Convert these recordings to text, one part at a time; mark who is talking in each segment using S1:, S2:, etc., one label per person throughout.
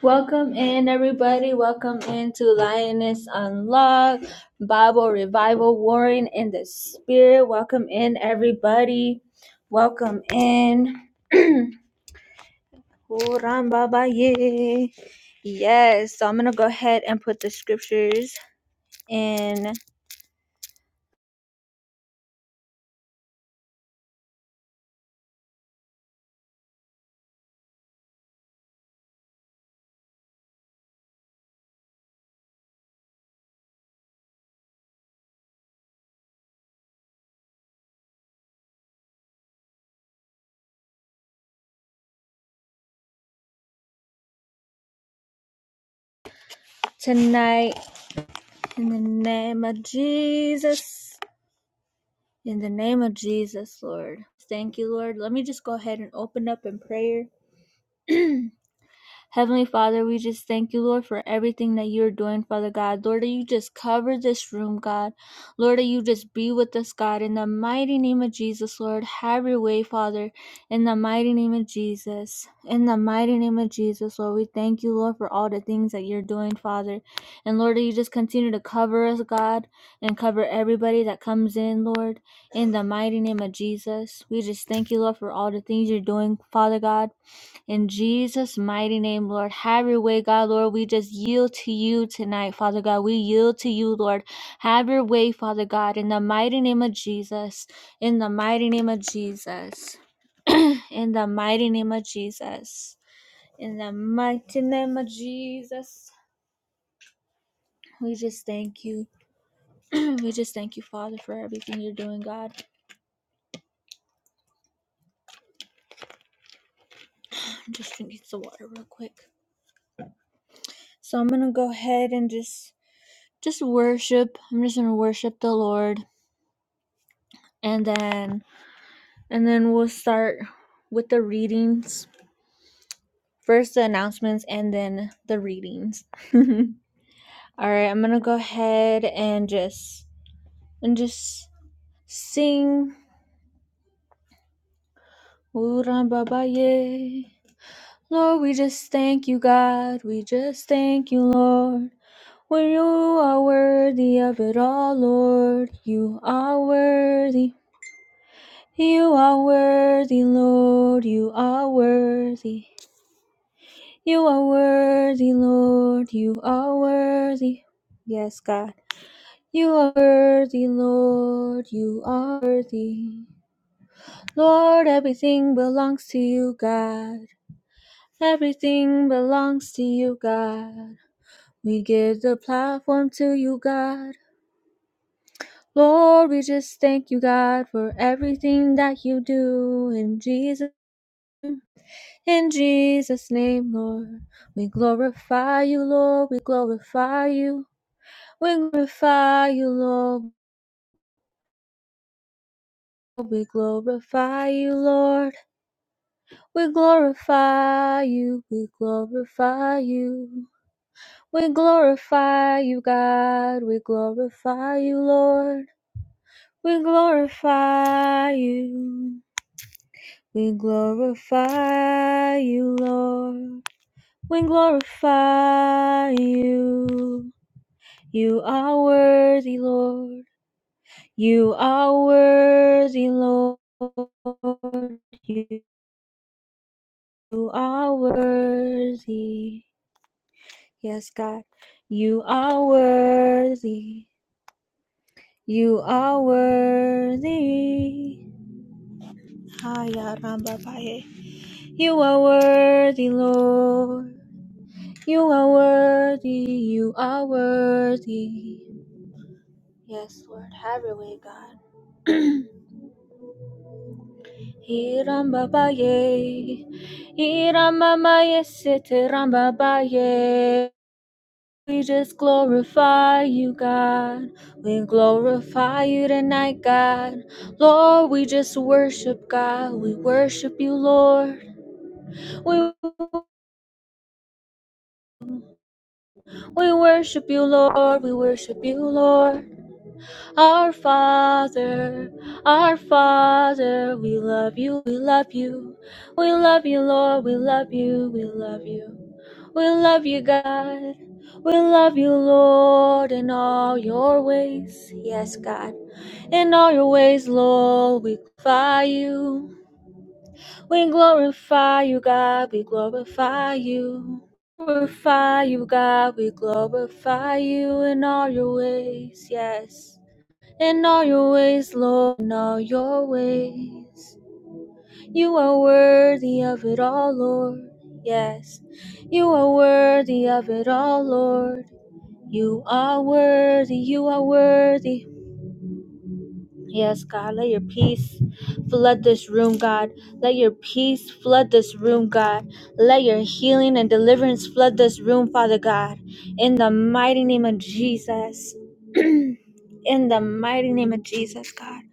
S1: Welcome in, everybody. Welcome into Lioness Unlocked, Bible Revival, Warring in the Spirit. Welcome in, everybody. Welcome in. Kurambabaye. yes, so I'm going to go ahead and put the scriptures in tonight in the name of Jesus. In the name of Jesus, Lord. Thank you, Lord. Let me just go ahead and open up in prayer. Heavenly Father, we just thank you, Lord, for everything that you're doing, Father God. Lord, that you just cover this room, God. Lord, that you just be with us, God. In the mighty name of Jesus, Lord, have your way, Father. In the mighty name of Jesus. In the mighty name of Jesus, Lord, we thank you, Lord, for all the things that you're doing, Father. And Lord, that you just continue to cover us, God, and cover everybody that comes in, Lord. In the mighty name of Jesus, we just thank you, Lord, for all the things you're doing, Father God. In Jesus' mighty name, Lord, have your way, God, Lord. We just yield to you tonight, Father God. We yield to you, Lord. Have your way, Father God, in the mighty name of Jesus. In the mighty name of Jesus. in the mighty name of Jesus. In the mighty name of Jesus. We just thank you. we just thank you, Father, for everything you're doing, God. I'm just drinking some water real quick. So I'm gonna go ahead and just just worship. I'm just gonna worship the Lord. and then and then we'll start with the readings first the announcements and then the readings all right i'm gonna go ahead and just and just sing lord we just thank you god we just thank you lord for you are worthy of it all lord you are worthy you are worthy lord you are worthy You are worthy, Lord. You are worthy. Yes, God. You are worthy, Lord. You are worthy. Lord, everything belongs to you, God. Everything belongs to you, God. We give the platform to you, God. Lord, we just thank you, God, for everything that you do in Jesus. In Jesus' name, Lord, we glorify you, Lord. We glorify you. We glorify you, Lord. We glorify you, Lord. We glorify you. We glorify you. We glorify you, God. We glorify you, Lord. We glorify you. We glorify you, Lord. We glorify you. You are worthy, Lord. You are worthy, Lord. You. You are worthy. Yes, God. You are worthy. You are worthy. Haya Ramba Paye. You are worthy, Lord. You are worthy. You are worthy. Yes, Lord. Have your way, God. Iramba Paye. Iramba Maye Siti Ramba Paye. We just glorify you, God. We glorify you tonight, God. Lord, we just worship God. We worship you, Lord. We we worship you, Lord. We worship you, Lord. Our Father, our Father, we love you, we love you. We love you, Lord, we love you, we love you. We love you, God. We love you, Lord, in all your ways. Yes, God. In all your ways, Lord, we glorify you. We glorify you, God. We glorify you. Glorify you, God. We glorify you in all your ways. Yes in all your ways, Lord, in all your ways. You are worthy of it all, Lord. Yes, you are worthy of it all, Lord. You are worthy, you are worthy. Yes, God, let your peace flood this room, God. Let your peace flood this room, God. Let your healing and deliverance flood this room, Father God. In the mighty name of Jesus. In the mighty name of Jesus, God.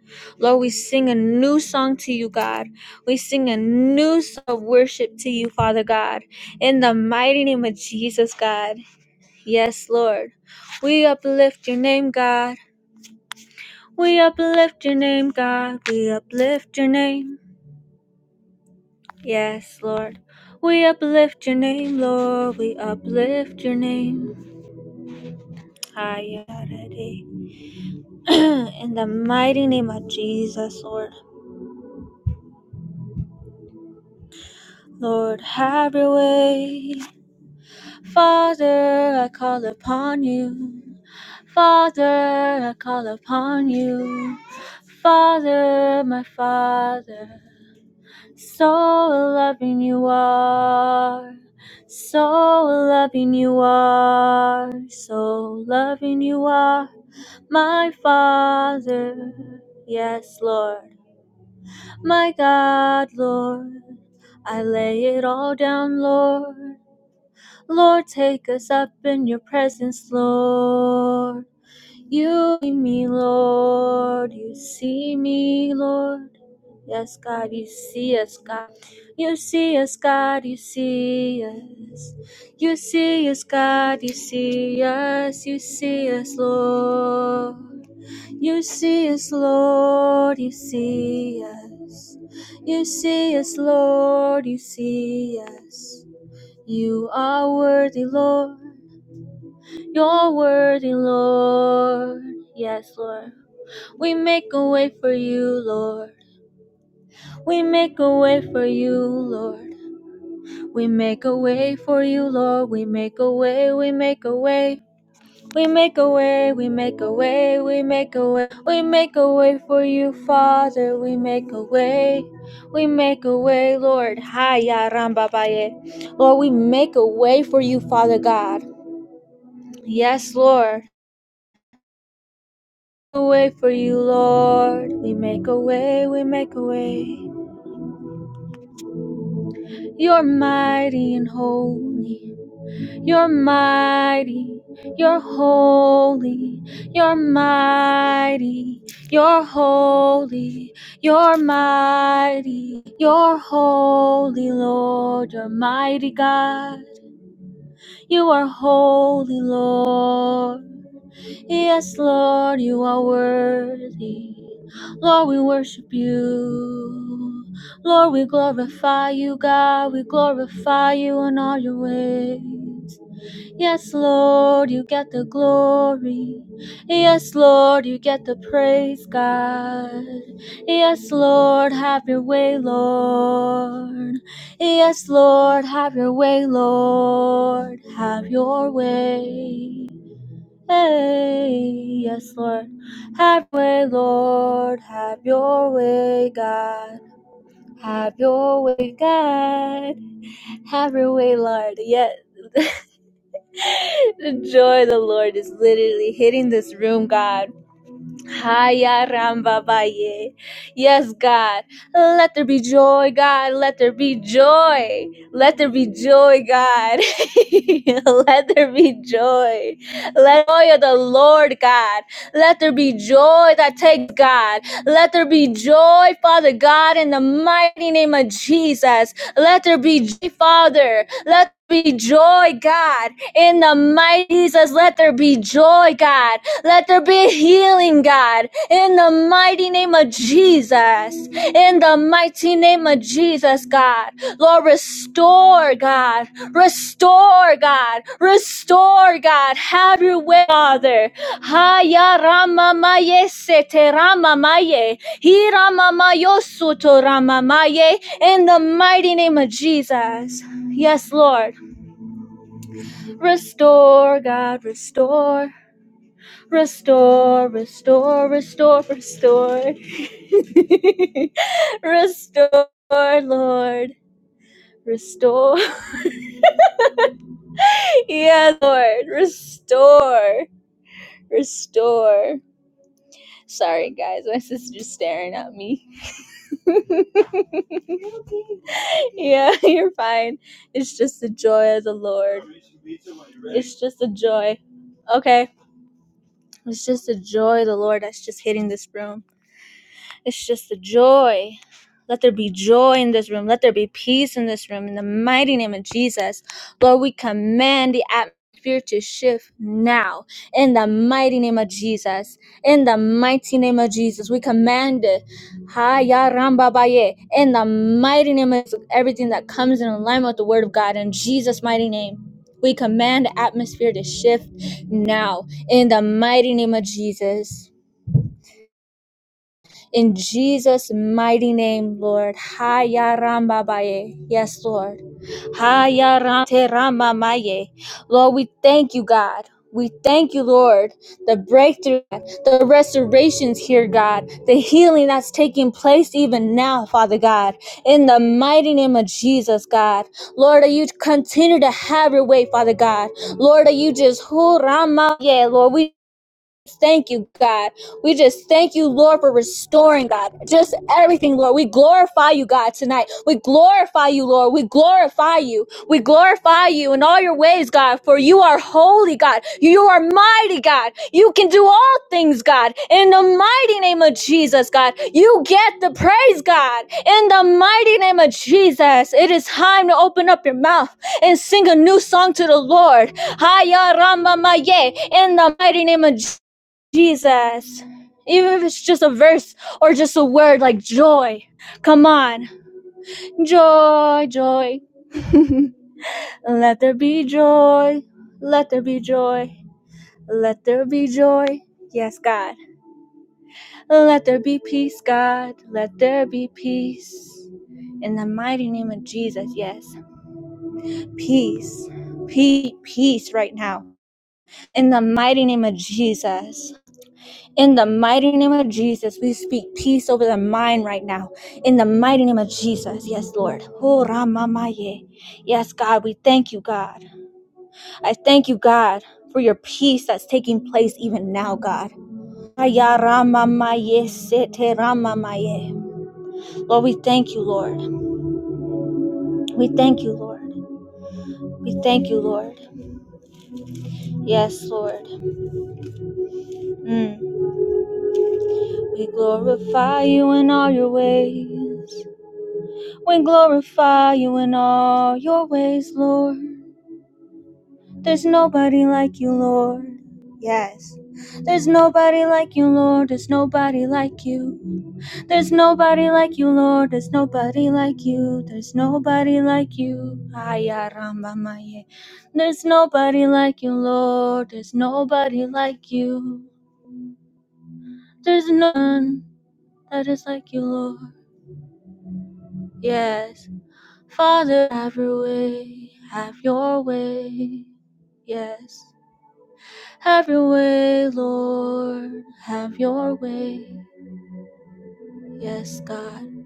S1: Lord, we sing a new song to you, God. We sing a new song of worship to you, Father God. In the mighty name of Jesus, God. Yes, Lord. We uplift your name, God. We uplift your name, God. We uplift your name. Yes, Lord. We uplift your name, Lord. We uplift your name. Higher today. In the mighty name of Jesus, Lord. Lord, have your way. Father, I call upon you. Father, I call upon you. Father, my Father, So loving you are, so loving you are, so loving you are, my Father, yes, Lord, my God, Lord. I lay it all down, Lord. Lord, take us up in your presence, Lord. You see me, Lord. You see me, Lord. Yes, God, you see us, God. You see us, God, you see us. You see us, God, you see us. You see us, Lord. You see us, Lord, you see us. You see us, Lord, you see us. You are worthy, Lord. You're worthy, Lord. Yes, Lord. We make a way for you, Lord. We make a way for you, Lord. We make a way for you, Lord. We make a way, we make a way. We make a way, we make a way, we make a way. We make a way for you, Father. We make a way. We make a way, Lord. Hiya Rambabaye. Lord, we make a way for you, Father God. Yes, Lord. We make A way for you, Lord. We make a way, we make a way. You're mighty and holy. You're mighty. You're holy. You're mighty. You're holy. You're mighty. You're holy, Lord. You're mighty God. You are holy, Lord. Yes, Lord, you are worthy. Lord, we worship you. Lord, we glorify you, God. We glorify you in all your ways. Yes, Lord, you get the glory. Yes, Lord, you get the praise, God. Yes, Lord, have your way, Lord. Yes, Lord, have your way, Lord. Have your way. Hey, yes, Lord. Have your way, Lord. Have your way, God. Have your way, God. Have your way, Lord. Yes. the joy of the Lord is literally hitting this room, God. Haya Ramba Baye. Yes, God. Let there be joy, God. Let there be joy. Let there be joy, God. Let there be joy. Let the joy of the Lord, God. Let there be joy that takes God. Let there be joy, Father God, in the mighty name of Jesus. Let there be joy, Father. Let be joy, God, in the mighty Jesus. Let there be joy, God. Let there be healing, God, in the mighty name of Jesus. In the mighty name of Jesus, God. Lord, restore, God. Restore, God. Restore, God. Have your way, Father. Haya rama maye sete rama maye. Hira mama yosuto rama maye. In the mighty name of Jesus. Yes, Lord. Restore, God. Restore. Restore, restore, restore, restore. restore, Lord. Restore. Yeah, Lord. Restore. Restore. Sorry, guys. My sister's staring at me. yeah, you're fine. It's just the joy of the Lord. It's just the joy. Okay. It's just the joy of the Lord that's just hitting this room. It's just the joy. Let there be joy in this room. Let there be peace in this room. In the mighty name of Jesus, Lord, we command the atmosphere to shift now. In the mighty name of Jesus. In the mighty name of Jesus, we command it. Ha ya ramba baye. In the mighty name of everything that comes in alignment with the word of God, in Jesus' mighty name. We command the atmosphere to shift now in the mighty name of Jesus. In Jesus' mighty name, Lord. ha Haya ramba baye. Yes, Lord. Haya ram- te rama maye. Lord, we thank you, God. We thank you, Lord, the breakthrough, the restorations here, God, the healing that's taking place even now, Father God, in the mighty name of Jesus, God. Lord, that you continue to have your way, Father God. Lord, that you just, who Rama, yeah, Lord, we Thank you, God. We just thank you, Lord, for restoring, God. Just everything, Lord. We glorify you, God, tonight. We glorify you, Lord. We glorify you. We glorify you in all your ways, God, for you are holy, God. You are mighty, God. You can do all things, God. In the mighty name of Jesus, God, you get the praise, God. In the mighty name of Jesus, it is time to open up your mouth and sing a new song to the Lord. Haya Ramamaye, in the mighty name of Jesus. Jesus. Even if it's just a verse or just a word like joy. Come on. Joy, joy. Let there be joy. Let there be joy. Let there be joy. Yes, God. Let there be peace, God. Let there be peace. In the mighty name of Jesus, yes. Peace. Peace, peace right now. In the mighty name of Jesus. In the mighty name of Jesus, we speak peace over the mind right now. In the mighty name of Jesus, yes, Lord. Oh, Ramamaye. Yes, God, we thank you, God. I thank you, God, for your peace that's taking place even now, God. Aya Ramamaye, Sete Ramamaye. Lord, we thank you, Lord. We thank you, Lord. We thank you, Lord. Yes, Lord. Mm. We glorify you in all your ways. We glorify you in all your ways, Lord. There's nobody like you, Lord. Yes. There's nobody like you, Lord. There's nobody like you. There's nobody like you, Lord. There's nobody like you. There's nobody like you. Aya Ramba Maye. There's nobody like you, Lord. There's nobody like you. There's none that is like you, Lord. Yes. Father, have your way, have your way. Yes. Have your way, Lord, have your way. Yes, God.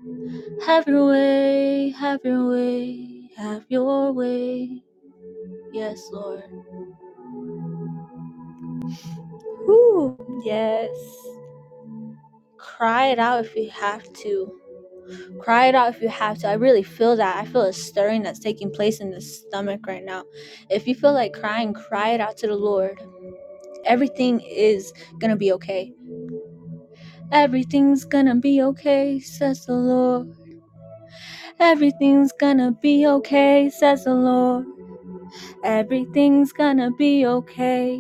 S1: Have your way, have your way, have your way. Yes, Lord. Woo. Yes. Cry it out if you have to. Cry it out if you have to. I really feel that. I feel a stirring that's taking place in the stomach right now. If you feel like crying, cry it out to the Lord. Everything is gonna be okay. Everything's gonna be okay, says the Lord. Everything's gonna be okay, says the Lord. Everything's gonna be okay.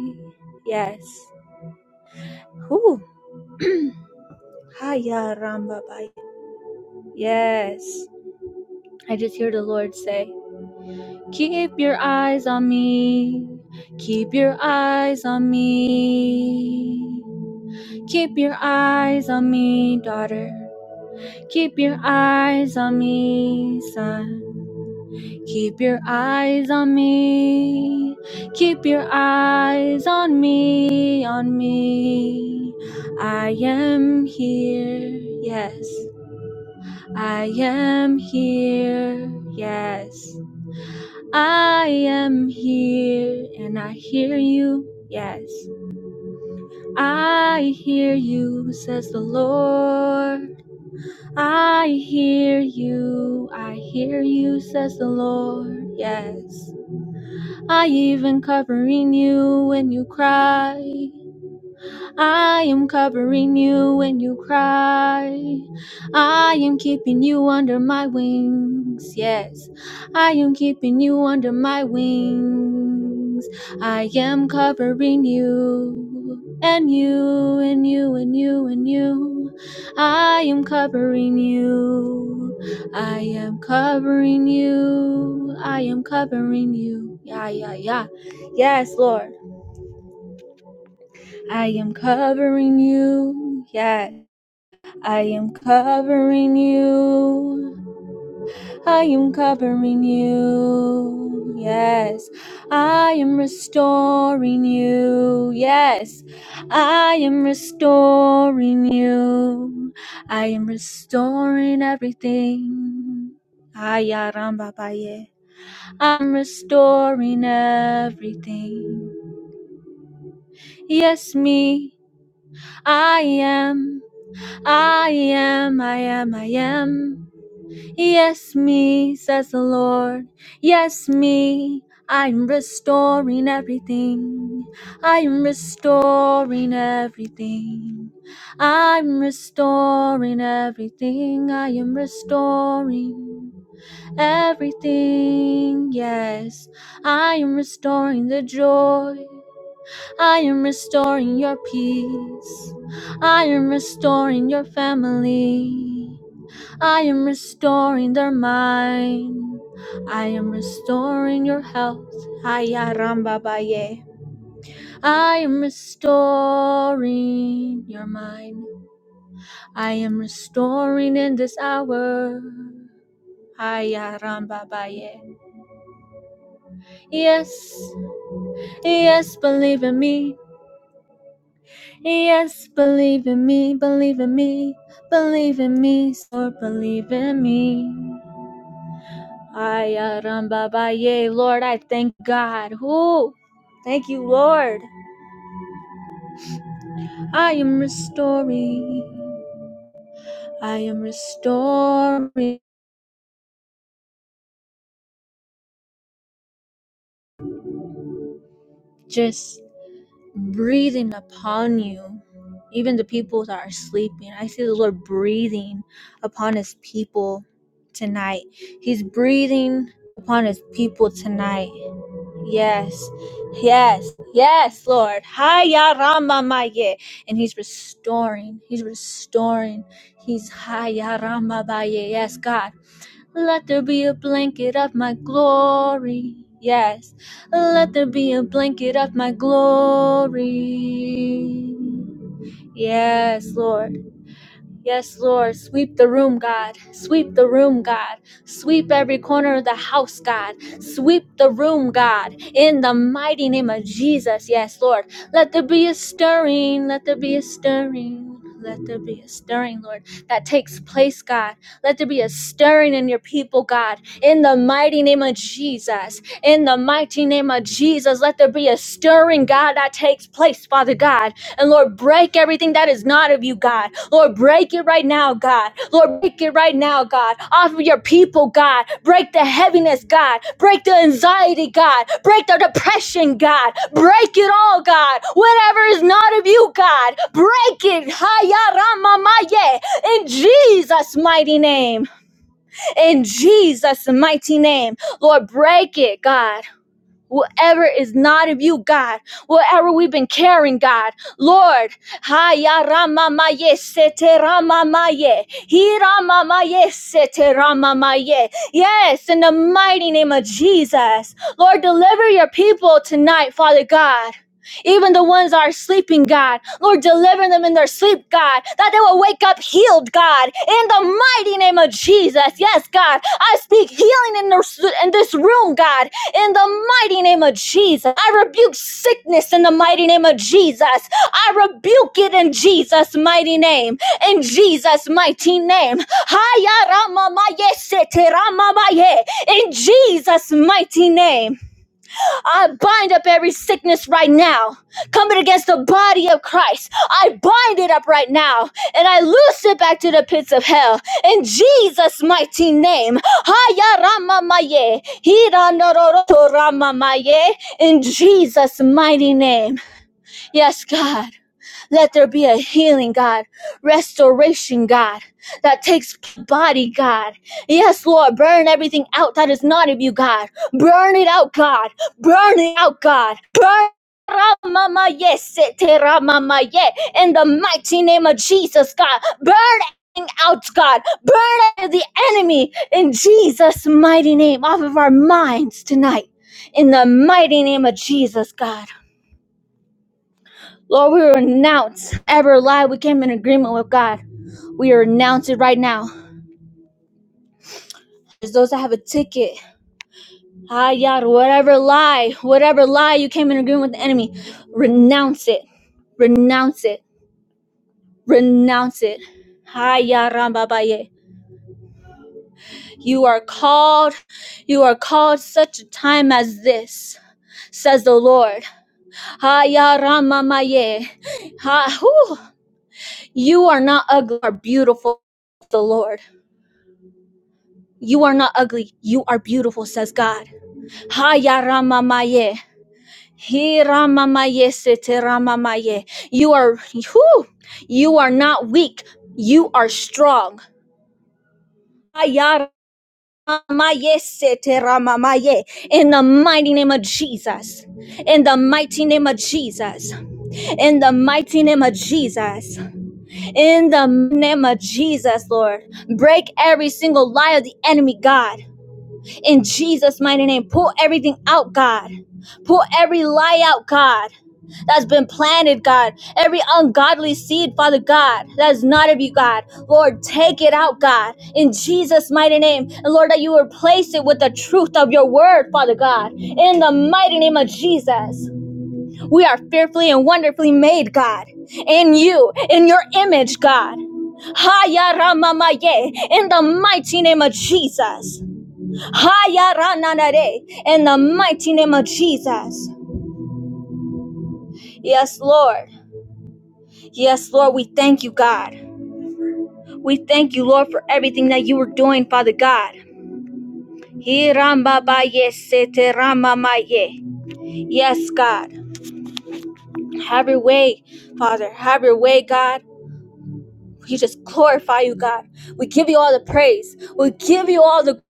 S1: Yes. Whew. Haya rambabai. Yes. I just hear the Lord say, Keep your eyes on me. Keep your eyes on me. Keep your eyes on me, daughter. Keep your eyes on me, son. Keep your eyes on me. Keep your eyes on me, on me. I am here, yes. I am here, yes. I am here, and I hear you, yes. I hear you, says the Lord. I hear you, I hear you, says the Lord, yes. I even covering you when you cry. I am covering you when you cry. I am keeping you under my wings. Yes, I am keeping you under my wings. I am covering you and you and you and you and you. I am covering you. I am covering you. I am covering you. Yeah, yeah, yeah. Yes, Lord. I am covering you. Yeah. I am covering you. I am covering you. Yes. I am restoring you. Yes. I am restoring you. I am restoring everything. Ayarambabaye. I'm restoring everything. Yes, me. I am. I am, I am, I am. Yes, me, says the Lord. Yes, me. I'm restoring everything. I'm restoring everything. I'm restoring everything. I am restoring everything. Yes, I am restoring the joy. I am restoring your peace. I am restoring your family. I am restoring their mind. I am restoring your health. Haya Ramba Baye. I am restoring your mind. I am restoring in this hour. Haya Ramba Baye. Yes, yes, believe in me. Yes, believe in me, believe in me, believe in me, Lord, believe in me. Ay, aramba, baye, Lord, I thank God. Who? Thank you, Lord. I am restoring. I am restoring. Just breathing upon you. Even the people that are sleeping. I see the Lord breathing upon his people tonight. He's breathing upon his people tonight. Yes, yes, yes, Lord. Haya Ramamaye. And he's restoring. He's restoring. He's Haya Ramabaye. Yes, God. Let there be a blanket of my glory. Yes. Let there be a blanket of my glory. Yes, Lord. Yes, Lord, sweep the room, God. Sweep the room, God. Sweep every corner of the house, God. Sweep the room, God. In the mighty name of Jesus, yes, Lord. Let there be a stirring, let there be a stirring. Let there be a stirring, Lord, that takes place, God. Let there be a stirring in your people, God. In the mighty name of Jesus. In the mighty name of Jesus, let there be a stirring, God, that takes place, Father God. And Lord, break everything that is not of you, God Lord, break it right now, God. Lord, break it right now, God. Off of your people, God. Break the heaviness, God. Break the anxiety, God. Break the depression, God. Break it all, God. Whatever is not of you, God. Break it. Haya rama maye. In Jesus' mighty name. In Jesus' mighty name. Lord, break it, God. Whoever is not of you, God, whatever we've been carrying, God, Lord, haya ramamaye sete ramamaye, hiramamaye sete ramamaye. Yes, in the mighty name of Jesus, Lord, deliver your people tonight, Father God. Even the ones that are sleeping, God. Lord, deliver them in their sleep, God, that they will wake up healed, God, in the mighty name of Jesus. Yes, God, I speak healing in, their, in this room, God, in the mighty name of Jesus. I rebuke sickness in the mighty name of Jesus. I rebuke it in Jesus' mighty name. In Jesus' mighty name. In Jesus' mighty name. I bind up every sickness right now, coming against the body of Christ. I bind it up right now, and I loose it back to the pits of hell. In Jesus' mighty name. Haya rama maye, hira nororo to rama maye. In Jesus' mighty name. Yes, God. Let there be a healing, God, restoration, God, that takes body, God. Yes, Lord, burn everything out that is not of you, God. Burn it out, God. Burn it out, God. Burn. Ramama, yes, sete ramama, yeah. In the mighty name of Jesus, God, burn everything out, God, burn the enemy in Jesus' mighty name off of our minds tonight. In the mighty name of Jesus, God. Lord, we renounce every lie we came in agreement with God. We renounce it right now. There's those that have a ticket. Ah, yada, whatever lie, whatever lie you came in agreement with the enemy, renounce it. Renounce it. Renounce it. Ah, yada, ramba, baye. You are called, you are called such a time as this, says the Lord. Ah, yada, ramba, ma, ye. Ah, whew. You are not ugly or beautiful, the Lord. You are not ugly. You are beautiful, says God. Haya ramamaye. He ramamaye sete ramamaye. You are whew, you are not weak. You are strong. Haya ramamaye sete ramamaye. In the mighty name of Jesus. In the mighty name of Jesus. In the mighty name of Jesus. In the name of Jesus, Lord. Break every single lie of the enemy, God. in Jesus' mighty name. Pull everything out, God. Pull every lie out, God, that's been planted, God. Every ungodly seed, Father God, that is not of you, God. Lord, take it out, God, in Jesus' mighty name. And Lord, that you replace it with the truth of your word, Father God, in the mighty name of Jesus. We are fearfully and wonderfully made, God, in you, in your image, God. Haya ramamaye, In the mighty name of Jesus. In the mighty name of Jesus. Yes, Lord. Yes, Lord, we thank you, God. We thank you, Lord, for everything that you are doing, Father God. Yes, God. Have your way, Father. Have your way, God. We just glorify you, God. We give you all the praise. We give you all the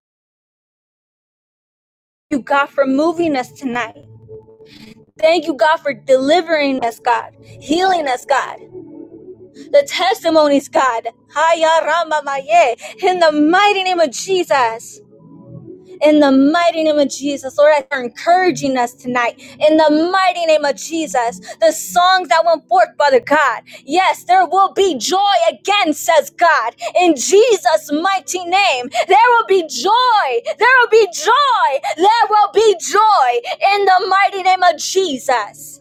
S1: you, God, for moving us tonight. Thank you, God, for delivering us, God, healing us, God. the testimonies, God. Haya Rama Maye. In the mighty name of Jesus. In the mighty name of Jesus, Lord, that you're encouraging us tonight. In the mighty name of Jesus, the songs that went forth, Father God. Yes, there will be joy again, says God. In Jesus' mighty name, there will be joy. There will be joy. There will be joy in the mighty name of Jesus.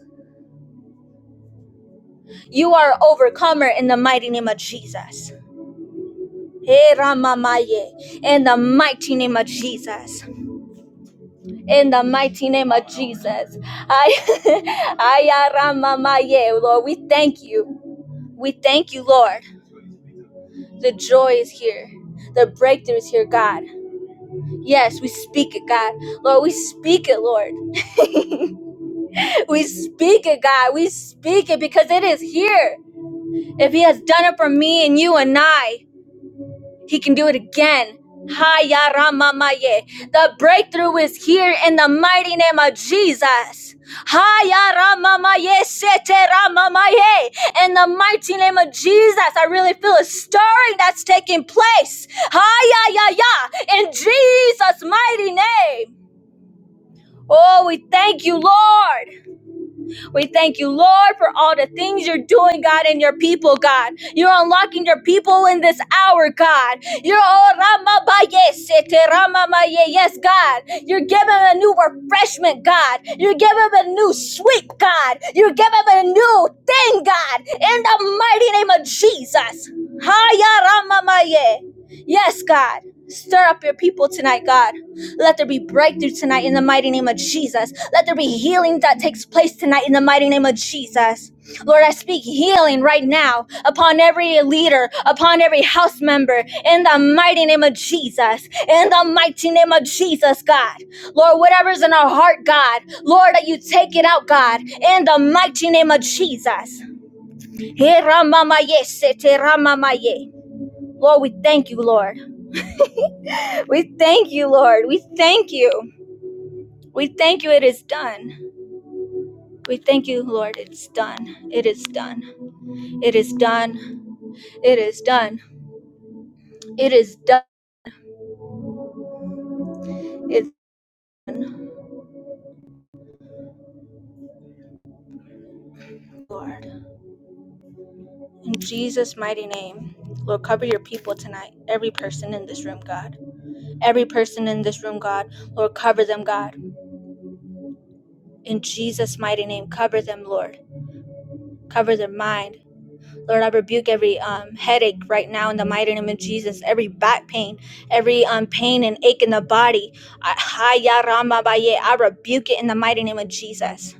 S1: You are an overcomer in the mighty name of Jesus. Hey, Ramamaye, in the mighty name of Jesus. In the mighty name of Jesus. I, Aya Ramamaye, Lord, we thank you. We thank you, Lord. The joy is here. The breakthrough is here, God. Yes, we speak it, God. Lord, we speak it, Lord. We speak it, God. We speak it because it is here. If He has done it for me and you and I. He can do it again. Haya Ramamaye. The breakthrough is here in the mighty name of Jesus. Haya Ramamaye Sete Ramamaye. In the mighty name of Jesus, I really feel a stirring that's taking place. Haya ya ya. In Jesus' mighty name. Oh, we thank you, Lord. We thank you, Lord, for all the things you're doing, God, in your people, God. You're unlocking your people in this hour, God. You're oh, Rama ba yes, ete Rama ma ye. yes, God. You're giving them a new refreshment, God. You're giving them a new sweep, God. You're giving them a new thing, God. In the mighty name of Jesus. Haya Rama ma ye. Yes, God. Stir up your people tonight, God. Let there be breakthrough tonight in the mighty name of Jesus. Let there be healing that takes place tonight in the mighty name of Jesus. Lord, I speak healing right now upon every leader, upon every house member, in the mighty name of Jesus. In the mighty name of Jesus, God. Lord, whatever's in our heart, God, Lord, that you take it out, God, in the mighty name of Jesus. ramamaye, ramamaye. Lord, we thank you, Lord. We thank you, Lord. We thank you. We thank you, it is done. We thank you, Lord, it's done. It is done. It is done. It is done. It is done. It's done, Lord. In Jesus' mighty name, Lord, cover your people tonight. Every person in this room, God. Every person in this room, God. Lord, cover them, God. In Jesus' mighty name, cover them, Lord. Cover their mind. Lord, I rebuke every um, headache right now in the mighty name of Jesus, every back pain, every um, pain and ache in the body. I, hi, ya, rama, ba, I rebuke it in the mighty name of Jesus.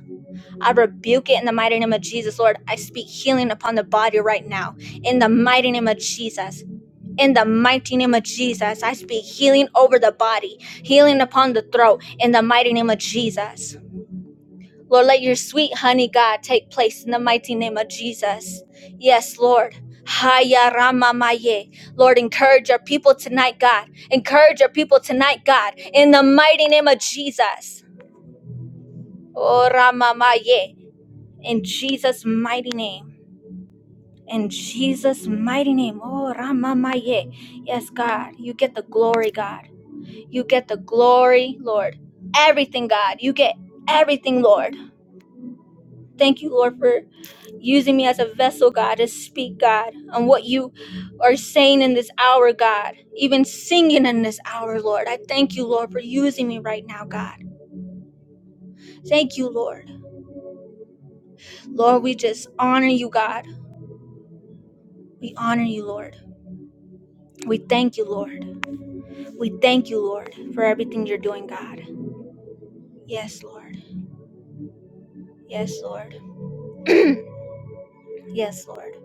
S1: I rebuke it in the mighty name of Jesus, Lord. I speak healing upon the body right now in the mighty name of Jesus. In the mighty name of Jesus, I speak healing over the body, healing upon the throat in the mighty name of Jesus. Lord, let your sweet honey, God, take place in the mighty name of Jesus. Yes, Lord. Haya Rama Maye. Lord, encourage your people tonight, God. Encourage your people tonight, God, in the mighty name of Jesus. Oh, Rama Maye. In Jesus' mighty name. In Jesus' mighty name. Oh, Rama Maye. Yes, God. You get the glory, God. You get the glory, Lord. Everything, God. You get everything, Lord. Thank you, Lord, for using me as a vessel, God, to speak, God, on what you are saying in this hour, God, even singing in this hour, Lord. I thank you, Lord, for using me right now, God. Thank you, Lord. Lord, we just honor you, God. We honor you, Lord. We thank you, Lord. We thank you, Lord, for everything you're doing, God. Yes, Lord. Yes, Lord. yes, Lord.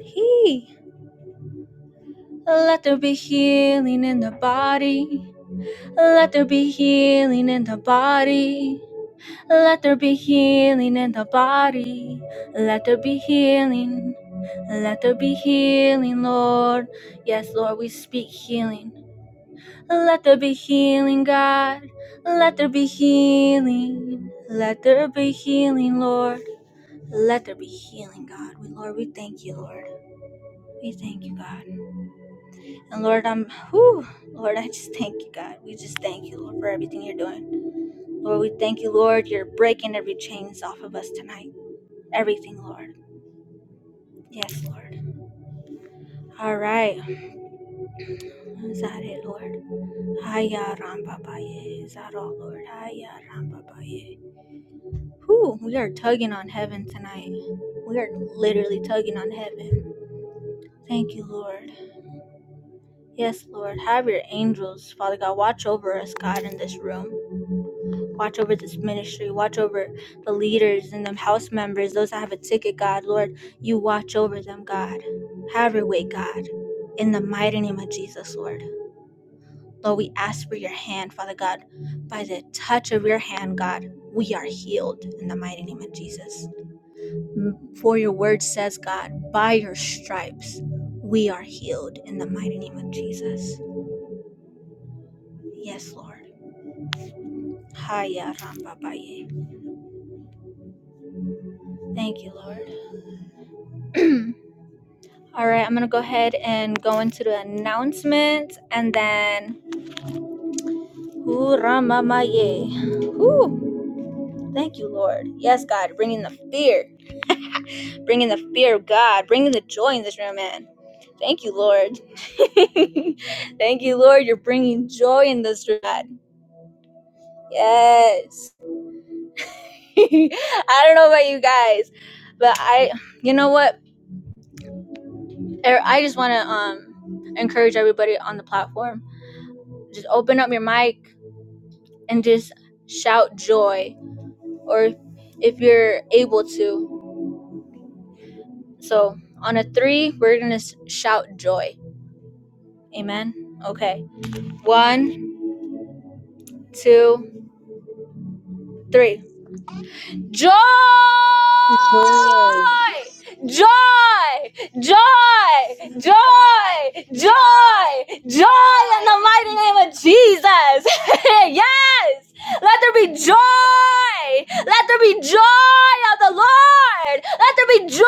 S1: He. Let there be healing in the body. Let there be healing in the body. Let there be healing in the body. Let there be healing. Let there be healing, Lord. Yes, Lord, we speak healing. Let there be healing, God. Let there be healing. Let there be healing, Lord. Let there be healing, God. We, Lord, we thank you, Lord. We thank you, God. And Lord, I'm, whew, Lord, I just thank you, God. We just thank you, Lord, for everything you're doing. Lord, we thank you, Lord. You're breaking every chains off of us tonight. Everything, Lord. Yes, Lord. All right. Zare, Lord? Hiya Ram Baba Ye. Is Lord? Hiya Ram Baba Ye. Whew, we are tugging on heaven tonight. We are literally tugging on heaven. Thank you, Lord. Yes, Lord. Have your angels, Father God, watch over us, God, in this room. Watch over this ministry. Watch over the leaders and the house members, those that have a ticket, God. Lord, you watch over them, God. Have your way, God. In the mighty name of Jesus, Lord. Lord, we ask for your hand, Father God. By the touch of your hand, God, we are healed in the mighty name of Jesus. For your word says, God, by your stripes, we are healed in the mighty name of Jesus. Yes, Lord. Haya Ramba Baye. Thank you, Lord. All right, I'm going to go ahead and go into the announcements and then. Ooh, Ramamaye. Ooh, thank you, Lord. Yes, God, bringing the fear. bringing the fear of God, bringing the joy in this room, man. Thank you, Lord. Thank you, Lord. You're bringing joy in this room. God. Yes. I don't know about you guys, but I, you know what? Er, I just want to um encourage everybody on the platform. Just open up your mic and just shout joy, or if you're able to. So on a three, we're gonna shout joy. Amen. Okay. One, two three. Joy!
S2: Good.
S1: Joy! Joy! Joy! Joy! Joy in the mighty name of Jesus! yes! Let there be joy! Let there be joy of the Lord! Let there be joy!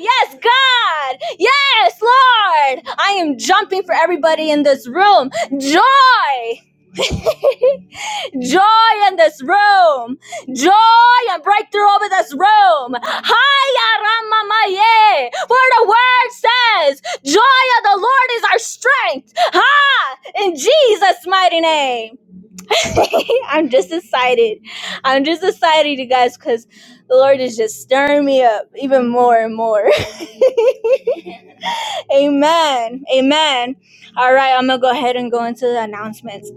S1: Yes, God! Yes, Lord! I am jumping for everybody in this room. Joy! Joy in this room. Joy and breakthrough over this room. Hiya Ramamaye. For the word says, Joy of the Lord is our strength. Ha! In Jesus' mighty name. I'm just excited. I'm just excited, you guys, because the Lord is just stirring me up even more and more. Amen. Amen. All right, I'm going to go ahead and go into the announcements.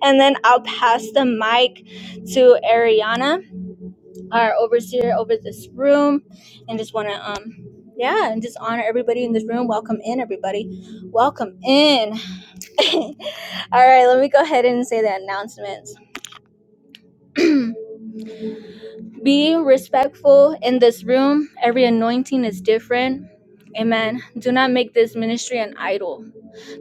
S1: and then I'll pass the mic to Ariana, our overseer over this room, and just want to um yeah, and just honor everybody in this room. Welcome in everybody. Welcome in. All right, let me go ahead and say the announcements. Be respectful in this room. Every anointing is different. Amen. Do not make this ministry an idol.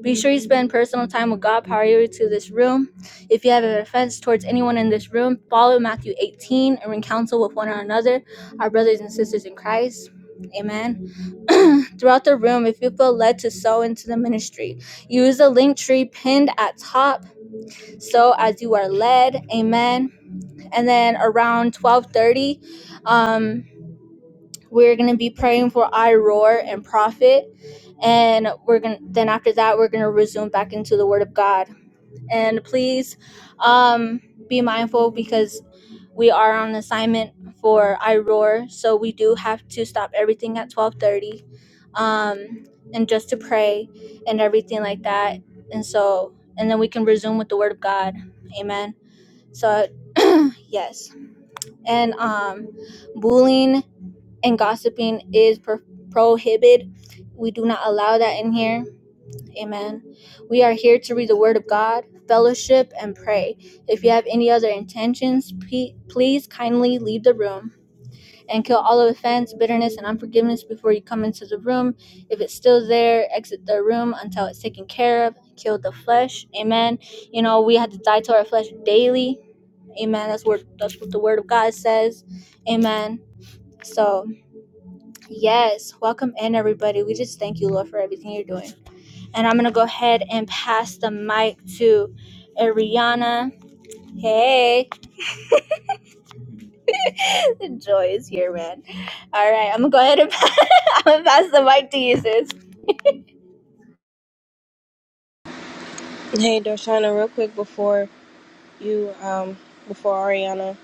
S1: Be sure you spend personal time with God prior to this room. If you have an offense towards anyone in this room, follow Matthew 18 and ring counsel with one another, our brothers and sisters in Christ. Amen. Throughout the room, if you feel led to sow into the ministry, use the link tree pinned at top. So as you are led. Amen. And then around 1230, um, we're going to be praying for I and Prophet and we're gonna then after that we're gonna resume back into the word of god and please um, be mindful because we are on assignment for iroar so we do have to stop everything at 12.30 um, and just to pray and everything like that and so and then we can resume with the word of god amen so yes and um, bullying and gossiping is pro- prohibited we do not allow that in here Amen. We are here to read the Word of God, fellowship, and pray. If you have any other intentions, pe- please kindly leave the room and kill all offense, bitterness, and unforgiveness before you come into the room. If it's still there, exit the room until it's taken care of. Kill the flesh. Amen. You know, we have to die to our flesh daily. Amen. That's what, that's what the Word of God says. Amen. So, yes, welcome in, everybody. We just thank you, Lord, for everything you're doing. And I'm going to go ahead and pass the mic to Ariana. Hey, the Joy is here, man. All right, I'm going to go ahead and pass, I'm gonna pass the mic to you, sis.
S2: Hey, Darshana, real quick before you, um, before Ariana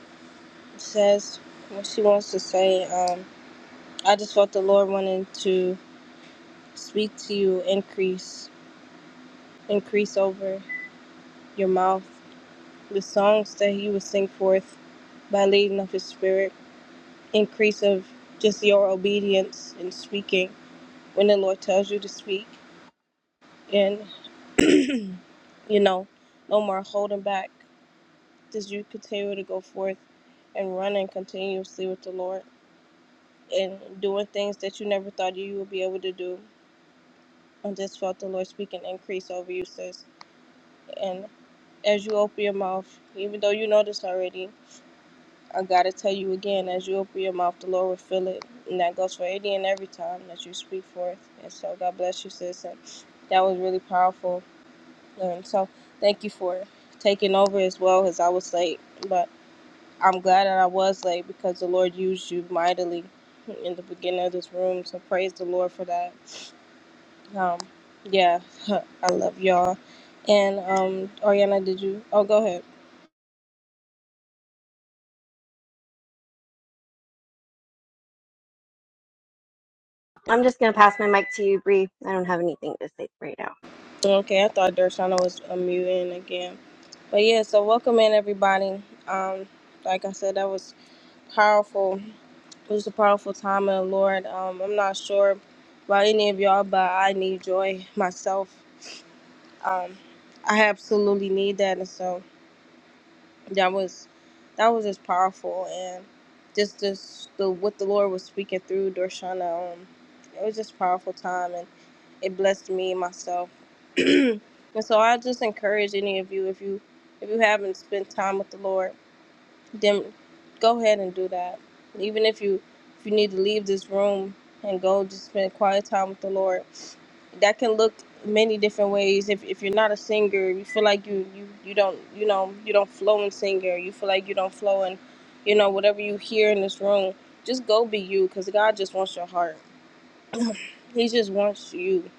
S2: says what she wants to say, um, I just felt the Lord wanted to speak to you, increase, increase over your mouth, the songs that He would sing forth by leading of His Spirit, increase of just your obedience in speaking when the Lord tells you to speak, and you know, no more holding back. As you continue to go forth and running continuously with the Lord and doing things that you never thought you would be able to do. I just felt the Lord speak an increase over you, sis. And as you open your mouth, even though you know this already, I gotta tell you again, as you open your mouth, the Lord will fill it. And that goes for any and every time that you speak forth. And so God bless you, sis. And that was really powerful. And so thank you for taking over as well as I was late. but. I'm glad that I was late because the Lord used you mightily in the beginning of this room. So praise the Lord for that. Um, yeah, I love y'all. And um, Ariana, did you? Oh, go ahead.
S3: I'm just going to pass my mic to you, Bree. I don't have anything to say right now.
S2: Okay, I thought Dershana was unmuting again. But yeah, so welcome in everybody. Um, like I said, that was powerful. It was a powerful time in the Lord. Um, I'm not sure about any of y'all, but I need joy myself. Um, I absolutely need that, and so. that was that was just powerful and just just the what the Lord was speaking through Dorshana. Um, it was just a powerful time and it blessed me and myself. and so I just encourage any of you if you if you haven't spent time with the Lord then go ahead and do that. Even if you if you need to leave this room and go just spend quiet time with the Lord, that can look many different ways. If if you're not a singer, you feel like you you you don't you know you don't flow in singer. You feel like you don't flow in, you know whatever you hear in this room. Just go be you, cause God just wants your heart. he just wants you.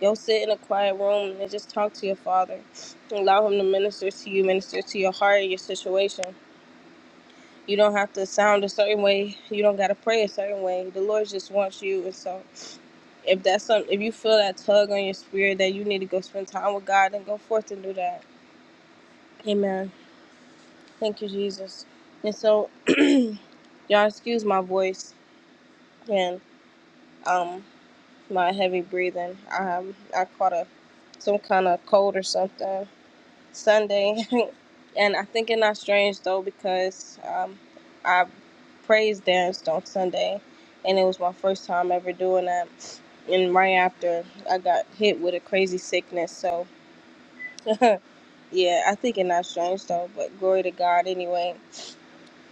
S2: Go sit in a quiet room and just talk to your Father. Allow Him to minister to you, minister to your heart, and your situation you don't have to sound a certain way. You don't gotta pray a certain way. The Lord just wants you. And so, if that's some, if you feel that tug on your spirit that you need to go spend time with God, then go forth and do that. Amen. Thank you, Jesus. And so, y'all, excuse my voice and um my heavy breathing. I I caught a some kind of cold or something. Sunday, and I think it's not strange though because um, I praise danced on Sunday, and it was my first time ever doing that. And right after, I got hit with a crazy sickness. So yeah, I think it's not strange though. But glory to God anyway.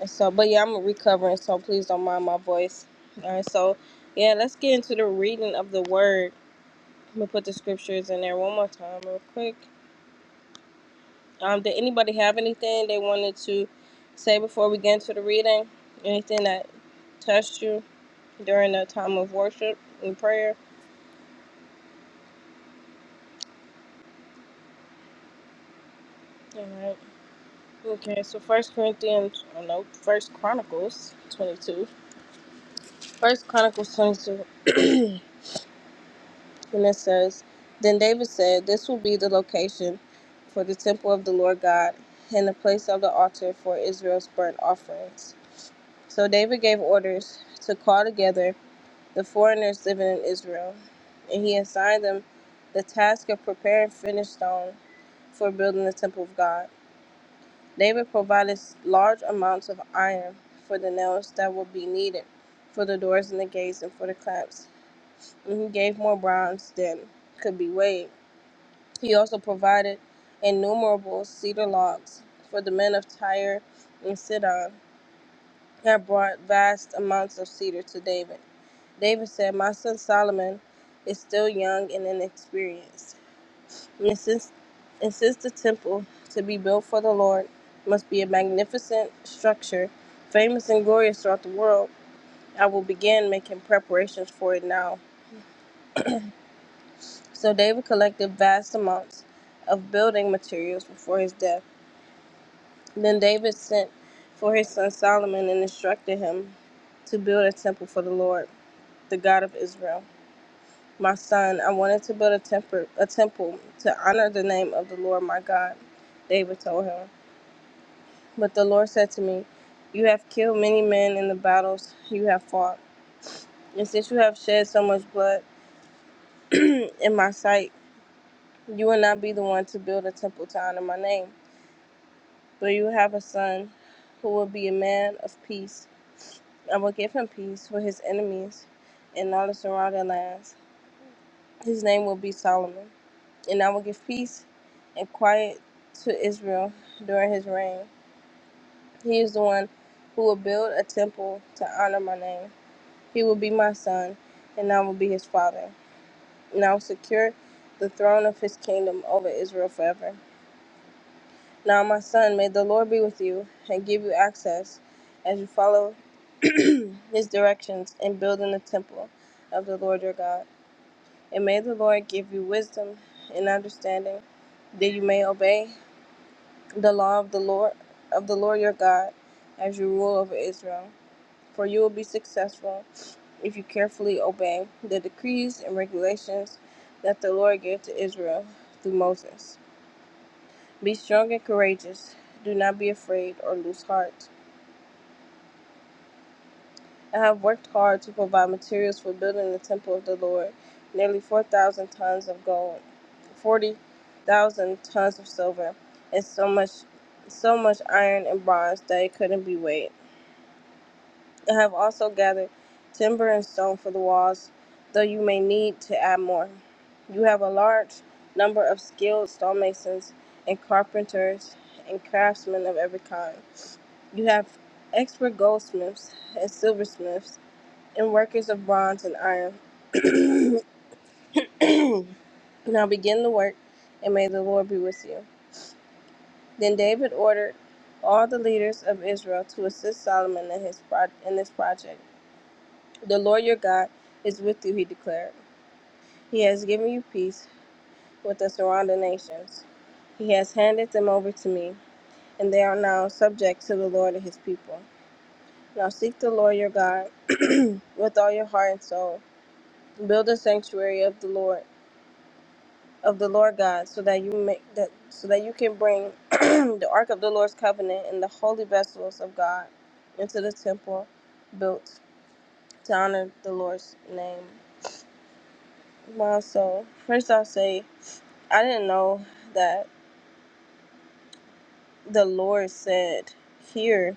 S2: And so, but yeah, I'm recovering, so please don't mind my voice. All right, so yeah, let's get into the reading of the word. I'm gonna put the scriptures in there one more time, real quick. Um, did anybody have anything they wanted to say before we get into the reading? Anything that touched you during the time of worship and prayer? All right. Okay, so First Corinthians, oh no, First Chronicles 22. First Chronicles 22, and it says, Then David said, This will be the location for the temple of the Lord God and the place of the altar for Israel's burnt offerings. So David gave orders to call together the foreigners living in Israel, and he assigned them the task of preparing finished stone for building the temple of God. David provided large amounts of iron for the nails that would be needed for the doors and the gates and for the clamps, and he gave more bronze than could be weighed. He also provided innumerable cedar logs for the men of Tyre and Sidon, had brought vast amounts of cedar to David. David said, My son Solomon is still young and inexperienced. And since, and since the temple to be built for the Lord must be a magnificent structure, famous and glorious throughout the world, I will begin making preparations for it now. So David collected vast amounts of building materials before his death. Then David sent for his son Solomon and instructed him to build a temple for the Lord, the God of Israel. My son, I wanted to build a, temper, a temple to honor the name of the Lord my God, David told him. But the Lord said to me, You have killed many men in the battles you have fought. And since you have shed so much blood in my sight, you will not be the one to build a temple to honor my name. But you will have a son who will be a man of peace. I will give him peace for his enemies and all the surrounding lands. His name will be Solomon. and I will give peace and quiet to Israel during his reign. He is the one who will build a temple to honor my name. He will be my son, and I will be his father. And I will secure the throne of his kingdom over Israel forever. Now, my son, may the Lord be with you and give you access as you follow his directions in building the temple of the Lord your God. And may the Lord give you wisdom and understanding that you may obey the law of the Lord of the Lord your God as you rule over Israel. For you will be successful if you carefully obey the decrees and regulations that the Lord gave to Israel through Moses. Be strong and courageous. Do not be afraid or lose heart. I have worked hard to provide materials for building the temple of the Lord, nearly 4,000 tons of gold, 40,000 tons of silver, and so much so much iron and bronze that it couldn't be weighed. I have also gathered timber and stone for the walls, though you may need to add more. You have a large number of skilled stonemasons and carpenters and craftsmen of every kind. You have expert goldsmiths and silversmiths and workers of bronze and iron. now begin the work, and may the Lord be with you. Then David ordered all the leaders of Israel to assist Solomon in his pro- in this project. The Lord your God is with you, he declared. He has given you peace with the surrounding nations. He has handed them over to me, and they are now subject to the Lord and his people. Now seek the Lord your God with all your heart and soul. Build a sanctuary of the Lord of the Lord God so that you make that so that you can bring the ark of the Lord's covenant and the holy vessels of God into the temple built to honor the Lord's name. My soul, first I'll say I didn't know that the Lord said here,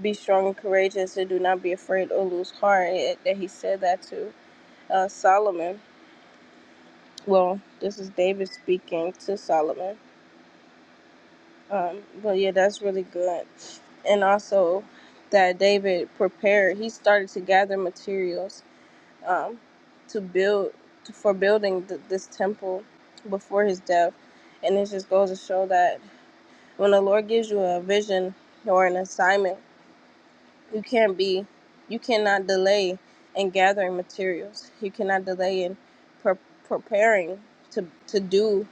S2: be strong and courageous and do not be afraid or lose heart. It- that he said that to uh, Solomon. Well, this is David speaking to Solomon. Um, but yeah, that's really good. And also that David prepared, he started to gather materials um, to build, for building th- this temple before his death. And it just goes to show that when the Lord gives you a vision or an assignment, you can't be, you cannot delay in gathering materials. You cannot delay in pre- preparing to to do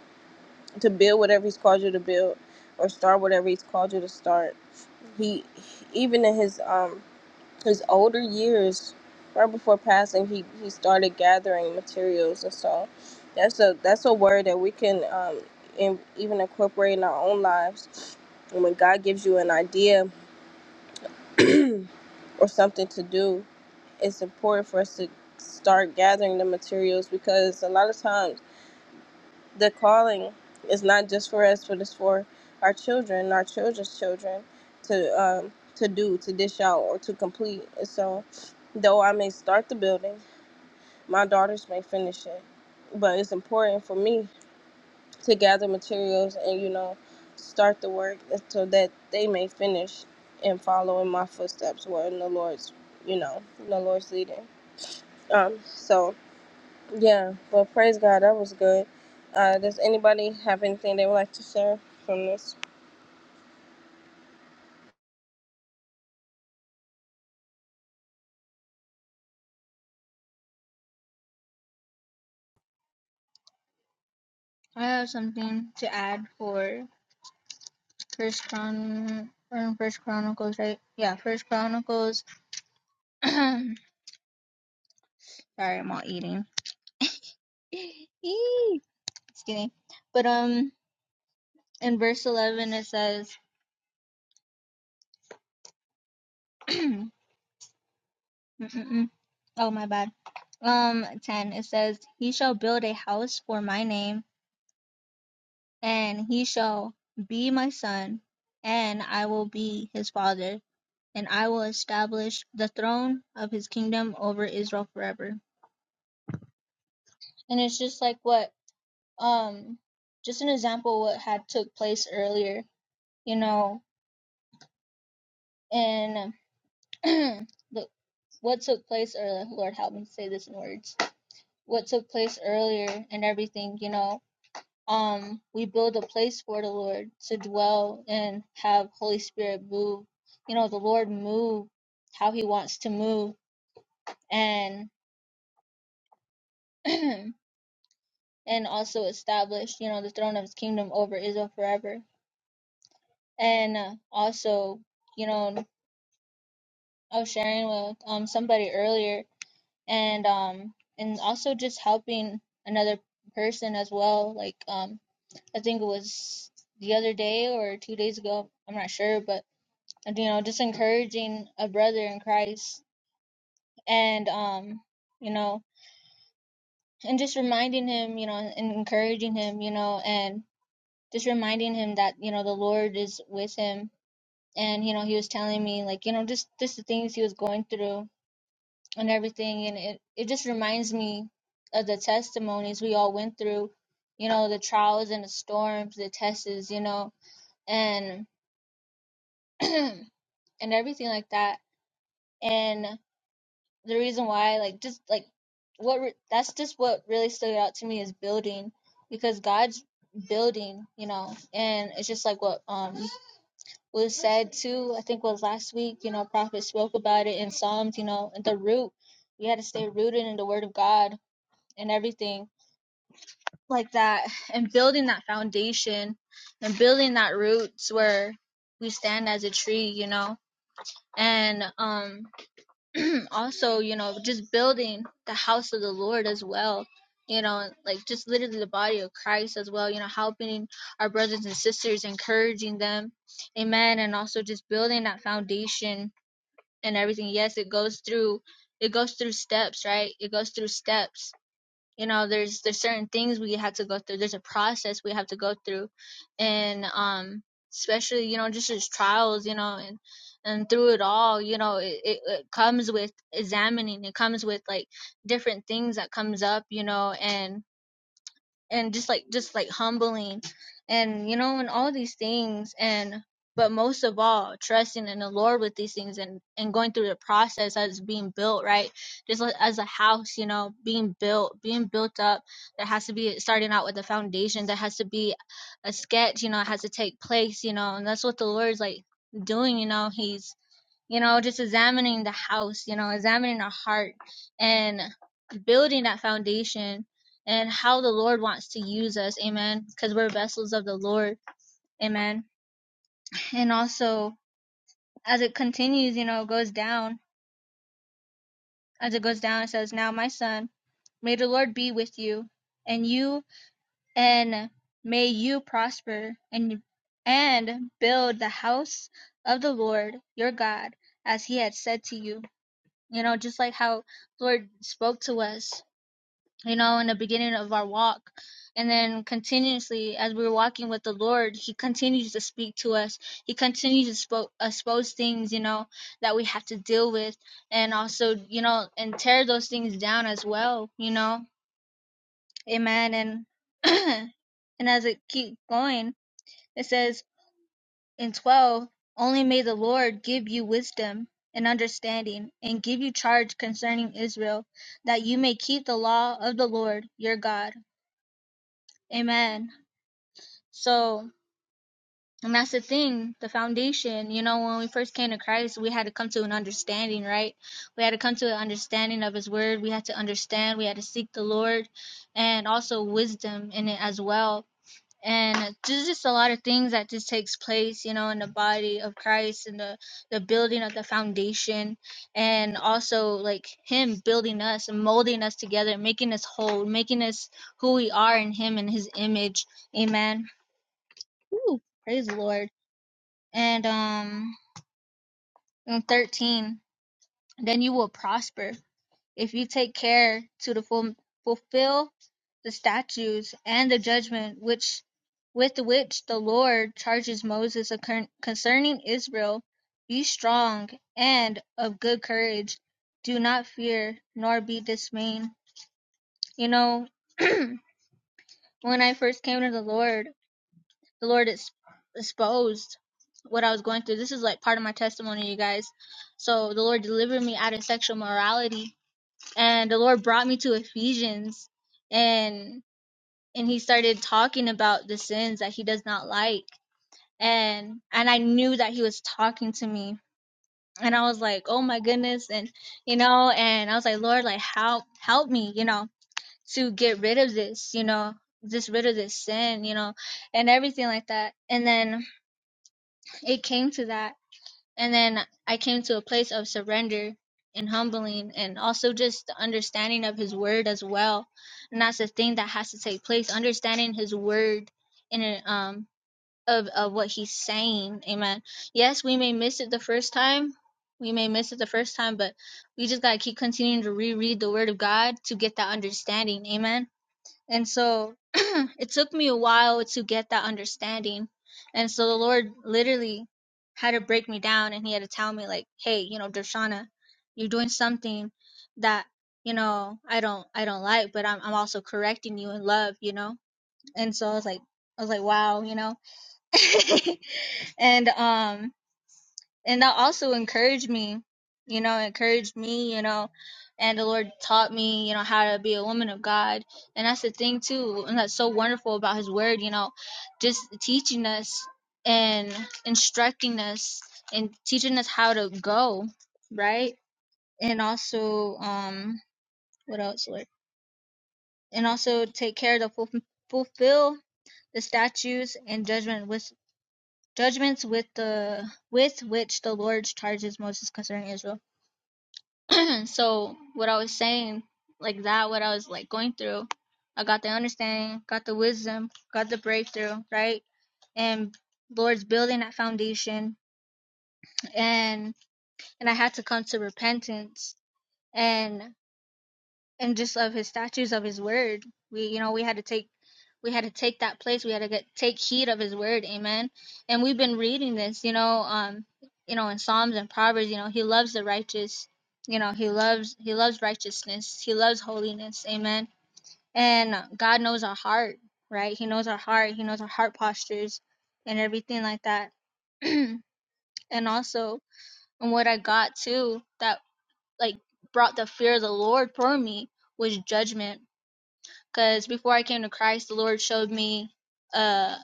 S2: to build whatever He's called you to build or start whatever He's called you to start. He even in His um his older years, right before passing, he, he started gathering materials, and so that's a that's a word that we can um, in, even incorporate in our own lives. And when God gives you an idea or something to do, it's important for us to start gathering the materials because a lot of times the calling is not just for us, but it's for our children, our children's children, to um, to do, to dish out, or to complete. So, though I may start the building, my daughters may finish it. But it's important for me to gather materials and you know start the work so that they may finish and follow in my footsteps, where in the Lord's, you know, in the Lord's leading. Um, so yeah, but praise God, that was good. Uh, does anybody have anything they would like to share from this?
S1: I have something to add for First Chron or First Chronicles, right? Yeah, First Chronicles. Sorry, I'm all eating. Eee, Just kidding. But um, in verse eleven it says, Mm, mm, mm. oh my bad. Um, ten. It says, "He shall build a house for my name, and he shall be my son, and I will be his father, and I will establish the throne of his kingdom over Israel forever." And it's just like what, um, just an example what had took place earlier. You know, And the what took place earlier. Lord, help me say this in words. What took place earlier and everything. You know, um we build a place for the Lord to dwell and have Holy Spirit move. You know, the Lord move how he wants to move and and also establish, you know, the throne of his kingdom over Israel forever. And uh, also, you know, I was sharing with um somebody earlier and um and also just helping another person as well. Like um I think it was the other day or two days ago, I'm not sure, but and, you know just encouraging a brother in christ and um you know and just reminding him you know and encouraging him you know and just reminding him that you know the lord is with him and you know he was telling me like you know just just the things he was going through and everything and it it just reminds me of the testimonies we all went through you know the trials and the storms the tests you know and and everything like that and. the reason why like just like what re- that's just what really stood out to me is building because God's building you know and it's just like what um was said too I think was last week you know prophet spoke about it in Psalms you know and the root we had to stay rooted in the word of God and everything like that and building that foundation and building that roots where we stand as a tree you know and um also, you know, just building the house of the Lord as well. You know, like just literally the body of Christ as well, you know, helping our brothers and sisters, encouraging them. Amen. And also just building that foundation and everything. Yes, it goes through it goes through steps, right? It goes through steps you know there's there's certain things we have to go through there's a process we have to go through and um especially you know just as trials you know and and through it all you know it, it, it comes with examining it comes with like different things that comes up you know and and just like just like humbling and you know and all these things and but most of all trusting in the lord with these things and and going through the process as being built right just like, as a house you know being built being built up there has to be starting out with a foundation there has to be a sketch you know it has to take place you know and that's what the lord's like doing you know he's you know, just examining the house, you know, examining our heart and building that foundation and how the Lord wants to use us. Amen. Because we're vessels of the Lord. Amen. And also, as it continues, you know, it goes down. As it goes down, it says, Now, my son, may the Lord be with you and you, and may you prosper and and build the house of the Lord your God as he had said to you. you know, just like how Lord spoke to us, you know, in the beginning of our walk. And then continuously, as we were walking with the Lord, He continues to speak to us. He continues to spoke, expose things, you know, that we have to deal with, and also, you know, and tear those things down as well, you know. Amen. And and as it keeps going, it says and twelve Only may the Lord give you wisdom and understanding, and give you charge concerning Israel, that you may keep the law of the Lord your God. Amen. So, and that's the thing, the foundation. You know, when we first came to Christ, we had to come to an understanding, right? We had to come to an understanding of His Word. We had to understand. We had to seek the Lord and also wisdom in it as well and there's just a lot of things that just takes place you know in the body of christ and the the building of the foundation and also like him building us and molding us together making us whole making us who we are in him and his image amen Woo, praise the lord and um and 13 then you will prosper If you take care to the ful- fulfill the statutes and the judgment which with which the Lord charges Moses concerning Israel, be strong and of good courage. Do not fear nor be dismayed. You know, when I first came to the Lord, the Lord exposed what I was going through. This is like part of my testimony, you guys. So the Lord delivered me out of sexual morality and the Lord brought me to Ephesians and and he started talking about the sins that he does not like and and I knew that he was talking to me and I was like oh my goodness and you know and I was like Lord like help help me you know to get rid of this you know just rid of this sin you know and everything like that and then it came to that and then I came to a place of surrender and humbling and also just the understanding of his word as well. And that's the thing that has to take place, understanding his word and it, um of, of what he's saying. Amen. Yes, we may miss it the first time. We may miss it the first time, but we just gotta keep continuing to reread the word of God to get that understanding. Amen and so it took me a while to get that understanding. And so the Lord literally had to break me down and he had to tell me like, "Hey, you know, Dershana, you're doing something that, you know, I don't I don't like, but I'm I'm also correcting you in love, you know?" And so I was like I was like, "Wow, you know." and um and that also encouraged me you know encouraged me you know and the lord taught me you know how to be a woman of god and that's the thing too and that's so wonderful about his word you know just teaching us and instructing us and teaching us how to go right and also um what else lord and also take care to fulf- fulfill the statutes and judgment with judgments with the with which the lord charges moses concerning israel And so what I was saying, like that, what I was like going through, I got the understanding, got the wisdom, got the breakthrough, right? And Lord's building that foundation, and and I had to come to repentance, and and just of his statues of his word we you know we had to take we had to take that place we had to get take heed of his word amen and we've been reading this you know um you know in psalms and proverbs you know he loves the righteous you know he loves he loves righteousness he loves holiness amen and god knows our heart right he knows our heart he knows our heart postures and everything like that and also and what i got too that like brought the fear of the lord for me was judgment because before I came to Christ, the Lord showed me a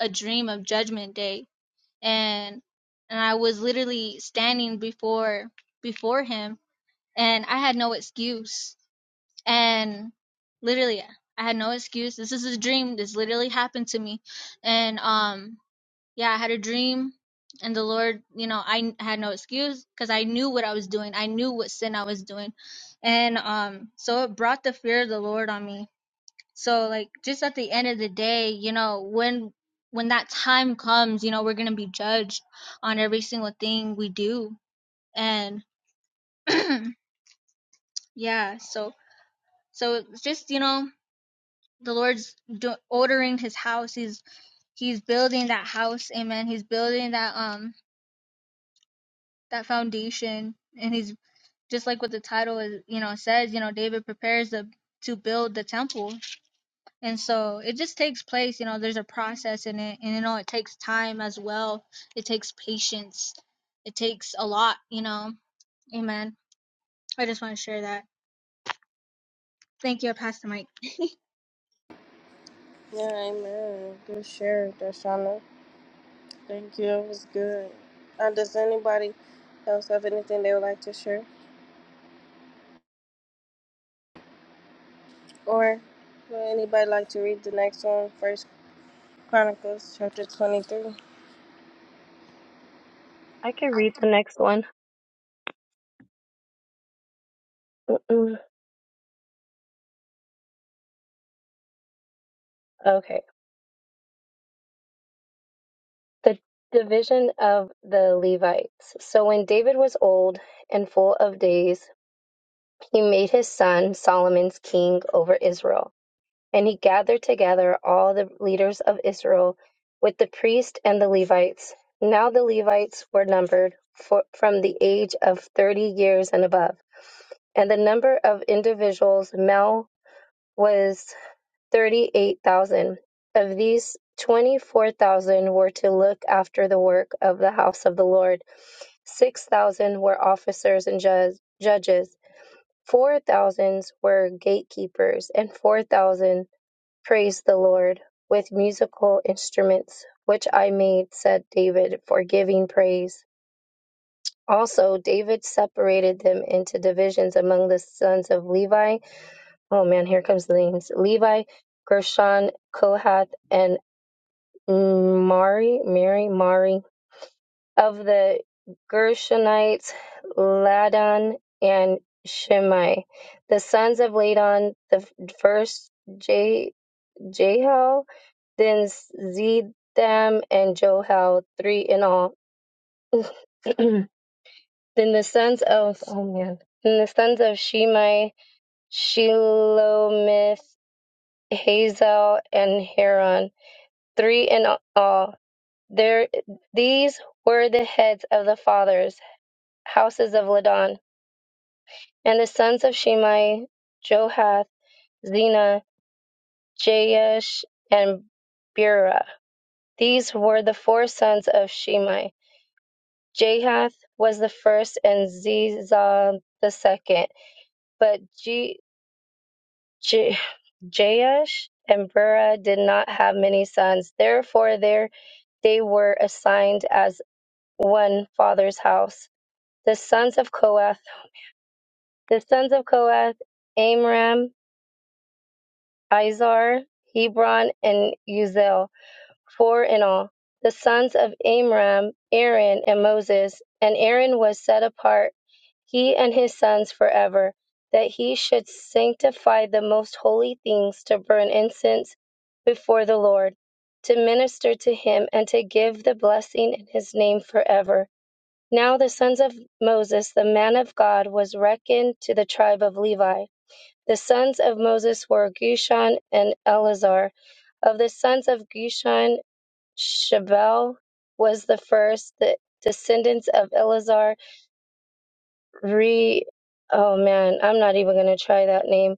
S1: a dream of Judgment Day, and and I was literally standing before before Him, and I had no excuse, and literally I had no excuse. This is a dream. This literally happened to me, and um yeah, I had a dream. And the Lord, you know, I had no excuse because I knew what I was doing. I knew what sin I was doing. And um so it brought the fear of the Lord on me so like just at the end of the day, you know, when when that time comes, you know, we're going to be judged on every single thing we do. And yeah, so so it's just, you know, the Lord's do- ordering his house. He's he's building that house. Amen. He's building that um that foundation and he's just like what the title is, you know, says, you know, David prepares the to build the temple. and so it just takes place you know there's a process in it and you know it takes time as well it takes patience it takes a lot you know amen i just want to share that thank you i pass the mic
S2: Yeah, amen. Good share, Darshana. Thank you. It was good. Uh, does anybody else have anything they would like to share? Or would anybody like to read the next one, First Chronicles chapter 23?
S4: I can read the next one. Mm-mm. Okay. The division of the Levites. So when David was old and full of days, he made his son Solomon's king over Israel. And he gathered together all the leaders of Israel with the priests and the Levites. Now the Levites were numbered for, from the age of 30 years and above. And the number of individuals, male, was 38,000. Of these, 24,000 were to look after the work of the house of the Lord. 6,000 were officers and judge, judges. 4,000 were gatekeepers, and 4,000 praised the Lord with musical instruments, which I made, said David, for giving praise. Also, David separated them into divisions among the sons of Levi Oh man, here comes the names: Levi, Gershon, Kohath, and Mari, Mary, Mari of the Gershonites, Ladan and Shimei. The sons of Ladan: the first J Jahel, then Zedam and Johel, three in all. then the sons of oh man, then the sons of Shimei: Shelomith, Hazel, and Haran three in all. There, these were the heads of the fathers' houses of Ladan, and the sons of Shimei: Johath, Zena, Jaish, and Bera. These were the four sons of Shimei. Jahath was the first, and Zizah the second. But G, J, Jaish and Bera did not have many sons. Therefore, there they were assigned as one father's house. The sons of Kohath, The sons of Kohath, Amram, Izhar, Hebron, and Uzel, four in all. The sons of Amram, Aaron, and Moses. And Aaron was set apart, he and his sons forever, that he should sanctify the most holy things to burn incense before the Lord, to minister to him, and to give the blessing in his name forever. Now the sons of Moses, the man of God, was reckoned to the tribe of Levi. The sons of Moses were Gershon and Eleazar. Of the sons of Gershon, Shabal was the first. The descendants of Eleazar, Re, oh man, I'm not even going to try that name,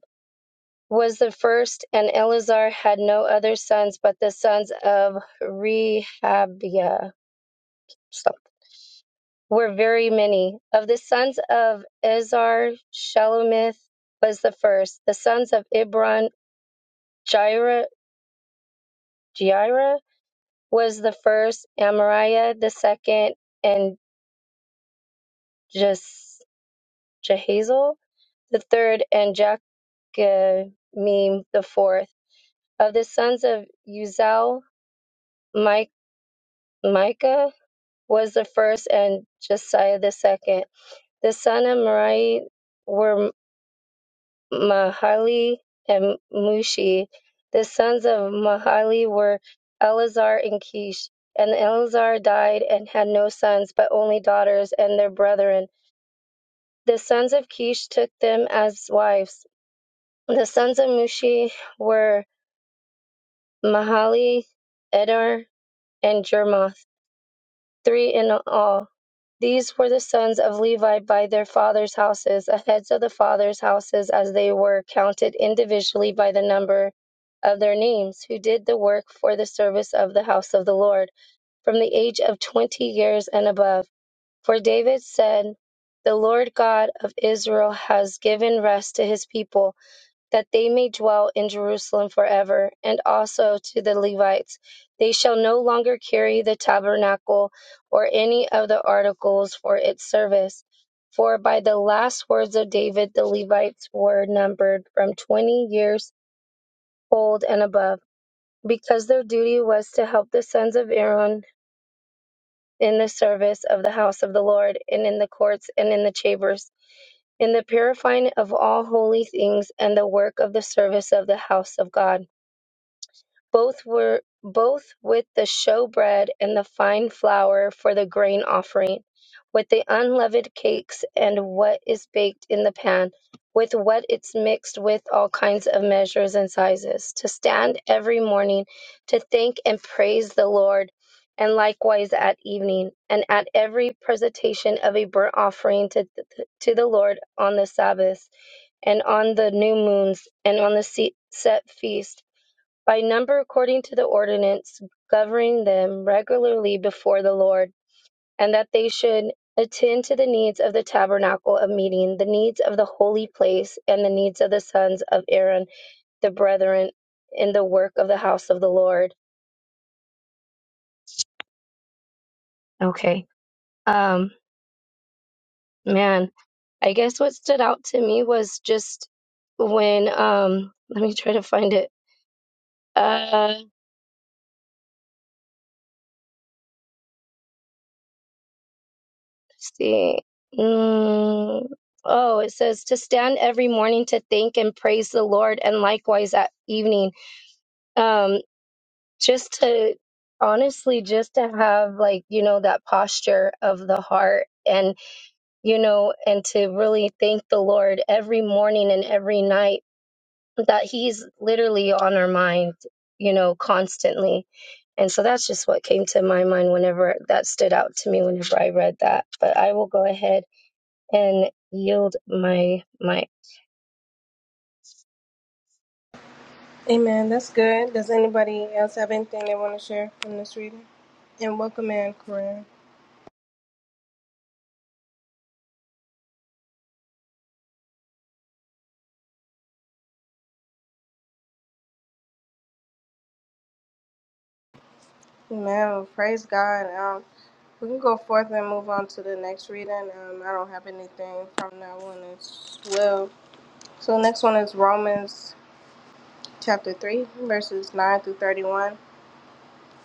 S4: was the first, and Eleazar had no other sons but the sons of Rehabiah. were very many. Of the sons of Ezar, Shalomith was the first. The sons of Ibron, Jaira, Jaira was the first, Amariah the second, and Jes- Jehazel the third, and Jachamim the fourth. Of the sons of Uzal, Mi- Micah was the first, and Josiah the second. The son of Merari were. Mahali and Mushi. The sons of Mahali were Eleazar and Kish. And Eleazar died and had no sons, but only daughters and their brethren. The sons of Kish took them as wives. The sons of Mushi were Mahali, Edar, and Jermoth, three in all. These were the sons of Levi by their fathers' houses. The heads of the fathers' houses, as they were, counted individually by the number of their names, who did the work for the service of the house of the Lord, from the age of twenty years and above. For David said, The Lord God of Israel has given rest to his people that they may dwell in Jerusalem forever, and also to the Levites. They shall no longer carry the tabernacle or any of the articles for its service. For by the last words of David, the Levites were numbered from 20 years old and above, because their duty was to help the sons of Aaron in the service of the house of the Lord, and in the courts and in the chambers, in the purifying of all holy things, and the work of the service of the house of God both were both with the showbread and the fine flour for the grain offering, with the unleavened cakes and what is baked in the pan, with what it's mixed with all kinds of measures and sizes, to stand every morning to thank and praise the Lord, and likewise at evening, and at every presentation of a burnt offering to, to the Lord on the Sabbath, and on the new moons, and on the set feast by number according to the ordinance governing them regularly before the Lord, and that they should attend to the needs of the tabernacle of meeting, the needs of the holy place, and the needs of the sons of Aaron, the brethren, in the work of the house of the Lord. Okay. Um, man, I guess what stood out to me was just when, um, let me try to find it. Uh. see. Mm, oh, it says to stand every morning to thank and praise the Lord, and likewise at evening. Um, just to honestly, just to have like, you know, that posture of the heart and, you know, and to really thank the Lord every morning and every night that He's literally on our mind, you know, constantly. And so that's just what came to my mind whenever that stood out to me whenever I read that. But I will go ahead and yield my my
S2: Amen. That's good. Does anybody else have anything they want to share from this reading? And welcome in, Corinne. Amen. Praise God. Um, We can go forth and move on to the next reading. Um, I don't have anything from that one as well. So the next one is Romans chapter three, verses nine through thirty-one.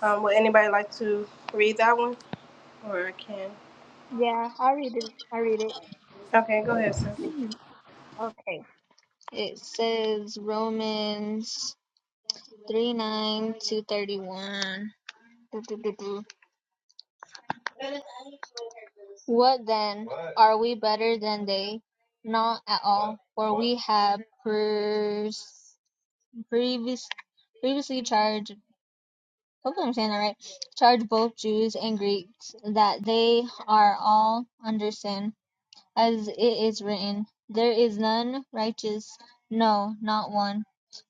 S2: Um, would anybody like to read that one, or I can?
S1: Yeah, I read it. I read it.
S2: Okay, go ahead, sir.
S1: okay. it says romans 3 9 to 31 what then are we better than they not at all for we have pers- previous, previously charged. Hopefully, I'm saying that right. Charged both Jews and Greeks that they are all under sin, as it is written, "There is none righteous, no, not one."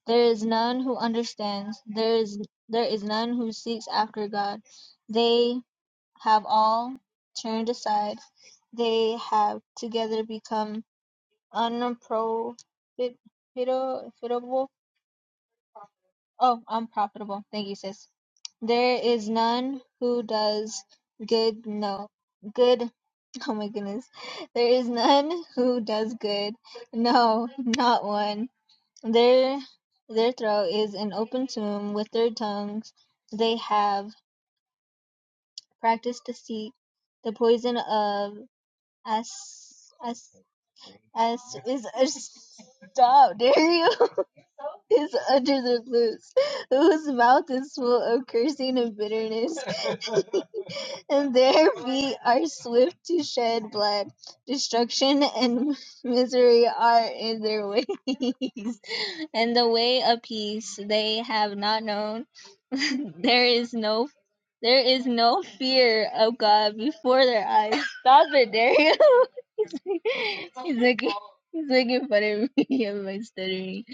S1: There is none who understands. There is there is none who seeks after God. They have all turned aside. They have together become unprofitable. Oh, I'm profitable. Thank you, sis. There is none who does good, no good. Oh my goodness. There is none who does good. No, not one. Their their throat is an open tomb with their tongues. They have practiced deceit. The poison of as as as is as, stop. Dare you? is under the loose, whose mouth is full of cursing and bitterness, and their feet are swift to shed blood. Destruction and misery are in their ways, and the way of peace they have not known. there is no there is no fear of God before their eyes. Stop it, Dario. he's, he's looking he's looking fun at me. Am I stuttering?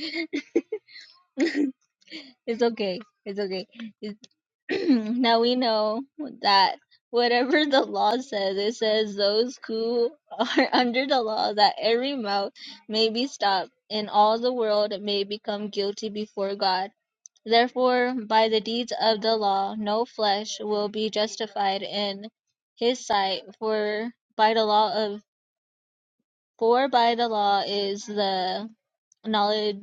S1: It's okay. It's okay. It's now we know that whatever the law says, it says those who are under the law, that every mouth may be stopped, and all the world may become guilty before God. Therefore, by the deeds of the law, no flesh will be justified in His sight, for by the law of for by the law is the knowledge.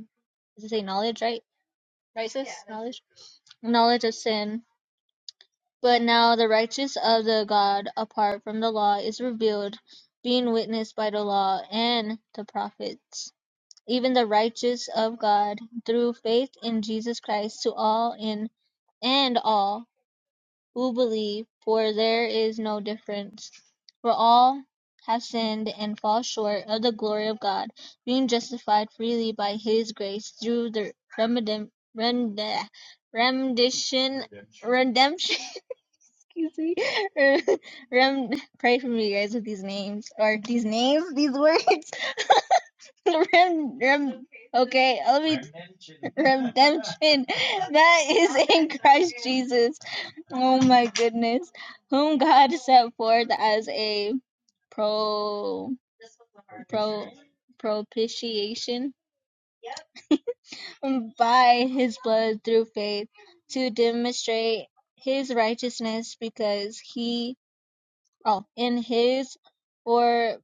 S1: Does it say knowledge, right? Right, sis? knowledge. Knowledge of sin. But now the righteousness of the God apart from the law is revealed, being witnessed by the law and the prophets, even the righteousness of God through faith in Jesus Christ to all in and all who believe, for there is no difference. For all have sinned and fall short of the glory of God, being justified freely by his grace through the remedim- rend- rendition redemption excuse me. Ram, pray for me, guys, with these names or these names, these words. Ram, ram. Okay, let me. Redemption that is in Christ Jesus. Oh my goodness, whom God set forth as a pro pro propitiation by His blood through faith to demonstrate His righteousness, because He oh, in his for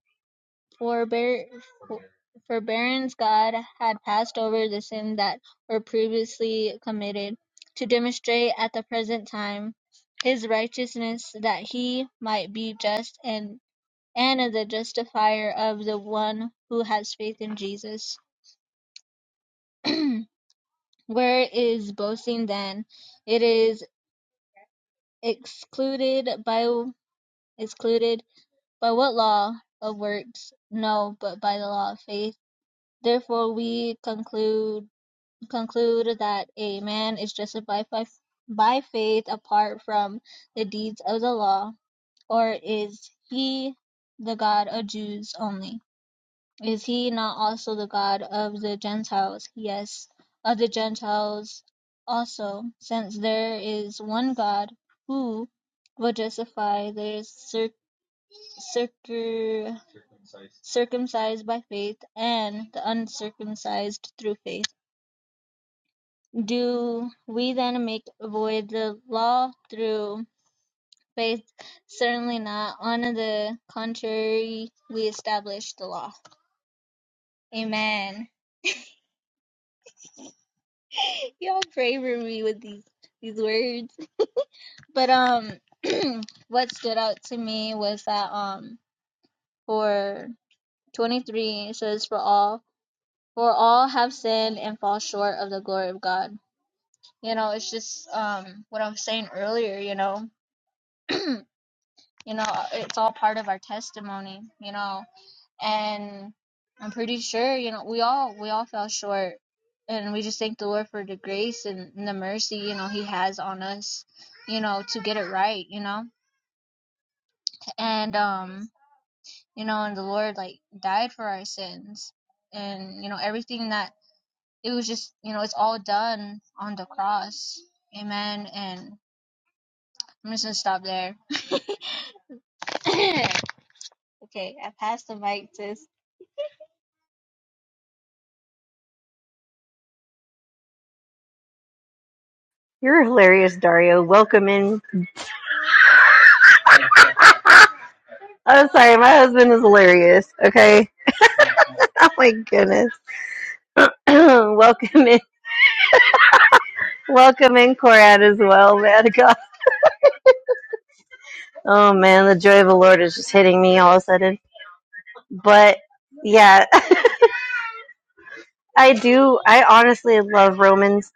S1: forbear, for- forbearance, God had passed over the sin that were previously committed, to demonstrate at the present time his righteousness, that he might be just and and the justifier of the one who has faith in Jesus. Where is boasting then? It is excluded by excluded by what law of works? No, but by the law of faith. Therefore, we conclude conclude that a man is justified by, by faith apart from the deeds of the law, or is he the God of Jews only? Is he not also the God of the Gentiles? Yes, of the Gentiles also, since there is one God who will justify the circ- circum- circumcised by faith and the uncircumcised through faith. Do we then make void the law through faith? Certainly not. On the contrary, we establish the law. Amen. Y'all pray for me with these these words. But um what stood out to me was that um for 23 it says for all for all have sinned and fall short of the glory of God. You know, it's just um what I was saying earlier, you know. you know it's all part of our testimony you know and i'm pretty sure you know we all we all fell short and we just thank the lord for the grace and, the mercy you know he has on us you know to get it right you know and um you know and the lord like died for our sins and you know everything that it was just you know it's all done on the cross amen and i'm just gonna stop there okay i pass the mic to
S3: You're hilarious, Dario. Welcome in. I'm sorry, my husband is hilarious. Okay. Oh my goodness. Welcome in. Welcome in, Corad, as well, man. God. Oh man, the joy of the Lord is just hitting me all of a sudden. But yeah, I do. I honestly love Romans.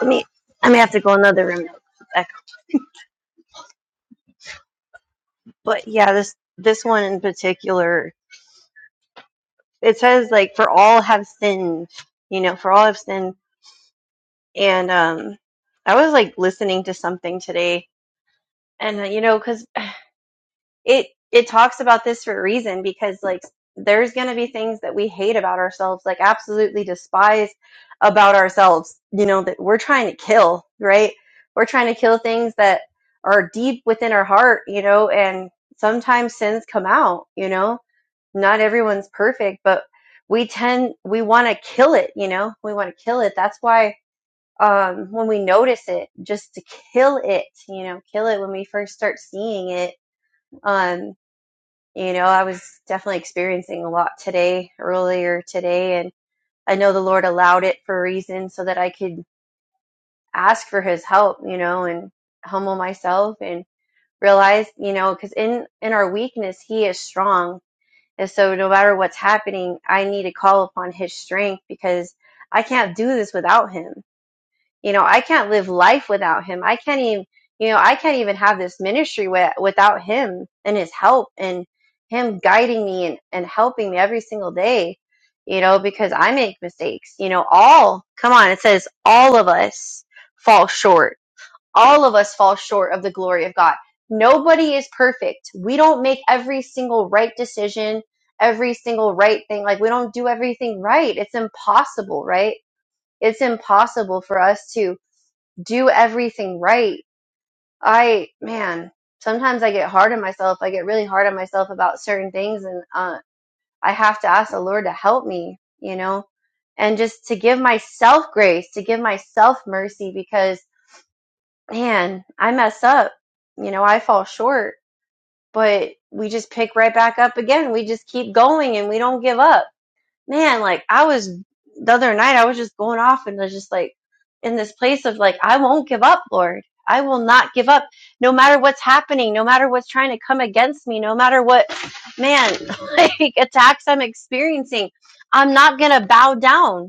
S3: Let me. I may have to go another room. But yeah, this this one in particular it says like for all have sinned you know for all have sinned and um i was like listening to something today and uh, you know because it it talks about this for a reason because like there's going to be things that we hate about ourselves like absolutely despise about ourselves you know that we're trying to kill right we're trying to kill things that are deep within our heart you know and sometimes sins come out you know not everyone's perfect, but we tend we want to kill it, you know? We want to kill it. That's why um when we notice it, just to kill it, you know, kill it when we first start seeing it. Um, you know, I was definitely experiencing a lot today, earlier today, and I know the Lord allowed it for a reason so that I could ask for his help, you know, and humble myself and realize, you know, cuz in in our weakness, he is strong And so, no matter what's happening, I need to call upon his strength because I can't do this without him. You know, I can't live life without him. I can't even, you know, I can't even have this ministry wi- without him and his help and him guiding me and, and helping me every single day, you know, because I make mistakes. You know, all, come on, it says all of us fall short all of us fall short of the glory of God. Nobody is perfect. We don't make every single right decision, every single right thing. Like, we don't do everything right. It's impossible, right? It's impossible for us to do everything right. I, man, sometimes I get hard on myself. I get really hard on myself about certain things, and uh, I have to ask the Lord to help me, you know, and just to give myself grace, to give myself mercy because man, I mess up. You know, I fall short, but we just pick right back up again. We just keep going and we don't give up. Man, like I was the other night, I was just going off and I was just like in this place of like, I won't give up, Lord. I will not give up no matter what's happening, no matter what's trying to come against me, no matter what, man, like attacks I'm experiencing. I'm not going to bow down.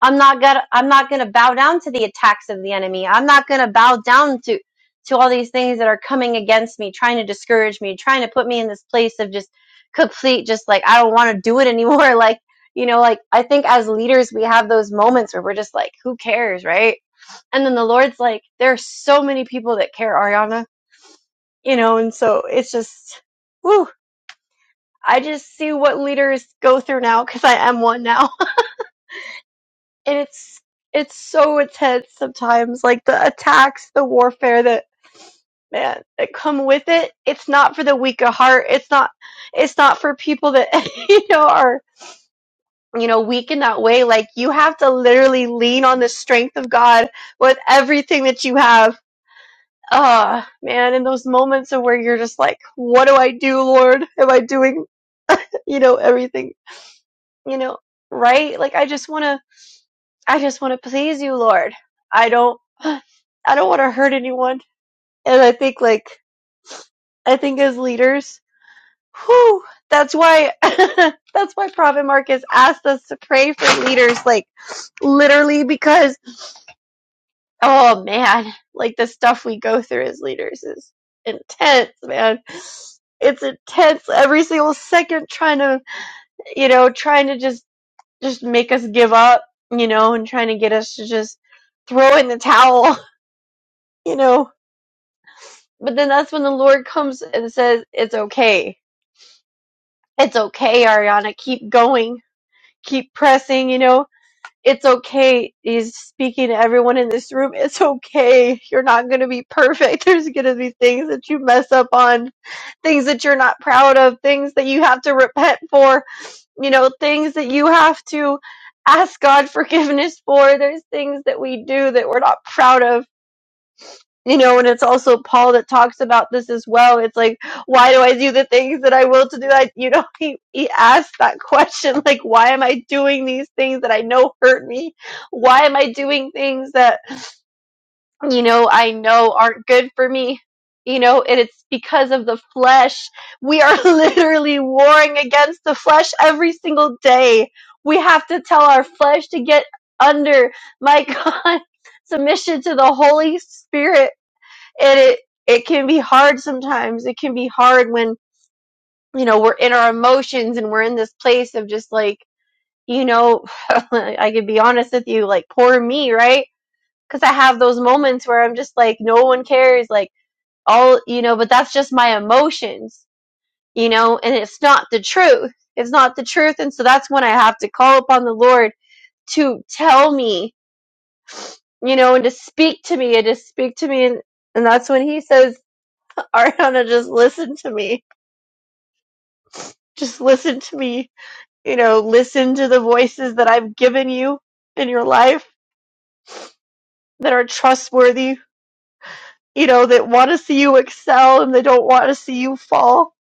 S3: I'm not gonna I'm not gonna bow down to the attacks of the enemy. I'm not gonna bow down to to all these things that are coming against me, trying to discourage me, trying to put me in this place of just complete, just like I don't want to do it anymore. Like you know, like I think as leaders we have those moments where we're just like, who cares, right? And then the Lord's like, there are so many people that care, Ariana, you know, and so it's just, whew, I just see what leaders go through now because I am one now and it's it's so intense sometimes like the attacks the warfare that man that come with it it's not for the weak of heart it's not it's not for people that you know are you know weak in that way like you have to literally lean on the strength of god with everything that you have Ah, man in those moments of where you're just like what do i do lord am i doing you know everything you know right like i just want to I just want to please you, Lord. I don't I don't want to hurt anyone. And I think like I think as leaders, whew, that's why that's why Prophet Marcus asked us to pray for leaders, like literally because oh man, like the stuff we go through as leaders is intense, man. It's intense every single second trying to you know, trying to just just make us give up, you know, and trying to get us to just throw in the towel you know. But then that's when the Lord comes and says, It's okay. It's okay, Ariana. Keep going. Keep pressing, you know. It's okay. He's speaking to everyone in this room. It's okay. You're not going to be perfect. There's going to be things that you mess up on, things that you're not proud of, things that you have to repent for, you know, things that you have to ask God forgiveness for. There's things that we do that we're not proud of You know, and it's also Paul that talks about this as well. It's like, why do I do the things that I will to do? I, you know, he, he asked that question, like, why am I doing these things that I know hurt me? Why am I doing things that, you know, I know aren't good for me? You know, and it's because of the flesh. We are literally warring against the flesh every single day. We have to tell our flesh to get under, my God, submission to the Holy Spirit and it it can be hard sometimes it can be hard when you know we're in our emotions and we're in this place of just like you know i could be honest with you like poor me right because i have those moments where i'm just like no one cares like all you know but that's just my emotions you know and it's not the truth it's not the truth and so that's when i have to call upon the lord to tell me you know and to speak to me and to speak to me and, and that's when he says ariana just listen to me Just listen to me. You know, listen to the voices that I've given you in your life that are trustworthy, you know, that want to see you excel and they don't want to see you fall.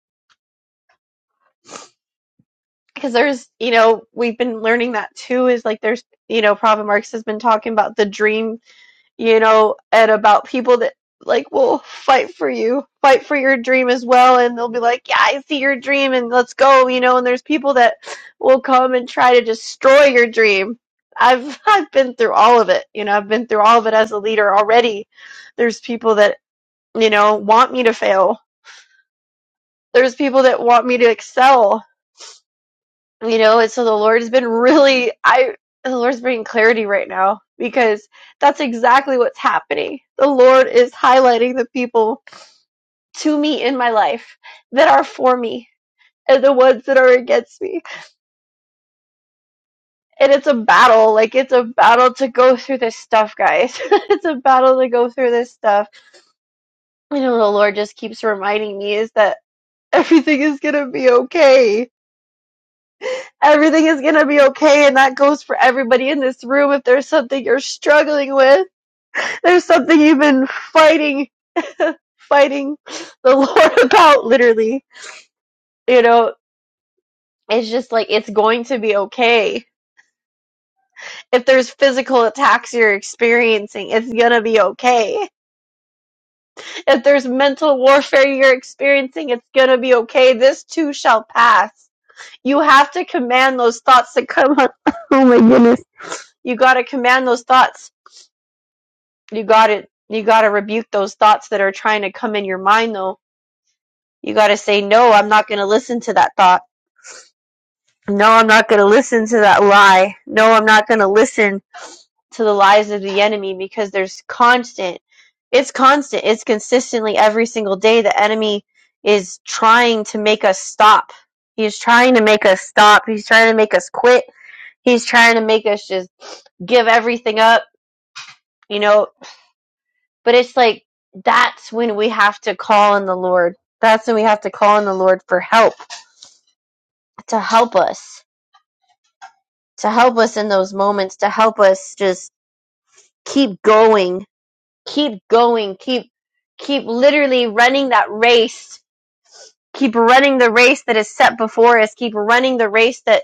S3: Because there's, you know, we've been learning that too is like there's, you know, Prophet Marx has been talking about the dream you know, and about people that like will fight for you, fight for your dream as well, and they'll be like, "Yeah, I see your dream, and let's go," you know. And there's people that will come and try to destroy your dream. I've I've been through all of it, you know. I've been through all of it as a leader already. There's people that you know want me to fail. There's people that want me to excel you know and so the lord has been really i the lord's bringing clarity right now because that's exactly what's happening the lord is highlighting the people to me in my life that are for me and the ones that are against me and it's a battle like it's a battle to go through this stuff guys it's a battle to go through this stuff you know the lord just keeps reminding me is that everything is gonna be okay everything is going to be okay and that goes for everybody in this room if there's something you're struggling with There's something you've been fighting, fighting the Lord about, literally. You know, it's just like it's going to be okay. If there's physical attacks you're experiencing, it's gonna be okay. If there's mental warfare you're experiencing, it's gonna be okay. This too shall pass. You have to command those thoughts to come on. Oh my goodness. You gotta command those thoughts. You gotta you gotta rebuke those thoughts that are trying to come in your mind though You got to say, no, I'm not going to listen to that thought. No, I'm not going to listen to that lie. No, I'm not going to listen to the lies of the enemy because there's constant. It's constant. It's consistently every single day. The enemy is trying to make us stop. He's trying to make us stop. He's trying to make us quit. He's trying to make us just give everything up, you know. But it's like, that's when we have to call on the Lord. That's when we have to call on the Lord for help to help us to help us in those moments, to help us just keep going, keep going, keep keep literally running that race keep running the race that is set before us, keep running the race that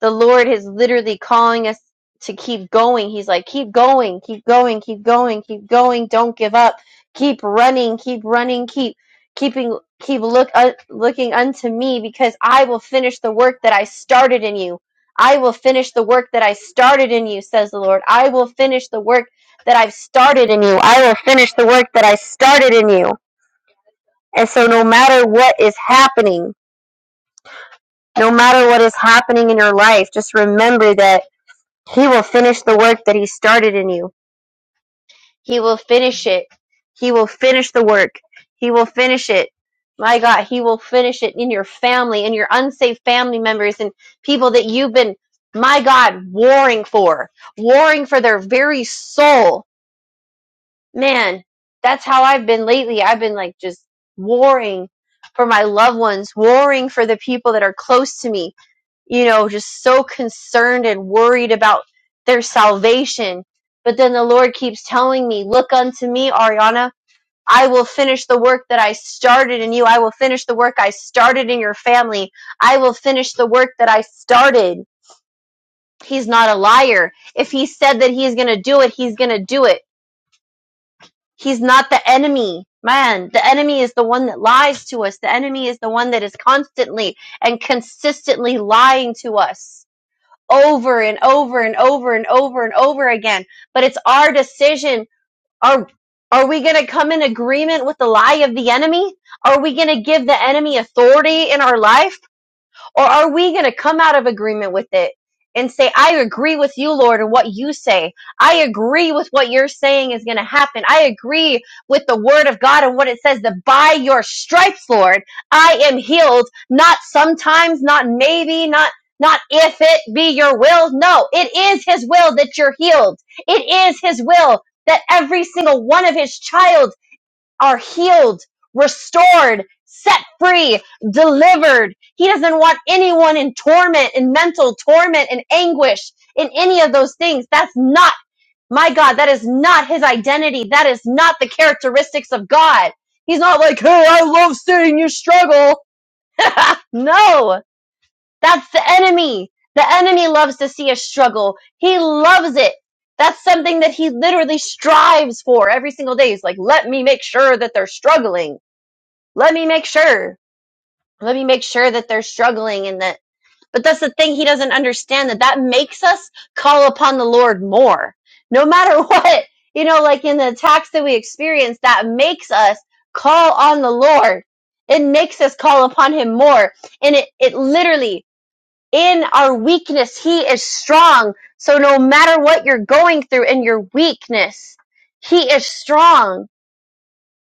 S3: the Lord is literally calling us to keep going. He's like, keep going, keep going, keep going, keep going, don't give up. Keep running, keep running, keep keeping keep look uh, looking unto me because I will finish the work that I started in you. I will finish the work that I started in you, says the Lord. I will finish the work that I've started in you. I will finish the work that I started in you. And so no matter what is happening, no matter what is happening in your life, just remember that He will finish the work that He started in you. He will finish it. He will finish the work. He will finish it. My God, He will finish it in your family, in your unsaved family members, and people that you've been, my God, warring for, warring for their very soul. Man, that's how I've been lately. I've been like just warring for my loved ones, warring for the people that are close to me you know, just so concerned and worried about their salvation. But then the Lord keeps telling me, Look unto me, Ariana. I will finish the work that I started in you. I will finish the work I started in your family. I will finish the work that I started. He's not a liar. If he said that he's going to do it, he's going to do it. He's not the enemy. Man, the enemy is the one that lies to us. The enemy is the one that is constantly and consistently lying to us over and over and over and over and over again. But it's our decision. Are, are we going to come in agreement with the lie of the enemy? Are we going to give the enemy authority in our life? Or are we going to come out of agreement with it and say, I agree with you, Lord, and what you say. I agree with what you're saying is going to happen. I agree with the word of God and what it says that by your stripes, Lord, I am healed. Not sometimes, not maybe, not, not if it be your will. No, it is his will that you're healed. It is his will that every single one of his child are healed, restored, set free, delivered. He doesn't want anyone in torment, in mental torment in anguish, in any of those things. That's not my God. That is not his identity. That is not the characteristics of God. He's not like, hey, I love seeing you struggle. no, that's the enemy. The enemy loves to see us struggle. He loves it. That's something that he literally strives for every single day. He's like, let me make sure that they're struggling let me make sure let me make sure that they're struggling and that but that's the thing he doesn't understand that that makes us call upon the lord more no matter what you know like in the attacks that we experience that makes us call on the lord it makes us call upon him more and it, it literally in our weakness he is strong so no matter what you're going through in your weakness he is strong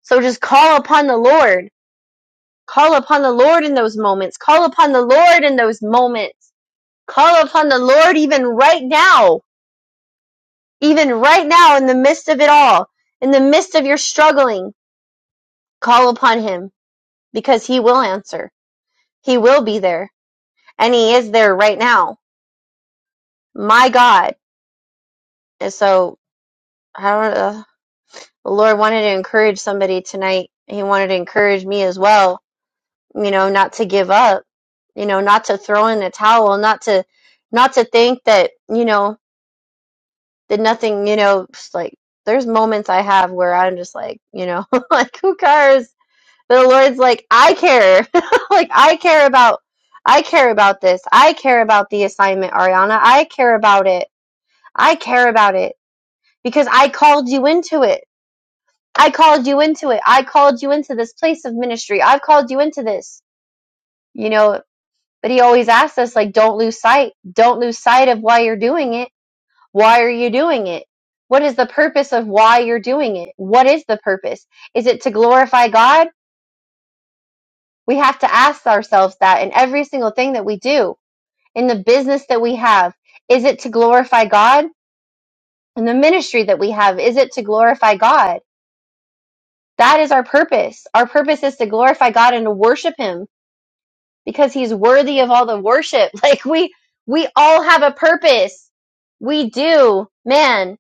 S3: so just call upon the lord Call upon the Lord in those moments. Call upon the Lord in those moments. Call upon the Lord even right now. Even right now in the midst of it all. In the midst of your struggling. Call upon him because he will answer. He will be there. And he is there right now. My God. And so, I don't know. uh, The Lord wanted to encourage somebody tonight. He wanted to encourage me as well. You know, not to give up. You know, not to throw in the towel. Not to, not to think that, you know, did nothing, you know, just, like there's moments I have where I'm just like, you know, like who cares? But the Lord's like, I care. like I care about I care about this. I care about the assignment, Ariana. I care about it. I care about it because I called you into it. I called you into it. I called you into this place of ministry. I've called you into this. You know, but he always asks us like don't lose sight. Don't lose sight of why you're doing it Why are you doing it? What is the purpose of why you're doing it? What is the purpose? Is it to glorify God? We have to ask ourselves that in every single thing that we do, in the business that we have. Is it to glorify God? In the ministry that we have, is it to glorify God? That is our purpose. Our purpose is to glorify God and to worship Him because He's worthy of all the worship. Like we, we all have a purpose. We do, man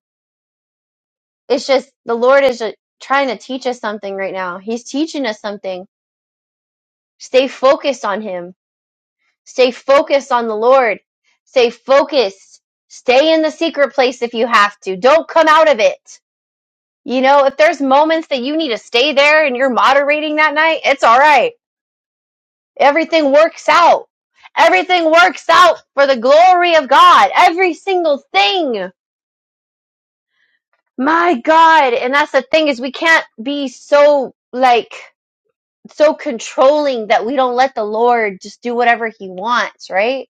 S3: It's just the Lord is uh, trying to teach us something right now. He's teaching us something. Stay focused on Him. Stay focused on the Lord. Stay focused. Stay in the secret place if you have to. Don't come out of it. You know, if there's moments that you need to stay there and you're moderating that night, it's all right. Everything works out. Everything works out for the glory of God. Every single thing. My God. And that's the thing is we can't be so like so controlling that we don't let the Lord just do whatever he wants, right?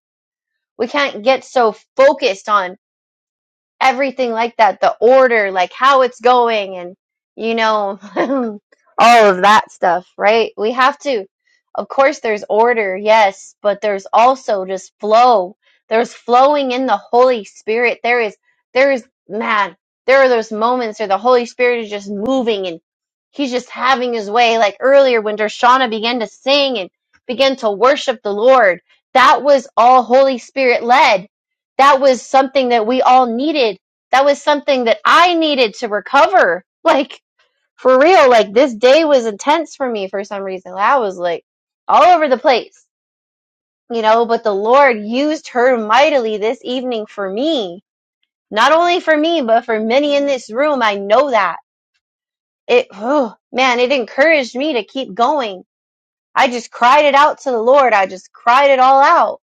S3: We can't get so focused on everything like that, the order, like how it's going and you know all of that stuff, right? We have to of course there's order, yes, but there's also just flow. There's flowing in the Holy Spirit. There is there is man, there are those moments where the Holy Spirit is just moving and he's just having his way. Like earlier when Dershana began to sing and began to worship the Lord, that was all Holy Spirit led that was something that we all needed. That was something that I needed to recover. Like for real, like this day was intense for me for some reason. I was like all over the place, you know, but the Lord used her mightily this evening for me. Not only for me, but for many in this room. I know that. It, oh, man, it encouraged me to keep going. I just cried it out to the Lord. I just cried it all out,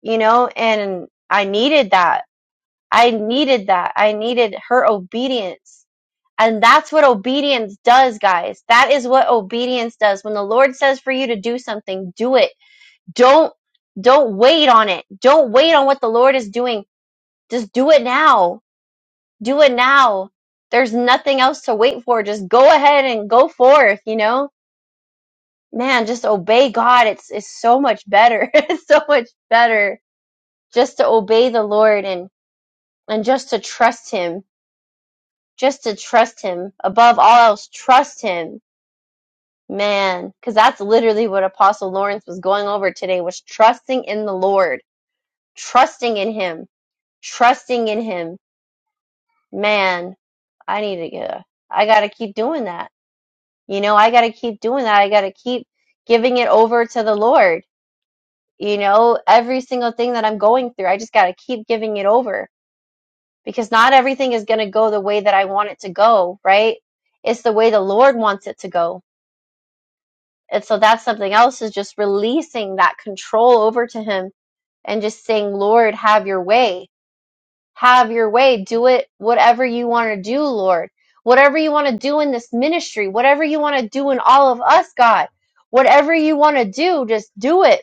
S3: you know, and I needed that. I needed that. I needed her obedience. And that's what obedience does, guys. That is what obedience does. When the Lord says for you to do something, do it. Don't don't wait on it. Don't wait on what the Lord is doing. Just do it now. Do it now. There's nothing else to wait for. Just go ahead and go forth, you know? Man, just obey God. It's it's so much better. it's so much better just to obey the Lord and and just to trust him just to trust him above all else trust him man because that's literally what apostle lawrence was going over today was trusting in the lord trusting in him trusting in him man i need to get a, i gotta keep doing that you know i gotta keep doing that i gotta keep giving it over to the lord you know every single thing that i'm going through i just gotta keep giving it over because not everything is gonna go the way that i want it to go right it's the way the lord wants it to go And so that's something else is just releasing that control over to him and just saying, Lord, have your way. Have your way. Do it whatever you want to do, Lord. Whatever you want to do in this ministry, whatever you want to do in all of us, God. Whatever you want to do, just do it.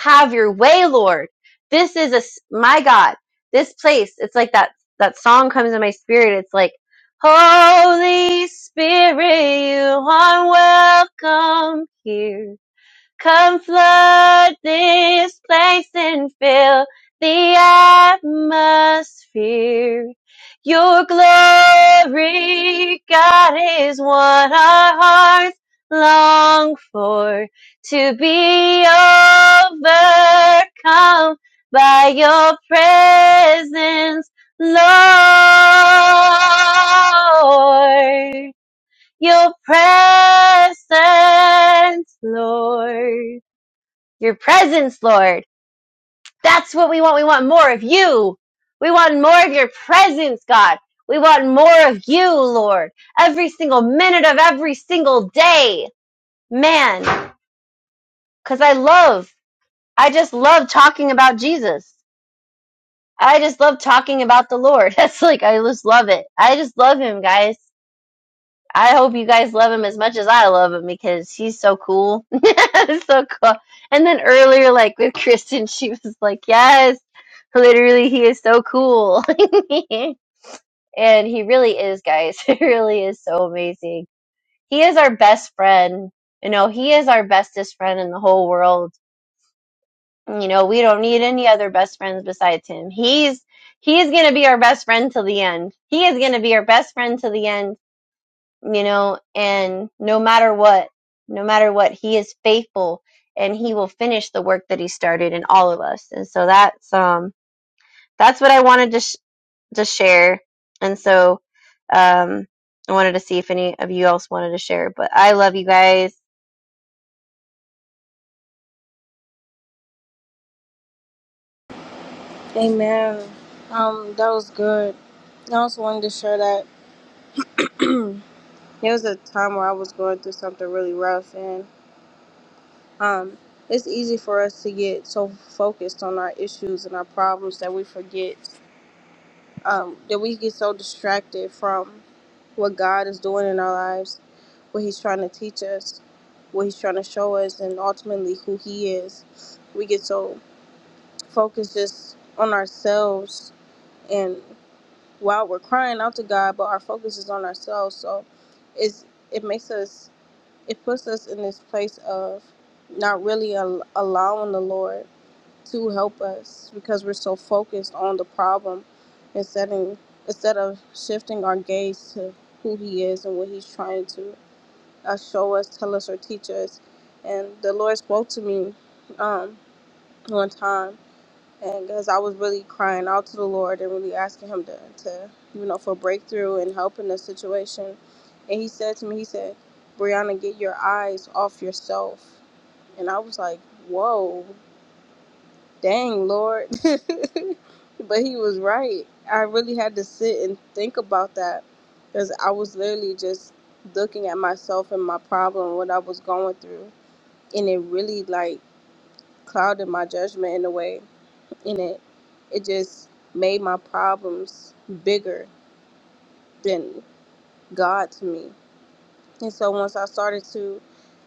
S3: Have your way, Lord. This is a s- my God. This place, it's like that that song comes in my spirit. It's like, Holy Spirit, you are welcome here. Come flood this place and fill the atmosphere. Your glory, God, is what our hearts long for. To be overcome by your presence, Lord. Your presence, Lord. Your presence, Lord. That's what we want. We want more of you. We want more of your presence, God. We want more of you, Lord. Every single minute of every single day. Man, because I love, I just love talking about Jesus. I just love talking about the Lord. That's like, I just love it. I just love him, guys. I hope you guys love him as much as I love him because he's so cool. so cool. And then earlier, like with Kristen, she was like, Yes, literally, he is so cool. and he really is, guys. He really is so amazing. He is our best friend. You know, he is our bestest friend in the whole world. You know, we don't need any other best friends besides him. He's he's gonna be our best friend till the end. He is gonna be our best friend till the end you know, and no matter what, no matter what, he is faithful and he will finish the work that he started in all of us. And so that's um that's what I wanted to sh- to share. And so um I wanted to see if any of you else wanted to share, but I love you guys.
S2: Amen. Um, that was good. I also wanted to share that there was a time where I was going through something really rough, and um, it's easy for us to get so focused on our issues and our problems that we forget. um, that we get so distracted from what God is doing in our lives, what He's trying to teach us, what He's trying to show us, and ultimately who He is. We get so focused just on ourselves, and while we're crying out to God, but our focus is on ourselves. So it's, it makes us, it puts us in this place of not really al- allowing the Lord to help us because we're so focused on the problem instead of, instead of shifting our gaze to who he is and what he's trying to uh, show us, tell us, or teach us. And the Lord spoke to me um, one time, and because I was really crying out to the Lord and really asking Him to, to, you know, for breakthrough and help in the situation. And He said to me, He said, Brianna, get your eyes off yourself. And I was like, whoa dang lord but he was right i really had to sit and think about that because i was literally just looking at myself and my problem what i was going through and it really like clouded my judgment in a way and it it just made my problems bigger than god to me and so once i started to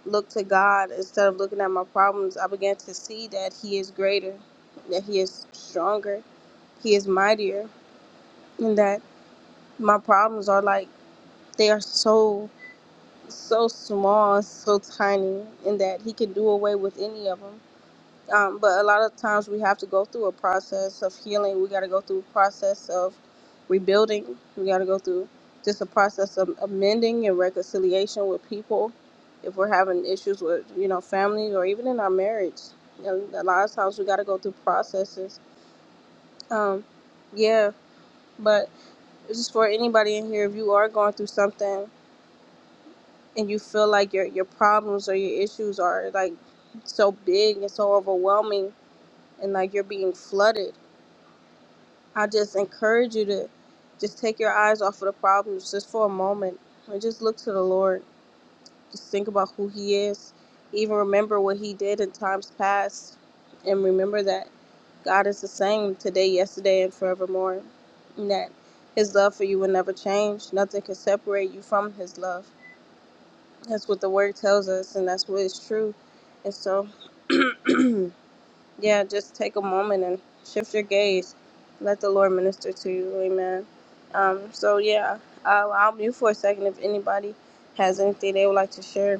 S2: look to god instead of looking at my problems i began to see that he is greater that he is stronger he is mightier and that my problems are like they are so so small so tiny and that he can do away with any of them um, but a lot of times we have to go through a process of healing we got to go through a process of rebuilding we got to go through just a process of amending and reconciliation with people if we're having issues with you know family or even in our marriage and a lot of times we got to go through processes um, yeah but just for anybody in here, if you are going through something and you feel like your your problems or your issues are like so big and so overwhelming and like you're being flooded i just encourage you to just take your eyes off of the problems just for a moment and just look to the lord just think about who he is even remember what he did in times past and remember that god is the same today yesterday and forevermore and that his love for you will never change nothing can separate you from his love That's what the word tells us, and that's what is true. And so, yeah, just take a moment and shift your gaze. Let the Lord minister to you. Amen. Um, so, yeah, I'll, I'll mute for a second if anybody has anything they would like to share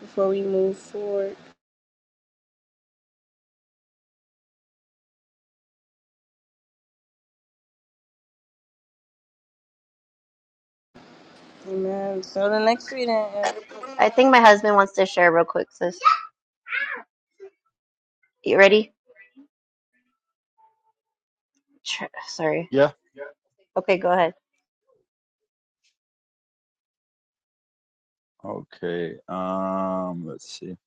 S2: before we move forward. Amen. So, the next reading is
S3: I think my husband wants to share real quick. So you ready? Tr- Sorry.
S5: Yeah.
S3: Okay, go ahead.
S5: Okay. Um, let's see.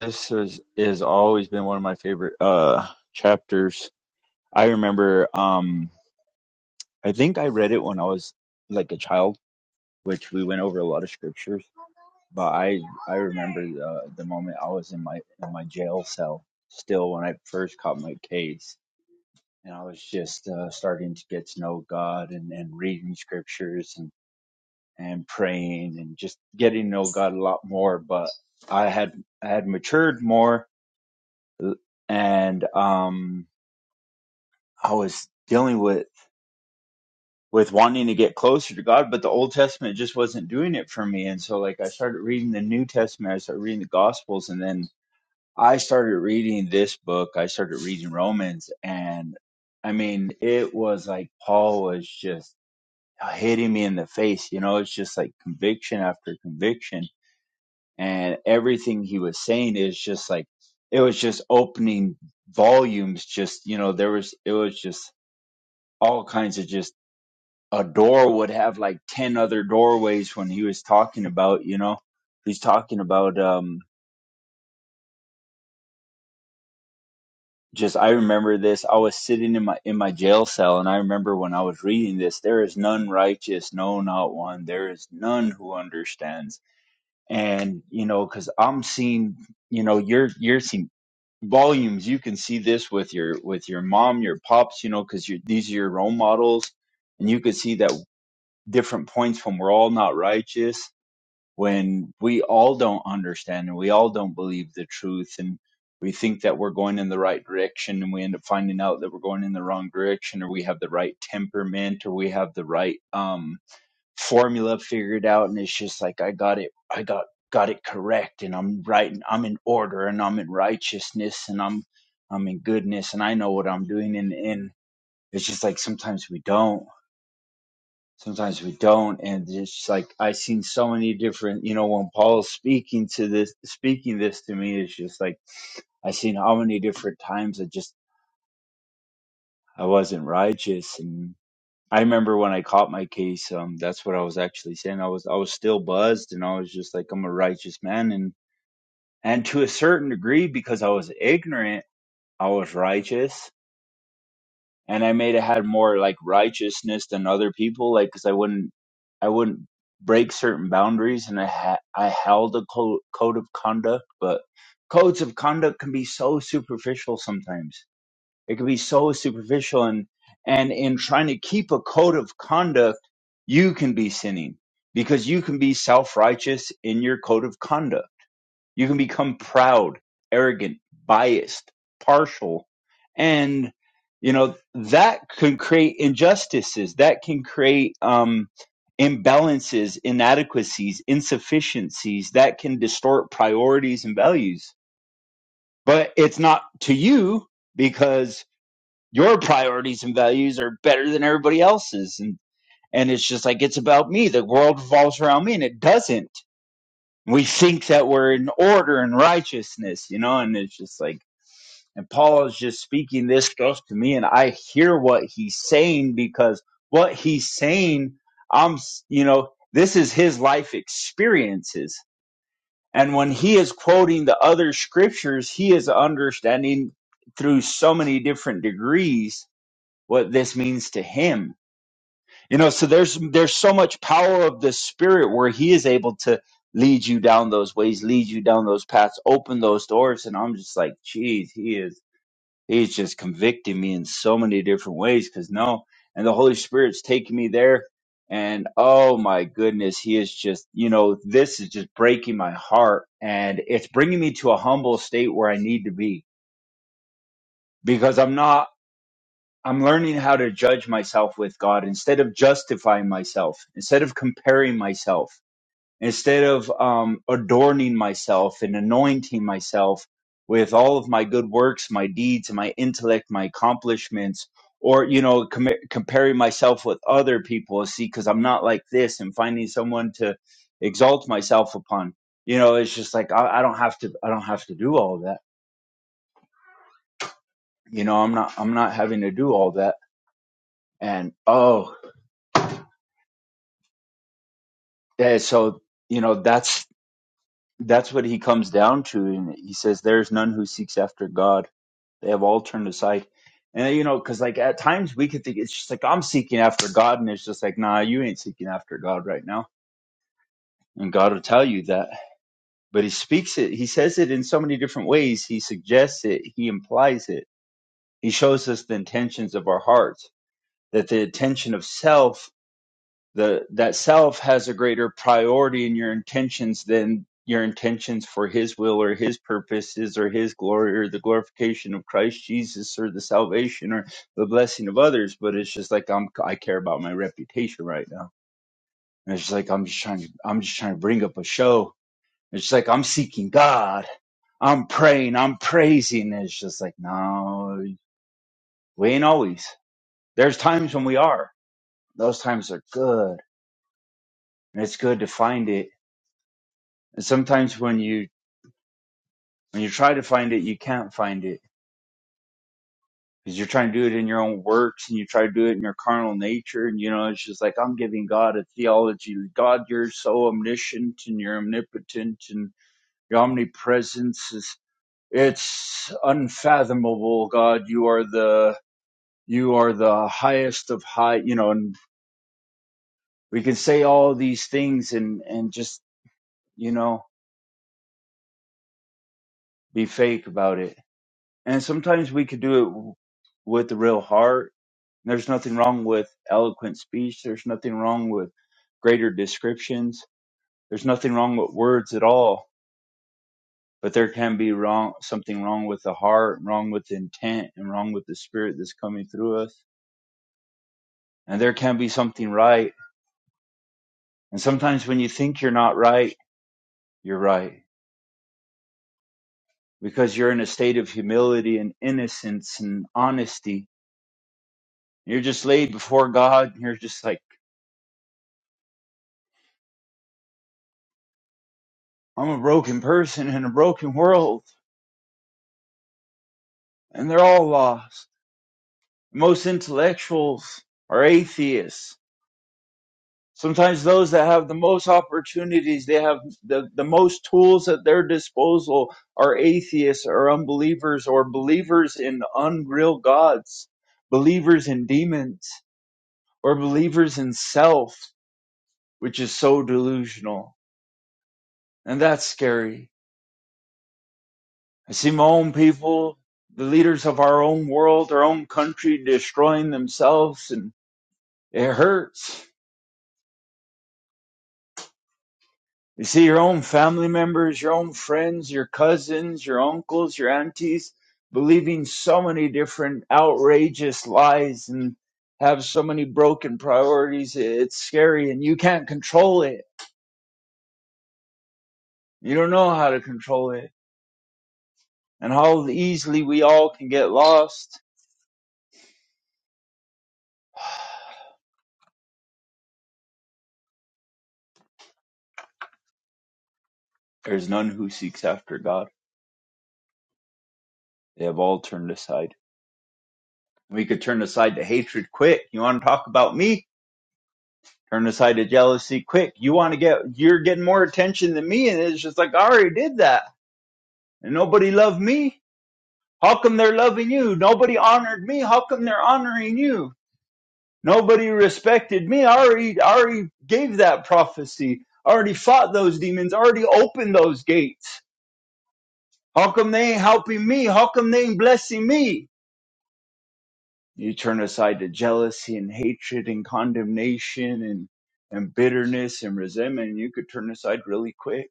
S5: This is is always been one of my favorite uh chapters. I remember um I think I read it when I was like a child, which we went over a lot of scriptures, but I I remember uh, the moment I was in my in my jail cell still when I first caught my case and I was just uh, starting to get to know God and and reading scriptures and praying and just getting to know God a lot more. But I had I had matured more, and um, I was dealing with with wanting to get closer to God, but the Old Testament just wasn't doing it for me. And so, like, I started reading the New Testament, I started reading the Gospels, and then I started reading this book. I started reading Romans, and I mean, it was like Paul was just hitting me in the face. You know, it's just like conviction after conviction and everything he was saying is just like it was just opening volumes just you know there was it was just all kinds of just a door would have like 10 other doorways when he was talking about you know he's talking about um just i remember this i was sitting in my in my jail cell and i remember when i was reading this there is none righteous no not one there is none who understands and you know cuz i'm seeing you know you're you're seeing volumes you can see this with your with your mom your pops you know because you these are your role models and you can see that different points when we're all not righteous when we all don't understand and we all don't believe the truth and we think that we're going in the right direction and we end up finding out that we're going in the wrong direction or we have the right temperament or we have the right um formula figured out and it's just like I got it I got got it correct and I'm right and I'm in order and I'm in righteousness and I'm I'm in goodness and I know what I'm doing and and it's just like sometimes we don't sometimes we don't and it's just like I seen so many different you know when Paul's speaking to this speaking this to me it's just like I seen how many different times I just I wasn't righteous and. I remember when I caught my case, um, that's what I was actually saying. I was I was still buzzed and I was just like I'm a righteous man and and to a certain degree because I was ignorant, I was righteous and I may have had more like righteousness than other people like cuz I wouldn't I wouldn't break certain boundaries and I had, I held a co- code of conduct, but codes of conduct can be so superficial sometimes it can be so superficial and and in trying to keep a code of conduct you can be sinning because you can be self-righteous in your code of conduct you can become proud arrogant biased partial and you know that can create injustices that can create um imbalances inadequacies insufficiencies that can distort priorities and values but it's not to you because your priorities and values are better than everybody else's and and it's just like it's about me the world revolves around me and it doesn't we think that we're in order and righteousness you know and it's just like and paul is just speaking this stuff to me and i hear what he's saying because what he's saying i'm s- you know this is his life experiences and when he is quoting the other scriptures he is understanding through so many different degrees what this means to him you know so there's there's so much power of the spirit where he is able to lead you down those ways lead you down those paths open those doors and i'm just like geez he is he's just convicting me in so many different ways because no and the holy spirit's taking me there and oh my goodness he is just you know this is just breaking my heart and it's bringing me to a humble state where i need to be because i'm not I'm learning how to judge myself with God instead of justifying myself, instead of comparing myself, instead of um, adorning myself and anointing myself with all of my good works, my deeds, my intellect, my accomplishments, or, you know, com- comparing myself with other people, see, because I'm not like this and finding someone to exalt myself upon. You know, it's just like, I, I don't have to, I don't have to do all that. You know, I'm not, I'm not having to do all that and oh Yeah, so you know that's that's what he comes down to, and he says, "There's none who seeks after God; they have all turned aside." And you know, because like at times we could think it's just like I'm seeking after God, and it's just like, nah, you ain't seeking after God right now, and God will tell you that. But he speaks it, he says it in so many different ways. He suggests it, he implies it. He shows us the intentions of our hearts, that the intention of self the that self has a greater priority in your intentions than your intentions for his will or his purposes or his glory or the glorification of Christ Jesus or the salvation or the blessing of others but it's just like I'm I care about my reputation right now and it's just like I'm just trying to I'm just trying to bring up a show it's just like I'm seeking God I'm praying I'm praising it's just like no we ain't always there's times when we are those times are good and it's good to find it And sometimes when you when you try to find it, you can't find it because you're trying to do it in your own works and you try to do it in your carnal nature. And you know, it's just like I'm giving God a theology. God, you're so omniscient and you're omnipotent and your omnipresence is it's unfathomable. God, you are the you are the highest of high. You know, and we can say all these things and and just you know be fake about it And sometimes we could do it w- with the real heart. There's nothing wrong with eloquent speech. There's nothing wrong with greater descriptions. There's nothing wrong with words at all. But there can be wrong something wrong with the heart, wrong with the intent, and wrong with the spirit that's coming through us. And there can be something right. And sometimes when you think you're not right, you're right. Because you're in a state of humility and innocence and honesty. You're just laid before God. and You're just like I'm a broken person in a broken world, and they're all lost. Most intellectuals are atheists. Sometimes those that have the most opportunities, they have the, the most tools at their disposal are atheists or unbelievers or believers in unreal gods, believers in demons, or believers in self, which is so delusional. And that's scary. I see my own people, the leaders of our own world, our own country destroying themselves, and it hurts. You see your own family members, your own friends, your cousins, your uncles, your aunties believing so many different outrageous lies and have so many broken priorities. It's scary and you can't control it. You don't know how to control it and how easily we all can get lost. There's none who seeks after God. They have all turned aside. We could turn aside to hatred quick. You want to talk about me? Turn aside to jealousy quick. You want to get, you're getting more attention than me. And it's just like, I already did that. And nobody loved me. How come they're loving you? Nobody honored me. How come they're honoring you? Nobody respected me. I already, I already gave that prophecy. I already fought those demons. I already opened those gates. How come they ain't helping me? How come they ain't blessing me? You turn aside to jealousy and hatred and condemnation and, and bitterness and resentment. You could turn aside really quick.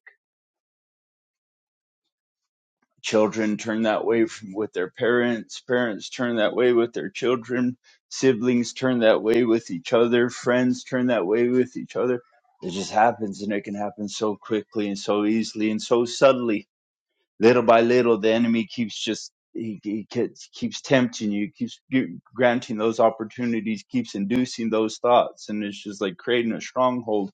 S5: Children turn that way from, with their parents. Parents turn that way with their children. Siblings turn that way with each other. Friends turn that way with each other. It just happens and it can happen so quickly and so easily and so subtly little by little the enemy keeps just he, he keeps, keeps tempting you keeps gi- granting those opportunities keeps inducing those thoughts and it's just like creating a stronghold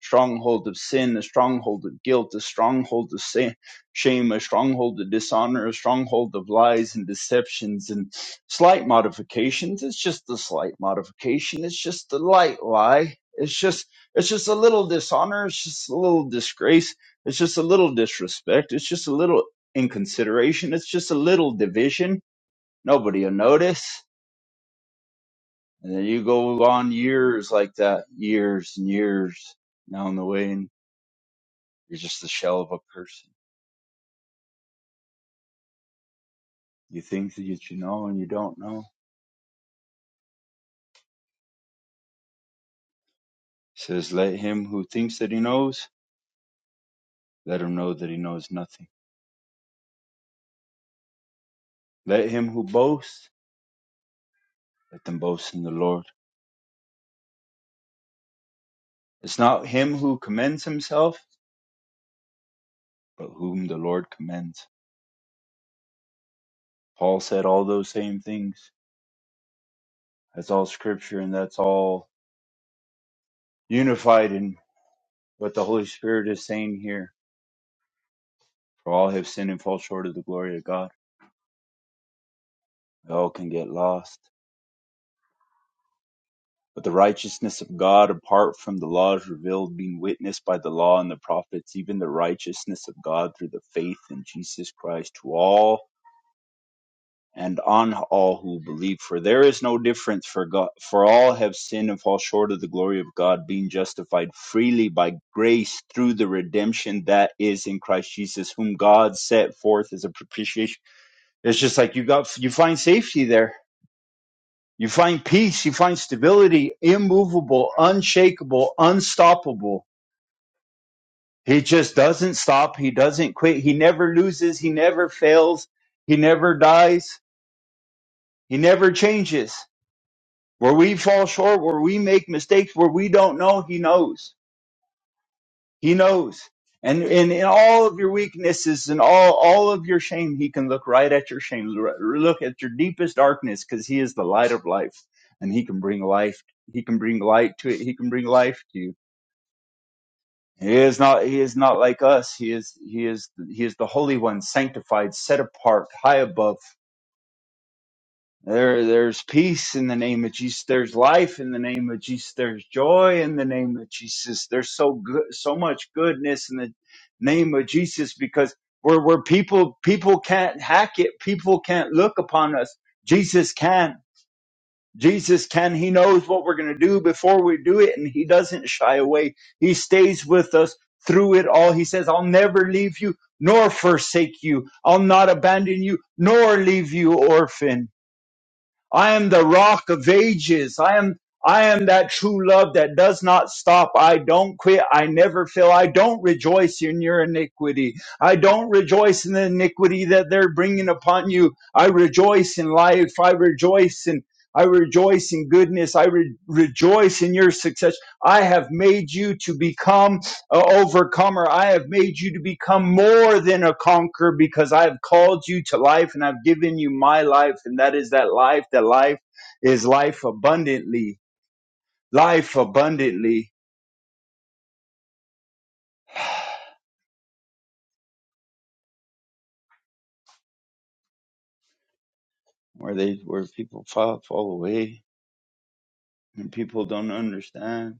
S5: stronghold of sin a stronghold of guilt a stronghold of sin, shame a stronghold of dishonor a stronghold of lies and deceptions and slight modifications it's just a slight modification it's just a light lie it's just it's just a little dishonor it's just a little disgrace it's just a little disrespect. It's just a little in consideration. It's just a little division. Nobody will notice. And then you go on years like that, years and years down the way, and you're just the shell of a person. You think that you know and you don't know. It says, let him who thinks that he knows, let him know that he knows nothing. Let him who boasts, let them boast in the Lord. It's not him who commends himself, but whom the Lord commends. Paul said all those same things. That's all scripture and that's all unified in What the Holy Spirit is saying here, for all have sinned and fall short of the glory of God. We all can get lost. But the righteousness of God apart from the law is revealed, being witnessed by the law and the prophets, even the righteousness of God through the faith in Jesus Christ to all and on all who believe. For there is no difference for God, for all have sinned and fall short of the glory of God, being justified freely by grace through the redemption that is in Christ Jesus, whom God set forth as a propitiation It's just like you got you find safety there. You find peace, you find stability, immovable, unshakable, unstoppable. He just doesn't stop, he doesn't quit, he never loses, he never fails, he never dies, he never changes. Where we fall short, where we make mistakes, where we don't know, he knows. He knows. And in, in all of your weaknesses and all, all of your shame, he can look right at your shame, look at your deepest darkness, because he is the light of life. And he can bring life. He can bring light to it. He can bring life to you. He is not, he is not like us. He is, he is, he is the Holy One, sanctified, set apart, high above, There, there's peace in the name of Jesus. There's life in the name of Jesus. There's joy in the name of Jesus. There's so good, so much goodness in the name of Jesus because we're, we're people, people can't hack it. People can't look upon us. Jesus can. Jesus can. He knows what we're going to do before we do it and he doesn't shy away. He stays with us through it all. He says, I'll never leave you nor forsake you. I'll not abandon you nor leave you orphan. I am the rock of ages. I am I am that true love that does not stop. I don't quit. I never fail. I don't rejoice in your iniquity. I don't rejoice in the iniquity that they're bringing upon you. I rejoice in life. I rejoice in I rejoice in goodness. I re- rejoice in your success. I have made you to become a overcomer. I have made you to become more than a conqueror because I have called you to life and I've given you my life. And that is that life. That life is life abundantly. Life abundantly. Where they where people fall fall away and people don't understand.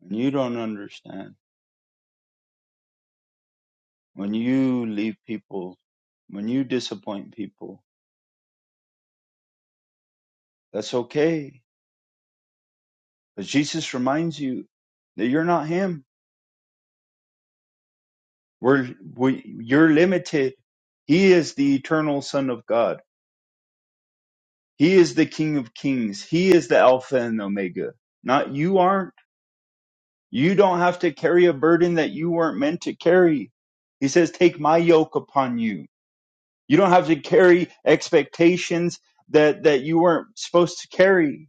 S5: When you don't understand, when you leave people, when you disappoint people, that's okay. But Jesus reminds you that you're not him We're, we, you're limited. He is the eternal Son of God. He is the King of Kings. He is the Alpha and Omega. Not you aren't. You don't have to carry a burden that you weren't meant to carry. He says, Take my yoke upon you. You don't have to carry expectations that, that you weren't supposed to carry.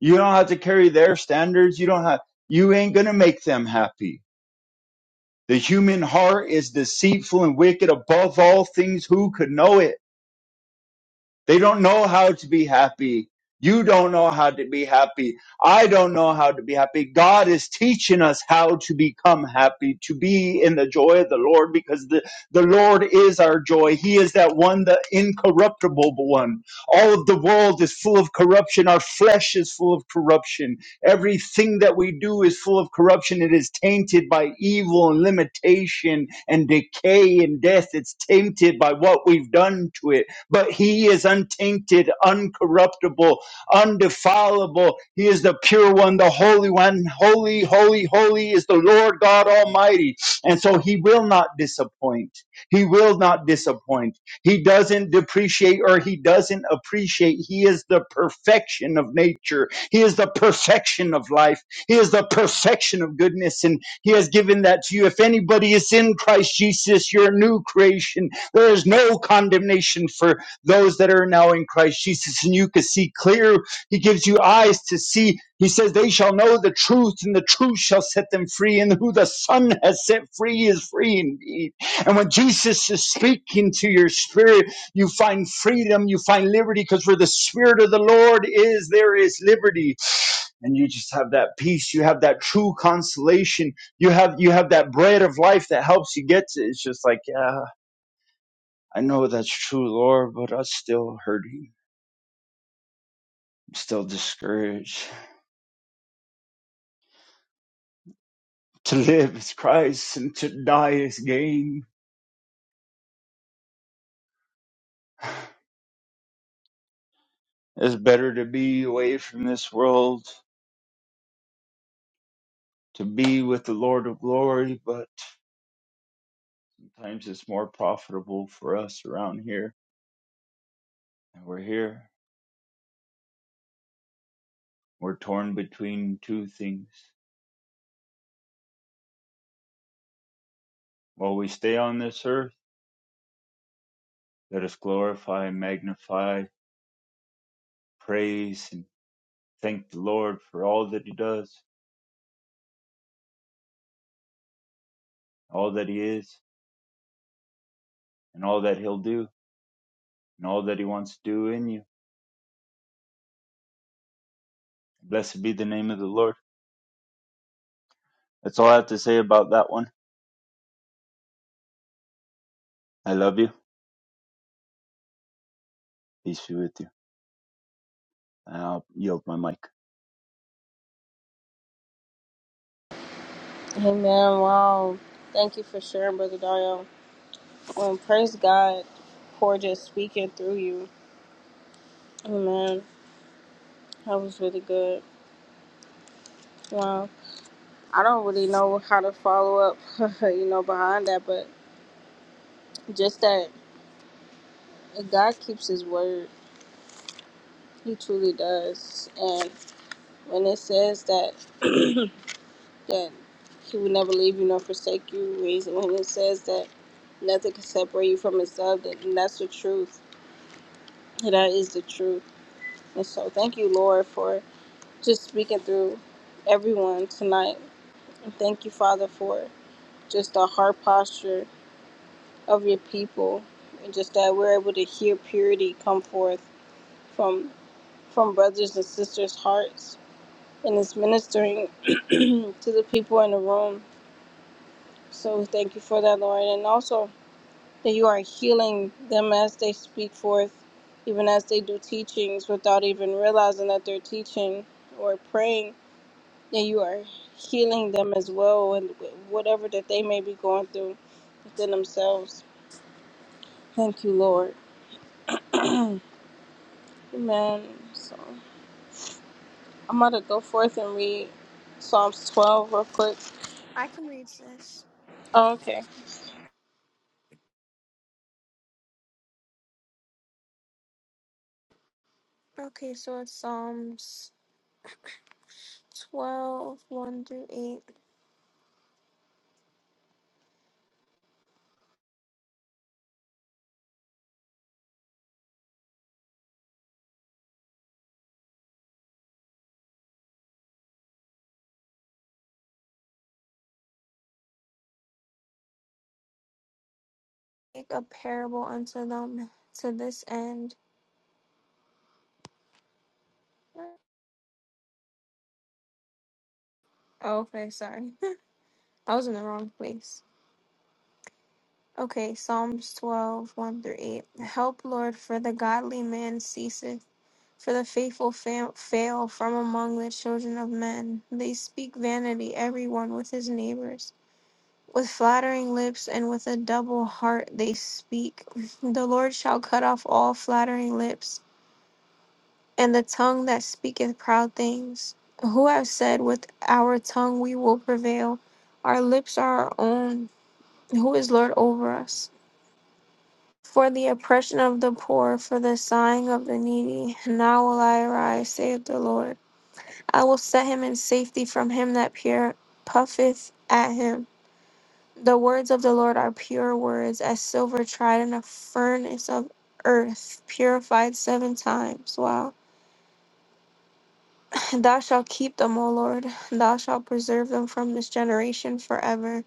S5: You don't have to carry their standards. You don't have, you ain't going to make them happy. The human heart is deceitful and wicked above all things. Who could know it? They don't know how to be happy. You don't know how to be happy. I don't know how to be happy. God is teaching us how to become happy, to be in the joy of the Lord, because the, the Lord is our joy. He is that one, the incorruptible one. All of the world is full of corruption. Our flesh is full of corruption. Everything that we do is full of corruption. It is tainted by evil and limitation and decay and death. It's tainted by what we've done to it but he is untainted, uncorruptible, undefilable. He is the pure one, the holy one. Holy, holy, holy is the Lord God Almighty. And so he will not disappoint. He will not disappoint. He doesn't depreciate or he doesn't appreciate. He is the perfection of nature. He is the perfection of life. He is the perfection of goodness. And he has given that to you. If anybody is in Christ Jesus, you're a new creation. There is no condemnation for those that are now in Christ Jesus, and you can see clear. He gives you eyes to see. He says, They shall know the truth, and the truth shall set them free. And who the Son has set free is free indeed. And when Jesus is speaking to your spirit, you find freedom, you find liberty, because where the Spirit of the Lord is, there is liberty. And you just have that peace, you have that true consolation, you have you have that bread of life that helps you get to. it. It's just like, yeah, I know that's true, Lord, but I'm still hurting. still discouraged. To live is Christ and to die is gain. It's better to be away from this world, to be with the Lord of glory, but sometimes it's more profitable for us around here. And we're here. We're torn between two things. While we stay on this earth, let us glorify, magnify, praise, and thank the Lord for all that He does, all that He is, and all that He'll do, and all that He wants to do in you. Blessed be the name of the Lord. That's all I have to say about that one. I love you. Peace be with you. And I'll yield my mic.
S2: Amen. Wow. Thank you for sharing, Brother Dario. Um, praise God for just speaking through you. Amen. That was really good. Wow. I don't really know how to follow up, you know, behind that, but just that God keeps His word. He truly does. And when it says that that He will never leave you nor forsake you, reason when it says that nothing can separate you from His love, that and that's the truth. And that is the truth. And so, thank you, Lord, for just speaking through everyone tonight. And thank you, Father, for just our heart posture of your people and just that we're able to hear purity come forth from from brothers and sisters hearts and it's ministering to the people in the room so we thank you for that lord and also that you are healing them as they speak forth even as they do teachings without even realizing that they're teaching or praying that you are healing them as well and whatever that they may be going through within themselves thank you lord amen so I'm about to go forth and read Psalms 12 real quick.
S6: I can read this.
S2: Oh, okay.
S6: Okay, so it's Psalms 12, 1 through 8. Make a parable unto them to this end. Oh, okay, sorry. I was in the wrong place. Okay, Psalms 12, 1 through 8. Help, Lord, for the godly man ceaseth, for the faithful fa- fail from among the children of men. They speak vanity, every one with his neighbors. With flattering lips and with a double heart they speak. The Lord shall cut off all flattering lips, and the tongue that speaketh proud things. Who have said, With our tongue we will prevail? Our lips are our own. Who is Lord over us? For the oppression of the poor, for the sighing of the needy, now will I arise, saith the Lord. I will set him in safety from him that peer puffeth at him. The words of the Lord are pure words, as silver tried in a furnace of earth, purified seven times. Wow. Thou shalt keep them, O Lord. Thou shalt preserve them from this generation forever.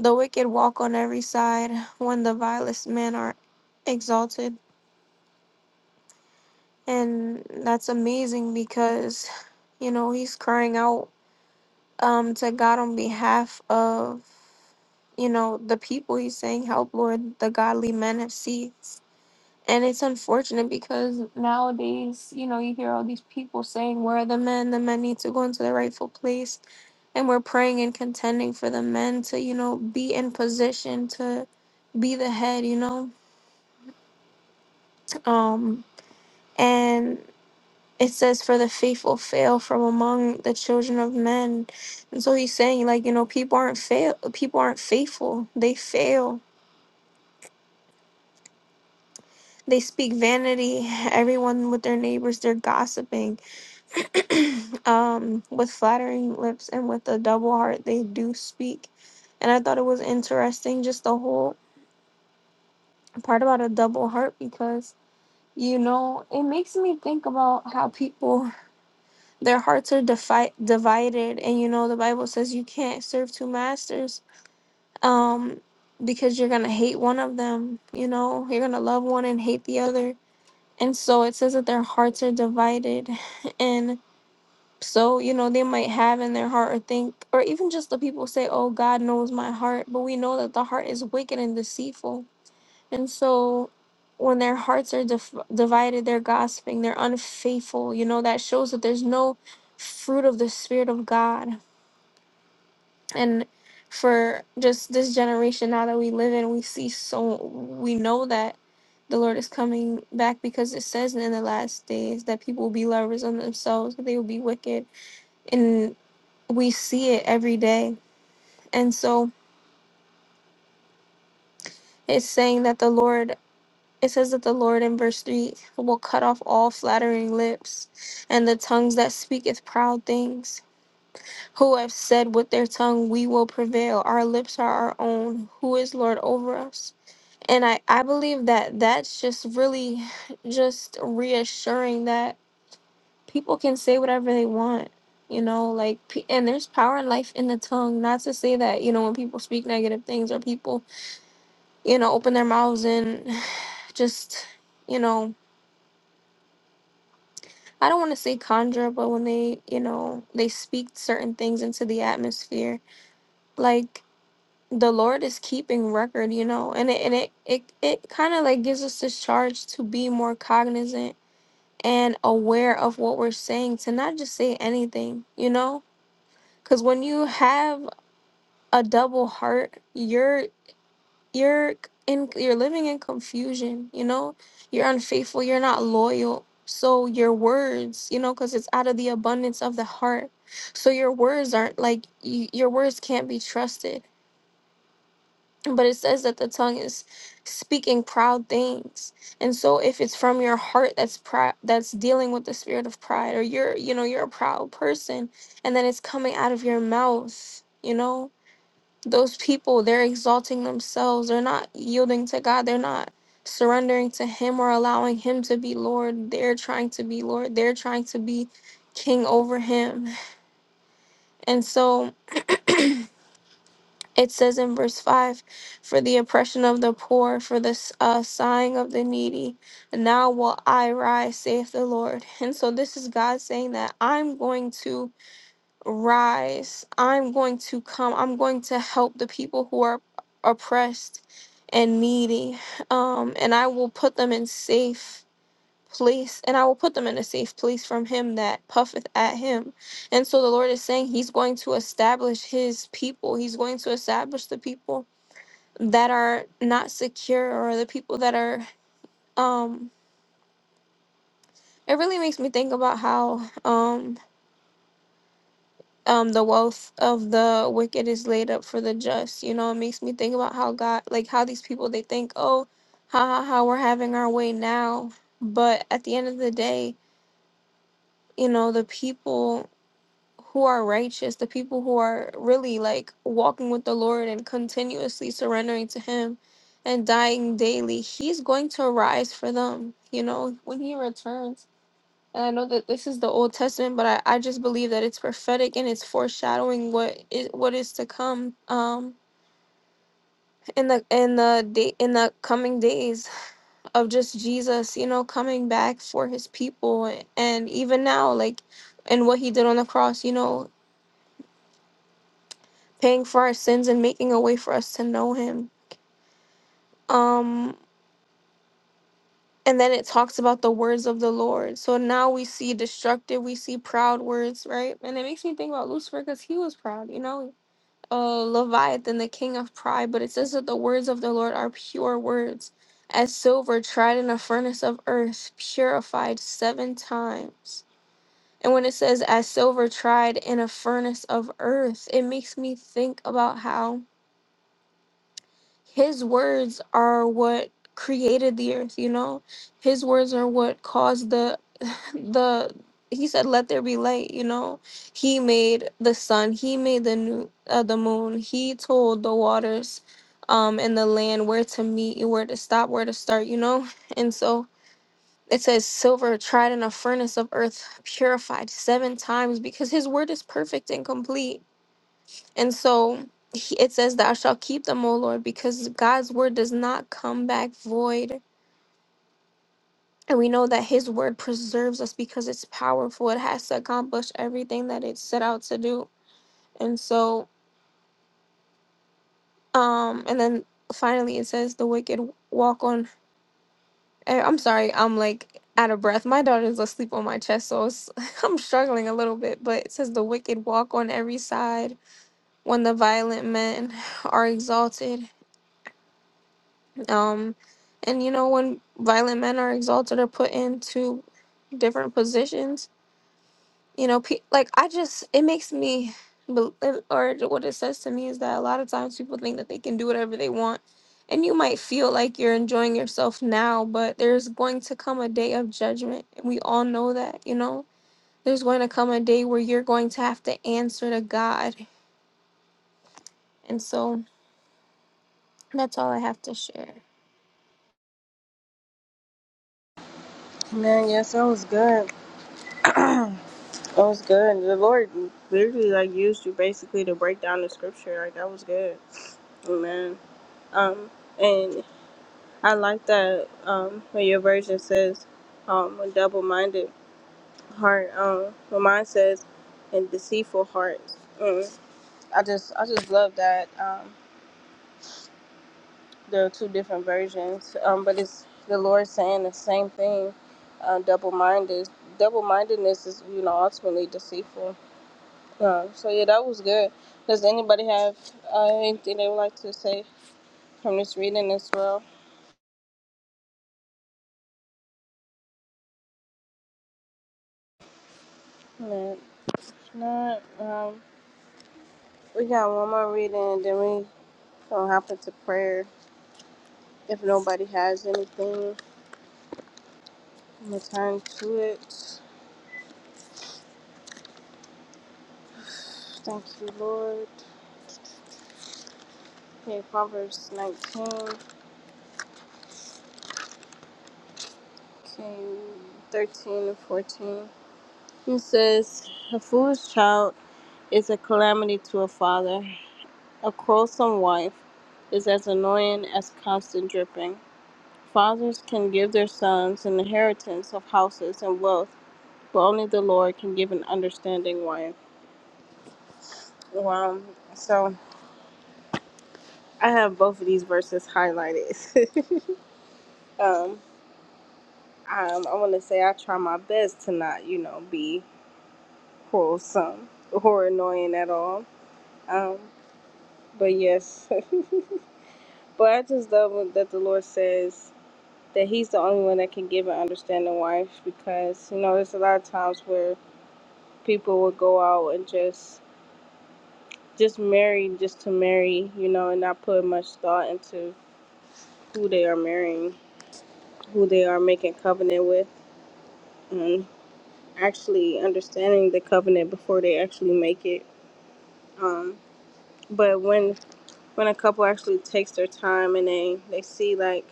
S6: The wicked walk on every side when the vilest men are exalted. And that's amazing because, you know, he's crying out um, to God on behalf of you know, the people he's saying, Help, Lord, the godly men have ceased. And it's unfortunate because nowadays, you know, you hear all these people saying, Where are the men? The men need to go into their rightful place. And we're praying and contending for the men to, you know, be in position to be the head, you know? Um, and it says, For the faithful fail from among the children of men. And so he's saying, like, you know, people aren't fail people aren't faithful. They fail. They speak vanity, everyone with their neighbors, they're gossiping um, with flattering lips and with a double heart they do speak. And I thought it was interesting just the whole part about a double heart because you know it makes me think about how people their hearts are defi- divided and you know the Bible says you can't serve two masters um because you're gonna hate one of them you know you're gonna love one and hate the other and so it says that their hearts are divided and So, you know, they might have in their heart or think, or even just the people say, Oh, God knows my heart. But we know that the heart is wicked and deceitful. And so when their hearts are dif- divided, they're gossiping, they're unfaithful. You know, that shows that there's no fruit of the Spirit of God. And for just this generation now that we live in, we see so, we know that the Lord is coming back because it says in the last days that people will be lovers of themselves, that they will be wicked. and we see it every day. And so it's saying that the Lord, it says that the Lord in verse 3 will cut off all flattering lips and the tongues that speaketh proud things. Who have said with their tongue, We will prevail. Our lips are our own. Who is Lord over us? And I, I believe that that's just really just reassuring that people can say whatever they want. You know, like, pe- and there's power and life in the tongue. Not to say that, you know, when people speak negative things or people you know, open their mouths and just, you know, I don't want to say conjure, but when they, you know, they speak certain things into the atmosphere, like the Lord is keeping record, you know, and it and it it, it kind of like gives us this charge to be more cognizant and aware of what we're saying, to not just say anything, you know, because when you have a double heart, you're. you're in you're living in confusion you know you're unfaithful you're not loyal so your words you know because it's out of the abundance of the heart so your words aren't like y- your words can't be trusted but it says that the tongue is speaking proud things and so if it's from your heart that's pride that's dealing with the spirit of pride or you're you know you're a proud person and then it's coming out of your mouth you know those people, they're exalting themselves. They're not yielding to God. They're not surrendering to Him or allowing Him to be Lord. They're trying to be Lord. They're trying to be king over Him. And so it says in verse 5 For the oppression of the poor, for the uh, sighing of the needy, now will I rise, saith the Lord. And so this is God saying that I'm going to. rise. I'm going to come. I'm going to help the people who are oppressed and needy. Um, and I will put them in safe place and I will put them in a safe place from him that puffeth at him. And so the Lord is saying he's going to establish his people. He's going to establish the people that are not secure or the people that are um it really makes me think about how um um the wealth of the wicked is laid up for the just you know it makes me think about how god like how these people they think oh ha ha ha we're having our way now but at the end of the day you know the people who are righteous the people who are really like walking with the lord and continuously surrendering to him and dying daily he's going to rise for them you know when he returns and I know that this is the Old Testament, but I, I just believe that it's prophetic and it's foreshadowing what is what is to come um in the in the day in the coming days of just Jesus, you know, coming back for his people and even now like and what he did on the cross, you know, paying for our sins and making a way for us to know him. Um and then it talks about the words of the Lord. So now we see destructive, we see proud words, right? And it makes me think about Lucifer because he was proud, you know uh, Leviathan, the king of pride, but it says that the words of the Lord are pure words, as silver tried in a furnace of earth, purified seven times. And when it says, as silver tried in a furnace of earth, it makes me think about how his words are what created the earth, you know? His words are what caused the the he said let there be light you know he made the sun he made the new uh, the moon he told the waters um and the land where to meet where to stop where to start you know and so it says silver tried in a furnace of earth purified seven times because his word is perfect and complete and so he, it says thou shalt keep them o lord because god's word does not come back void And we know that His word preserves us because it's powerful. It has to accomplish everything that it set out to do. And so, um, and then finally it says the wicked walk on. eh, I'm sorry, I'm like out of breath. My daughter's asleep on my chest, so it's, I'm struggling a little bit. But it says the wicked walk on every side when the violent men are exalted. Um, and you know, when violent men are exalted or put into different positions, you know, pe- like I just it makes me, bel- or what it says to me is that a lot of times people think that they can do whatever they want, and you might feel like you're enjoying yourself now, but there's going to come a day of judgment, and we all know that, you know. There's going to come a day where you're going to have to answer to God, and so that's all I have to share.
S2: Man, yes, that was good. That was good. The Lord literally like used you basically to break down the scripture. Like that was good. Amen. Um, and I like that um when your version says um a double-minded heart. Um, when mine says and deceitful hearts. Mm. I just I just love that. Um, There are two different versions, um, but it's the Lord saying the same thing. Uh, double minded, double mindedness is you know ultimately deceitful. Uh, so yeah, that was good. Does anybody have uh, anything they would like to say from this reading as well? No, if not. Um, we got one more reading, and then we gonna hop into prayer. If nobody has anything, I'm gonna turn to it. Thank you, Lord. Okay, Proverbs 19. 13 thirteen and 14. It says, A foolish child is a calamity to a father. A quarrelsome wife is as annoying as constant dripping. Fathers can give their sons an inheritance of houses and wealth, but only the Lord can give an understanding wife. Wow. So I have both of these verses highlighted. um, um, I want to say I try my best to not, you know, be quarrelsome or annoying at all. Um, But yes, but I just love that the Lord says that He's the only one that can give an understanding wife because you know there's a lot of times where people will go out and just just marry just to marry, you know, and not put much thought into who they are marrying, who they are making covenant with, and actually understanding the covenant before they actually make it. Um, but when when a couple actually takes their time and they they see like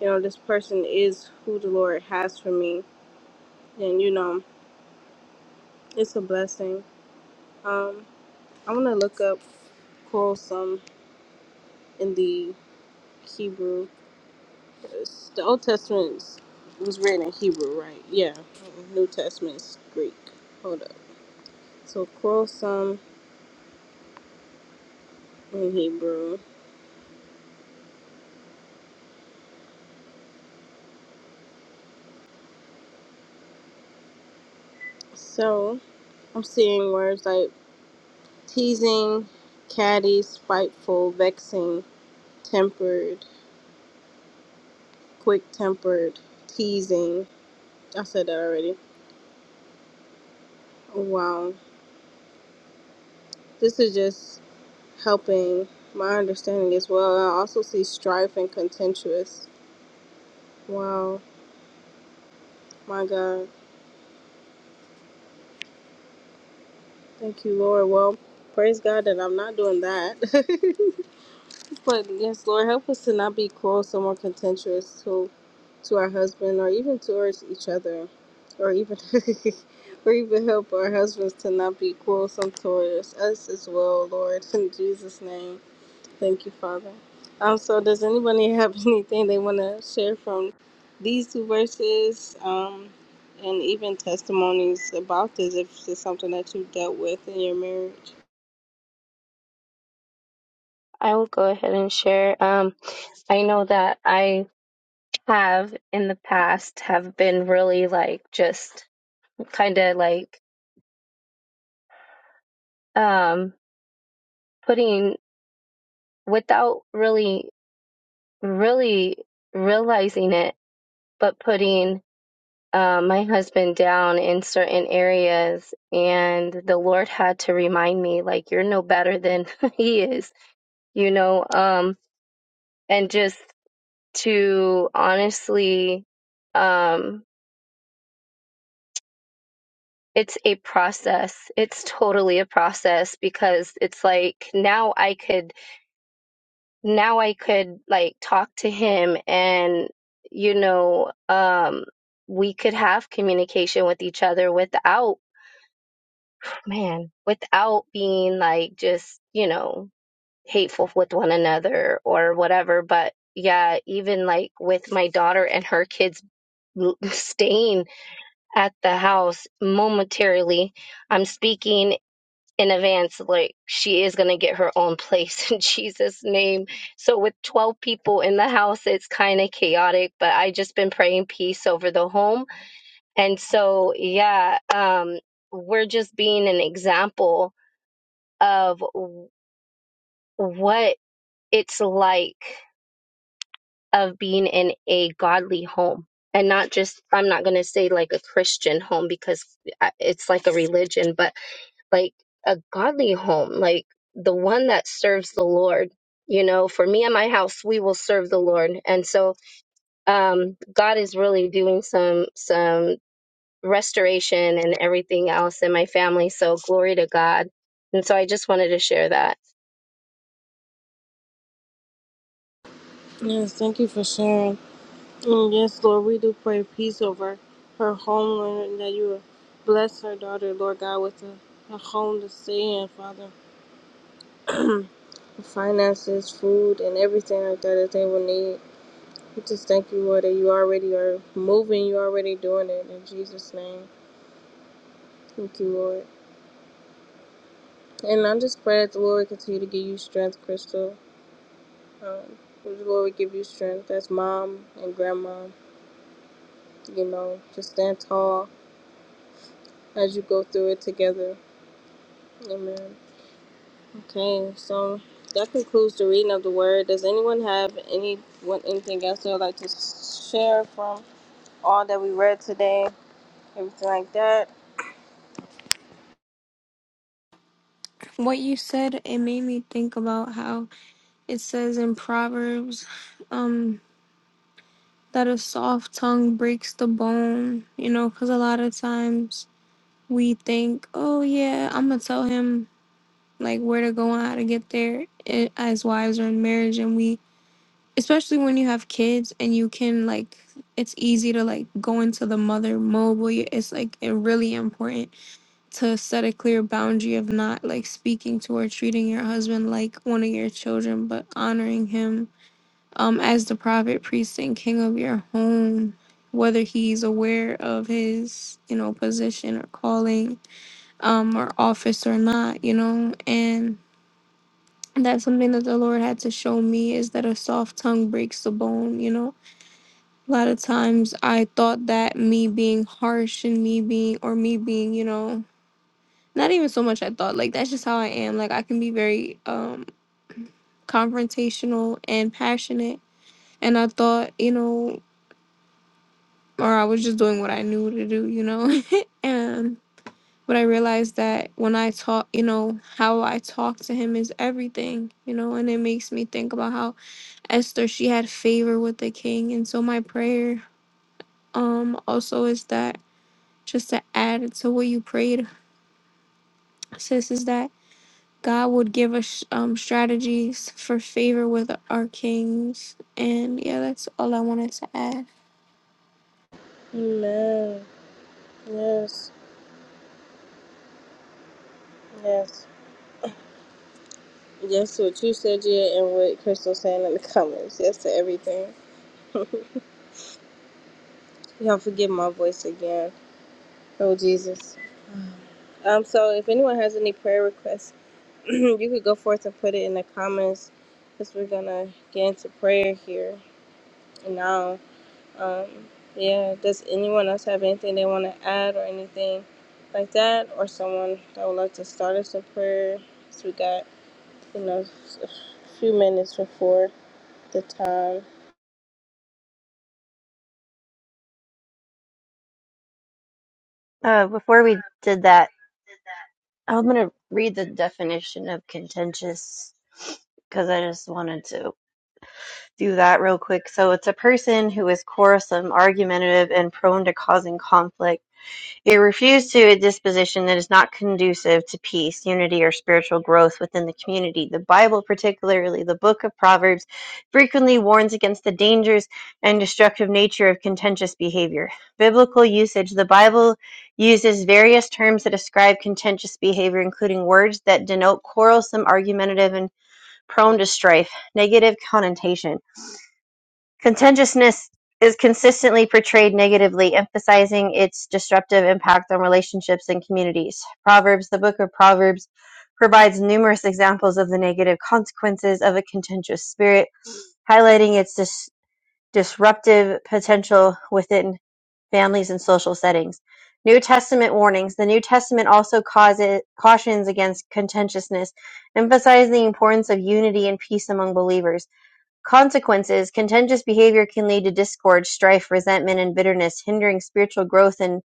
S2: you know this person is who the lord has for me then you know it's a blessing um i want to look up quarrelsome in the hebrew 'cause the old testament is- was written in hebrew right yeah mm-hmm. new Testament is greek hold up so quarrelsome in hebrew so i'm seeing words like teasing catty spiteful vexing tempered quick tempered teasing. I said that already. Wow. This is just helping my understanding as well. I also see strife and contentious. Wow. My God. Thank you, Lord. Well, praise God that I'm not doing that. but yes, Lord, help us to not be quarrelsome or contentious to to our husband or even towards each other. Or even or even help our husbands to not be quarrelsome towards us as well, Lord, in Jesus' name. Thank you, Father. Um, so does anybody have anything they want to share from these two verses, um, and even testimonies about this, if it's something that you dealt with in your marriage?
S4: I will go ahead and share. Um I know that I have in the past have been really like just kind of like um putting without really really realizing it but putting uh, my husband down in certain areas and the Lord had to remind me like you're no better than he is you know um and just to honestly um it's a process it's totally a process because it's like now i could now i could like talk to him and you know um we could have communication with each other without man without being like just you know hateful with one another or whatever but yeah even like with my daughter and her kids staying at the house momentarily. I'm speaking in advance, like she is going to get her own place in Jesus' name. So, with 12 people in the house, it's kind of chaotic, but I just been praying peace over the home. And so, yeah, um, we're just being an example of w- what it's like of being in a godly home. And not just, I'm not going to say like a Christian home because I- it's like a religion, but like a godly home, like the one that serves the Lord. You know, for me and my house, we will serve the Lord. And so um, God is really doing some some restoration and everything else in my family. So glory to God. And so I just wanted to share that.
S2: Yes, thank you for sharing. And yes, Lord, we do pray peace over her home, Lord, and that you would bless her daughter, Lord God, with a, a home to stay in, Father. Finances, food, and everything like that that they will need. We just thank you, Lord, that you already are moving, you already doing it. In Jesus' name, thank you, Lord. And I'm just praying that the Lord continue to give you strength, Crystal. Um, the Lord will give you strength as mom and grandma. You know, just stand tall as you go through it together. Amen. Okay, so that concludes the reading of the word. Does anyone have any what anything else they would like to share from all that we read today? Everything like that.
S6: What you said it made me think about how it says in Proverbs, um. that a soft tongue breaks the bone, you know, because a lot of times we think, oh, yeah, I'm going to tell him like where to go and how to get there i- as wives or in marriage. And we, especially when you have kids and you can like, it's easy to like go into the mother mode. Where you- It's like it really important to set a clear boundary of not like speaking to or treating your husband like one of your children, but honoring him um, as the private priest and king of your home, whether he's aware of his, you know, position or calling, um, or office or not, you know, and that's something that the Lord had to show me is that a soft tongue breaks the bone, you know. A lot of times I thought that me being harsh and me being or me being, you know, not even so much I thought, like that's just how I am. Like I can be very um confrontational and passionate. And I thought, you know, or I was just doing what I knew to do, you know. and but I realized that when I talk, you know, how I talk to him is everything, you know, and it makes me think about how Esther she had favor with the king. And so my prayer um also is that just to add to what you prayed, sis, is that God would give us um strategies for favor with our kings. And yeah, that's all I wanted to add.
S2: Amen. Yes. Yes. Yes to what you said, yeah, and what Crystal's saying in the comments. Yes to everything. Y'all forgive my voice again. Oh, Jesus. Um, so if anyone has any prayer requests, you could go forth and put it in the comments because we're going to get into prayer here and now. Um, yeah, does anyone else have anything they want to add or anything like that? Or someone that would like to start us in prayer? So we got, you know, a few minutes before the time.
S3: Uh before we did that, I'm going to read the definition of contentious because I just wanted to. do that real quick. So it's a person who is quarrelsome, argumentative, and prone to causing conflict. It refers to a disposition that is not conducive to peace, unity, or spiritual growth within the community. The Bible, particularly the book of Proverbs, frequently warns against the dangers and destructive nature of contentious behavior. Biblical usage The Bible uses various terms that describe contentious behavior, including words that denote quarrelsome, argumentative, and prone to strife. Negative connotation Contentiousness is consistently portrayed negatively, emphasizing its disruptive impact on relationships and communities. Proverbs, the book of Proverbs, provides numerous examples of the negative consequences of a contentious spirit, highlighting its dis- disruptive potential within families and social settings. New Testament warnings. The New Testament also causes, cautions against contentiousness, emphasizing the importance of unity and peace among believers. Consequences: Contentious behavior can lead to discord, strife, resentment, and bitterness, hindering spiritual growth and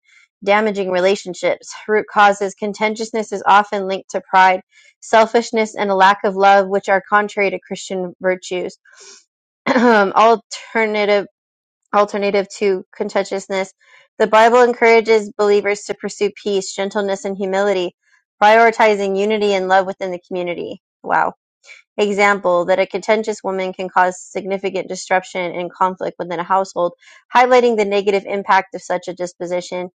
S3: damaging relationships. Root causes: Contentiousness is often linked to pride, selfishness, and a lack of love, which are contrary to Christian virtues. alternative alternative to contentiousness. The Bible encourages believers to pursue peace, gentleness, and humility, prioritizing unity and love within the community. Wow. Example: that a contentious woman can cause significant disruption and conflict within a household, highlighting the negative impact of such a disposition.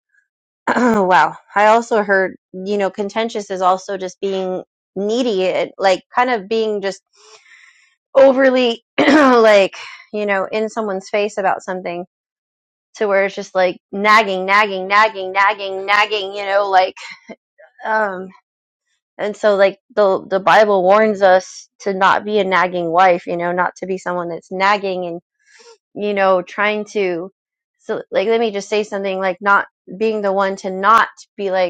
S3: wow. I also heard, you know, contentious is also just being needy, it- like kind of being just overly, like, you know, in someone's face about something to where it's just like nagging, nagging, nagging, nagging, nagging, you know, like, um, And so like the the Bible warns us to not be a nagging wife, you know, not to be someone that's nagging and, you know, trying to so like let me just say something like not being the one to not be like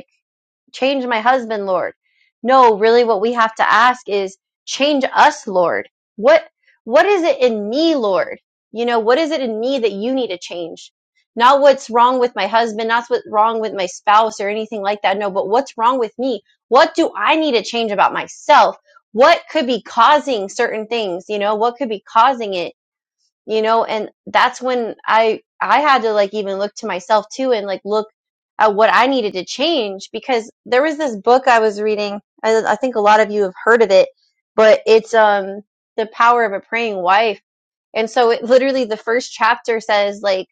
S3: Change my husband, Lord. No, really what we have to ask is change us, Lord. What what is it in me, Lord? You know, what is it in me that you need to change? Not what's wrong with my husband, not what's wrong with my spouse or anything like that. No, but what's wrong with me? What do I need to change about myself? What could be causing certain things? You know, what could be causing it? you know and that's when i i had to like even look to myself too and like look at what i needed to change because there was this book i was reading i, I think a lot of you have heard of it but it's um the power of a praying wife and so it literally the first chapter says like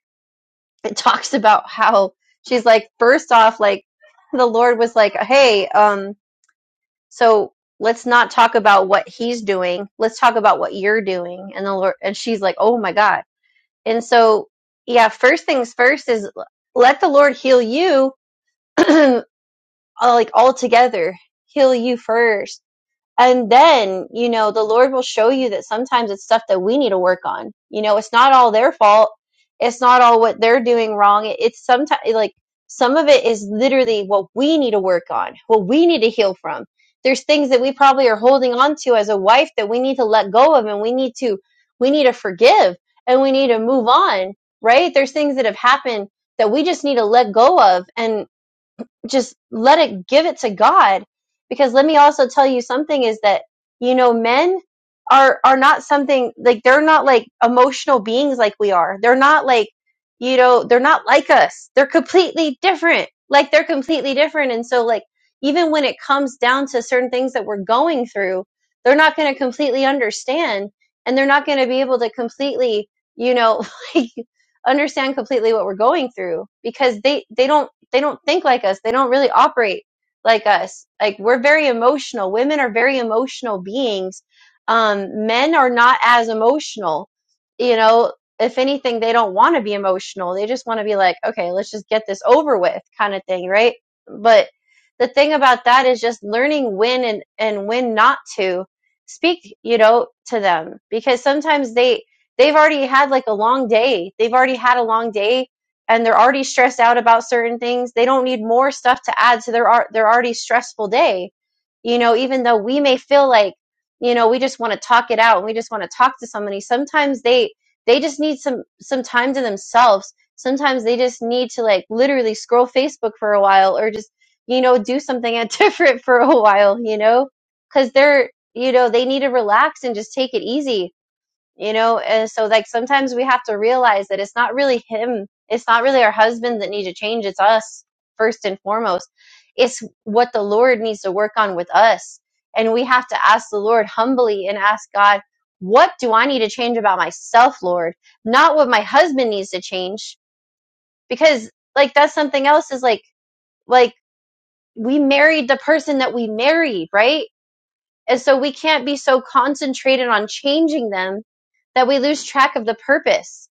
S3: it talks about how she's like first off like the lord was like hey um so let's not talk about what he's doing let's talk about what you're doing and the lord and she's like oh my god and so, yeah, first things first is let the Lord heal you, uh, like all together. Heal you first and then, you know, the Lord will show you that sometimes it's stuff that we need to work on. You know, it's not all their fault. It's not all what they're doing wrong. It- It's sometimes like some of it is literally what we need to work on, what we need to heal from. There's things that we probably are holding on to as a wife that we need to let go of and we need to we need to forgive and we need to move on, right? There's things that have happened that we just need to let go of and just let it give it to God because let me also tell you something is that you know men are are not something like they're not like emotional beings like we are. They're not like you know, they're not like us. They're completely different. Like they're completely different and so like even when it comes down to certain things that we're going through, they're not going to completely understand and they're not going to be able to completely, you know, like understand completely what we're going through because they they don't they don't think like us. They don't really operate like us. Like we're very emotional. Women are very emotional beings. Um, men are not as emotional. You know, if anything, they don't want to be emotional. They just want to be like, okay, let's just get this over with, kind of thing, right? But the thing about that is just learning when and and when not to speak, you know, to them because sometimes they they've already had like a long day. They've already had a long day and they're already stressed out about certain things they don't need more stuff to add to their their already stressful day you know even though we may feel like you know we just want to talk it out and we just want to talk to somebody sometimes they they just need some some time to themselves sometimes they just need to like literally scroll facebook for a while or just you know do something different for a while you know cuz they're you know they need to relax and just take it easy you know and so like sometimes we have to realize that it's not really him it's not really our husband that need to change it's us first and foremost it's what the lord needs to work on with us and we have to ask the lord humbly and ask god what do i need to change about myself lord not what my husband needs to change because like that's something else is like like we married the person that we married right and so we can't be so concentrated on changing them that we lose track of the purpose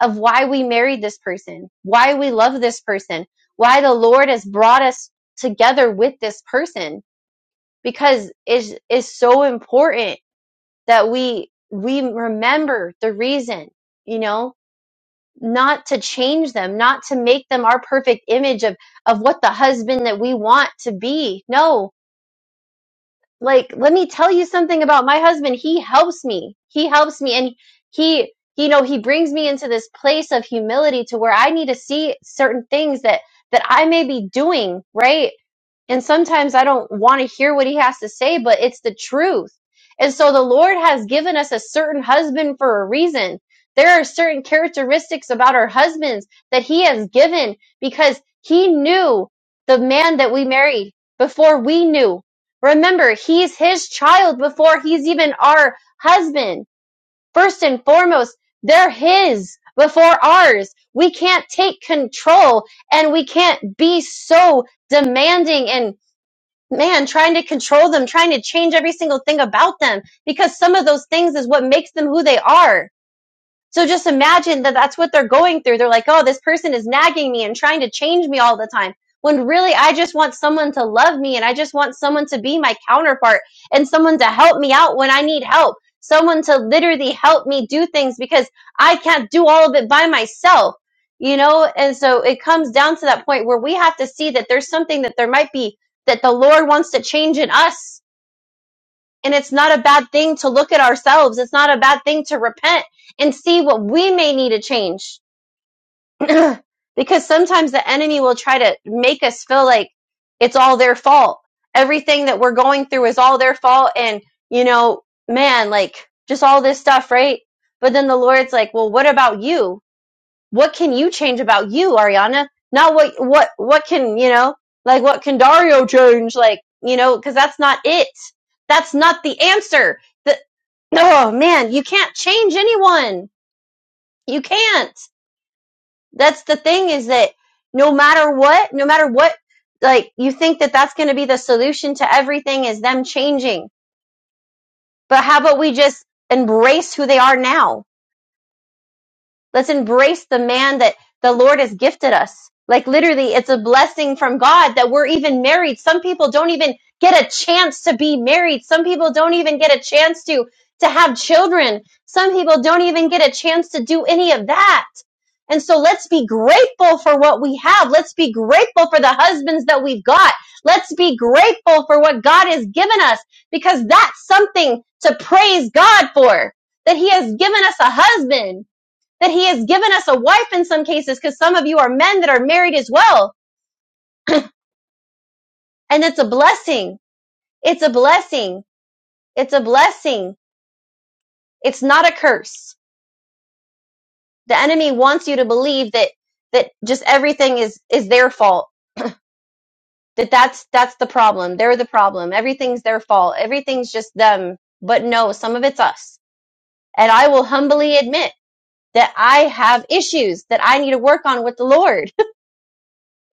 S3: of why we married this person, why we love this person, why the Lord has brought us together with this person because it's, it's so important that we we remember the reason, you know, not to change them, not to make them our perfect image of of what the husband that we want to be. No, like let me tell you something about my husband he helps me he helps me and he you know he brings me into this place of humility to where i need to see certain things that that i may be doing right and sometimes I don't want to hear what he has to say, but it's the truth. And so the Lord has given us a certain husband for a reason. There are certain characteristics about our husbands that he has given because he knew the man that we married before we knew. Remember, he's his child before he's even our husband. First and foremost, they're his before ours. We can't take control and we can't be so demanding and man, trying to control them, trying to change every single thing about them because some of those things is what makes them who they are. So just imagine that that's what they're going through. They're like, oh, this person is nagging me and trying to change me all the time. When really, I just want someone to love me and I just want someone to be my counterpart and someone to help me out when I need help. Someone to literally help me do things because I can't do all of it by myself, you know? And so it comes down to that point where we have to see that there's something that there might be that the Lord wants to change in us and it's not a bad thing to look at ourselves. It's not a bad thing to repent and see what we may need to change. because sometimes the enemy will try to make us feel like it's all their fault. Everything that we're going through is all their fault. And, you know, man, like just all this stuff, right? But then the Lord's like, well, what about you? What can you change about you, Ariana? Not what, what, what can, you know, like what can Dario change? Like, you know, cause that's not it. That's not the answer The, Oh man, you can't change anyone. You can't. That's the thing is that no matter what, no matter what, like you think that that's going to be the solution to everything is them changing. But how about we just embrace who they are now? Let's embrace the man that the Lord has gifted us. Like literally, it's a blessing from God that we're even married. Some people don't even get a chance to be married. Some people don't even get a chance to to have children. Some people don't even get a chance to do any of that. And so let's be grateful for what we have. Let's be grateful for the husbands that we've got. Let's be grateful for what God has given us because that's something to praise God for. That he has given us a husband that he has given us a wife in some cases because some of you are men that are married as well. And it's a blessing. It's a blessing. It's a blessing. It's not a curse. The enemy wants you to believe that, that just everything is, is their fault. That that's, that's the problem. They're the problem. Everything's their fault. Everything's just them. But no, some of it's us. And I will humbly admit that I have issues that I need to work on with the Lord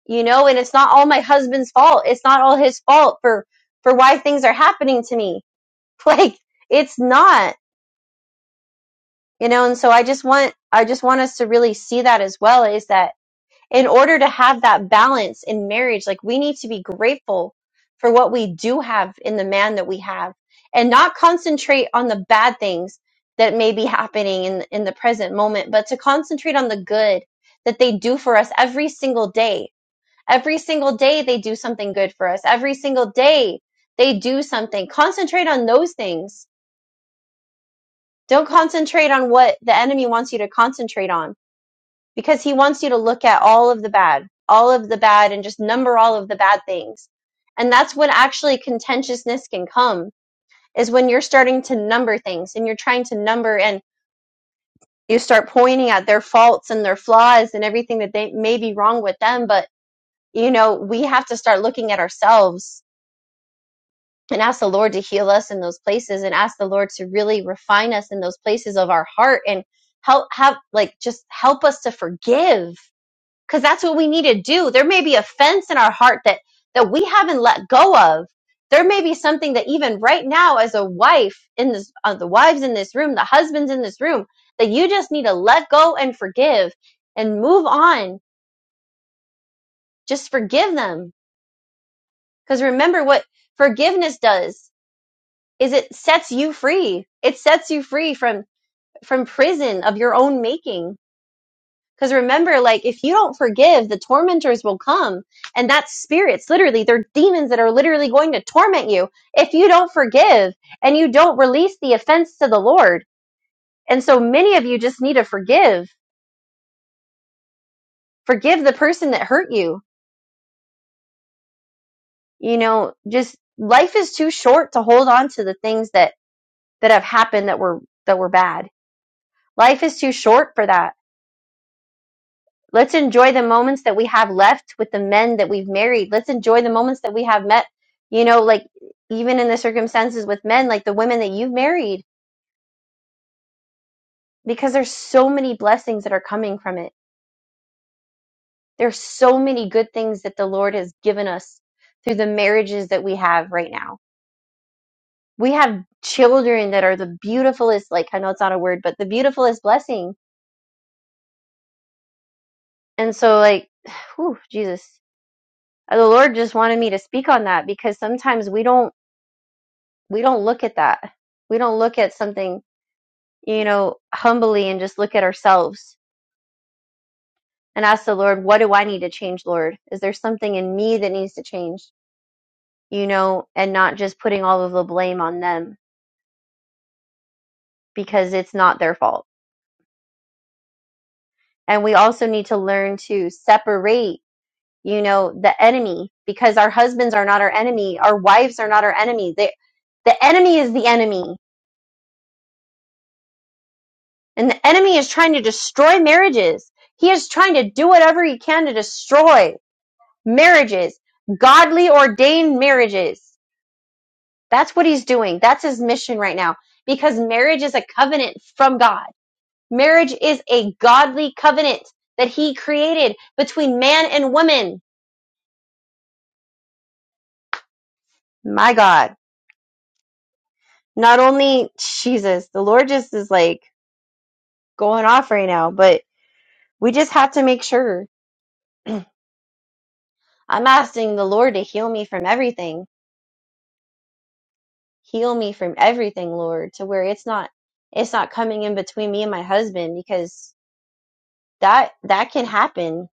S3: you know and it's not all my husband's fault it's not all his fault for for why things are happening to me like it's not you know and so i just want i just want us to really see that as well is that in order to have that balance in marriage like we need to be grateful for what we do have in the man that we have and not concentrate on the bad things that may be happening in in the present moment but to concentrate on the good that they do for us every single day Every single day they do something good for us. Every single day they do something. Concentrate on those things. Don't concentrate on what the enemy wants you to concentrate on because he wants you to look at all of the bad, all of the bad and just number all of the bad things. And that's when actually contentiousness can come is when you're starting to number things and you're trying to number and you start pointing at their faults and their flaws and everything that they may be wrong with them. But you know, we have to start looking at ourselves and ask the Lord to heal us in those places and ask the Lord to really refine us in those places of our heart and help have like just help us to forgive cuz that's what we need to do. There may be offense in our heart that that we haven't let go of. There may be something that even right now as a wife in this uh, the wives in this room, the husbands in this room that you just need to let go and forgive and move on. Just forgive them cuz remember what forgiveness does. is it sets you free. It sets you free from from prison of your own making. Because remember, like if you don't forgive, the tormentors will come, and that's spirits. Literally, they're demons that are literally going to torment you if you don't forgive and you don't release the offense to the Lord. And so many of you just need to forgive. Forgive the person that hurt you. You know, just life is too short to hold on to the things that that have happened that were that were bad. Life is too short for that Let's enjoy the moments that we have left with the men that we've married. Let's enjoy the moments that we have met, you know, like even in the circumstances with men, like the women that you've married, because there's so many blessings that are coming from it. There's so many good things that the Lord has given us through the marriages that we have right now. We have children that are the beautifulest, like I know it's not a word, but the beautifulest blessing. And so like, whew, Jesus, the Lord just wanted me to speak on that because sometimes we don't we don't look at that. We don't look at something, you know, humbly and just look at ourselves and ask the Lord, what do I need to change, Lord? Is there something in me that needs to change, you know, and not just putting all of the blame on them because it's not their fault. And we also need to learn to separate, you know, the enemy because our husbands are not our enemy. Our wives are not our enemy. They, the enemy is the enemy and the enemy is trying to destroy marriages. He is trying to do whatever he can to destroy. marriages, godly ordained marriages. That's what he's doing. That's his mission right now because marriage is a covenant from God. Marriage is a godly covenant that he created between man and woman. My God. Not only Jesus, the Lord just is like going off right now, but we just have to make sure. I'm asking the Lord to heal me from everything. Heal me from everything, Lord, to where it's not it's not coming in between me and my husband because that that can happen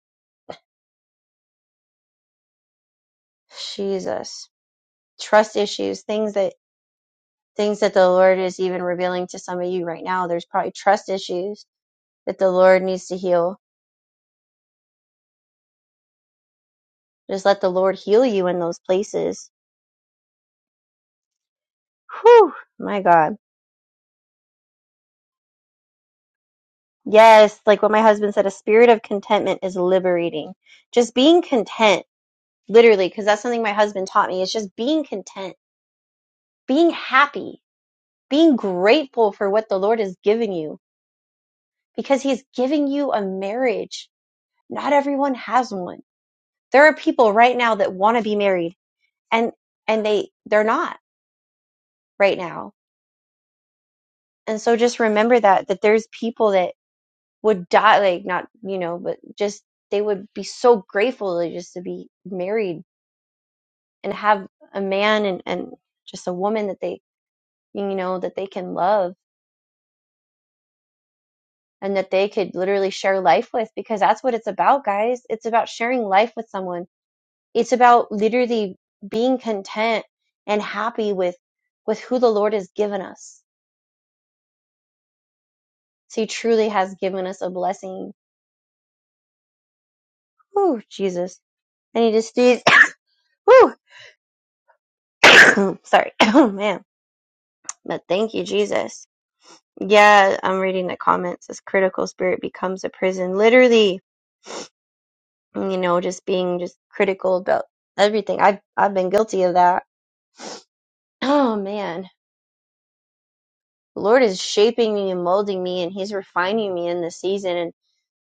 S3: jesus trust issues things that things that the lord is even revealing to some of you right now there's probably trust issues that the lord needs to heal just let the lord heal you in those places my god yes like what my husband said a spirit of contentment is liberating just being content literally because that's something my husband taught me it's just being content being happy being grateful for what the lord has given you because he's giving you a marriage Not everyone has one. There are people right now that want to be married and and they they're not right now. And so just remember that that there's people that would die like not, you know, but just they would be so grateful to just to be married and have a man and and just a woman that they you know that they can love and that they could literally share life with because that's what it's about guys it's about sharing life with someone It's about literally being content and happy with with who the Lord has given us. So he truly has given us a blessing. Ooh, Jesus. I need to sneeze. Woo. Sorry. Oh man. But thank you, Jesus. Yeah, I'm reading the comments. This critical spirit becomes a prison. Literally, you know, just being just critical about everything. I've I've been guilty of that. Oh man. The Lord is shaping me and molding me and He's refining me in this season and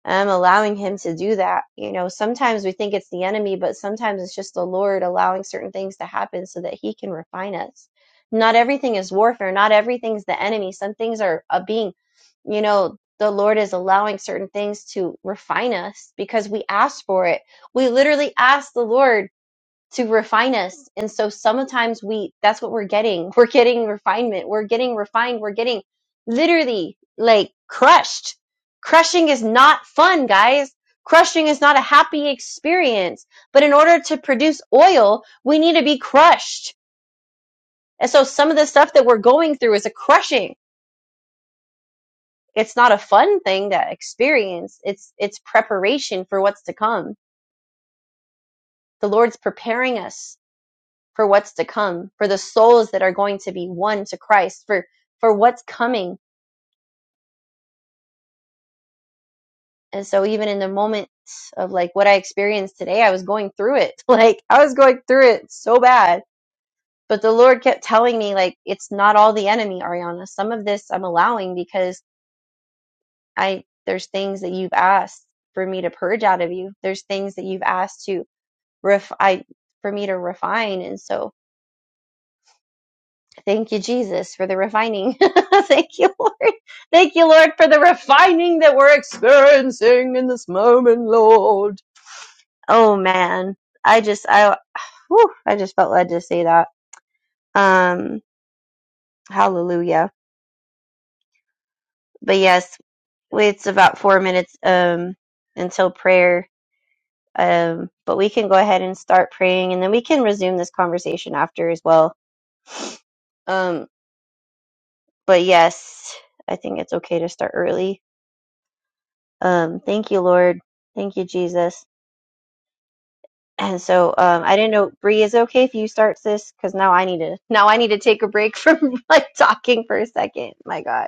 S3: um, allowing him to do that. You know, sometimes we think it's the enemy, but sometimes it's just the Lord allowing certain things to happen so that he can refine us. Not everything is warfare. Not everything's the enemy. Some things are a being, you know, the Lord is allowing certain things to refine us because we asked for it. We literally asked the Lord to refine us. And so sometimes we, that's what we're getting. We're getting refinement. We're getting refined. We're getting literally like crushed. Crushing is not fun, guys. Crushing is not a happy experience. But in order to produce oil, we need to be crushed. And so some of the stuff that we're going through is a crushing. It's not a fun thing to experience. It's, it's preparation for what's to come. The Lord's preparing us for what's to come, for the souls that are going to be one to Christ, for for what's coming. And so even in the moment of like what I experienced today, I was going through it. Like I was going through it so bad. But the Lord kept telling me like it's not all the enemy, Ariana. Some of this I'm allowing because I there's things that you've asked for me to purge out of you. There's things that you've asked to ref I for me to refine. And so Thank you, Jesus, for the refining. Thank you, Lord. Thank you, Lord, for the refining that we're experiencing in this moment, Lord. Oh man, I just, I, whew, I just felt led to say that. Um, hallelujah. But yes, it's about four minutes um until prayer. Um, but we can go ahead and start praying, and then we can resume this conversation after as well. Um, but yes, I think it's okay to start early. Um, thank you, Lord. Thank you, Jesus. And so um, I didn't know, Bree, is it okay if you start this? Because now I need to now I need to take a break from like talking for a second. My God.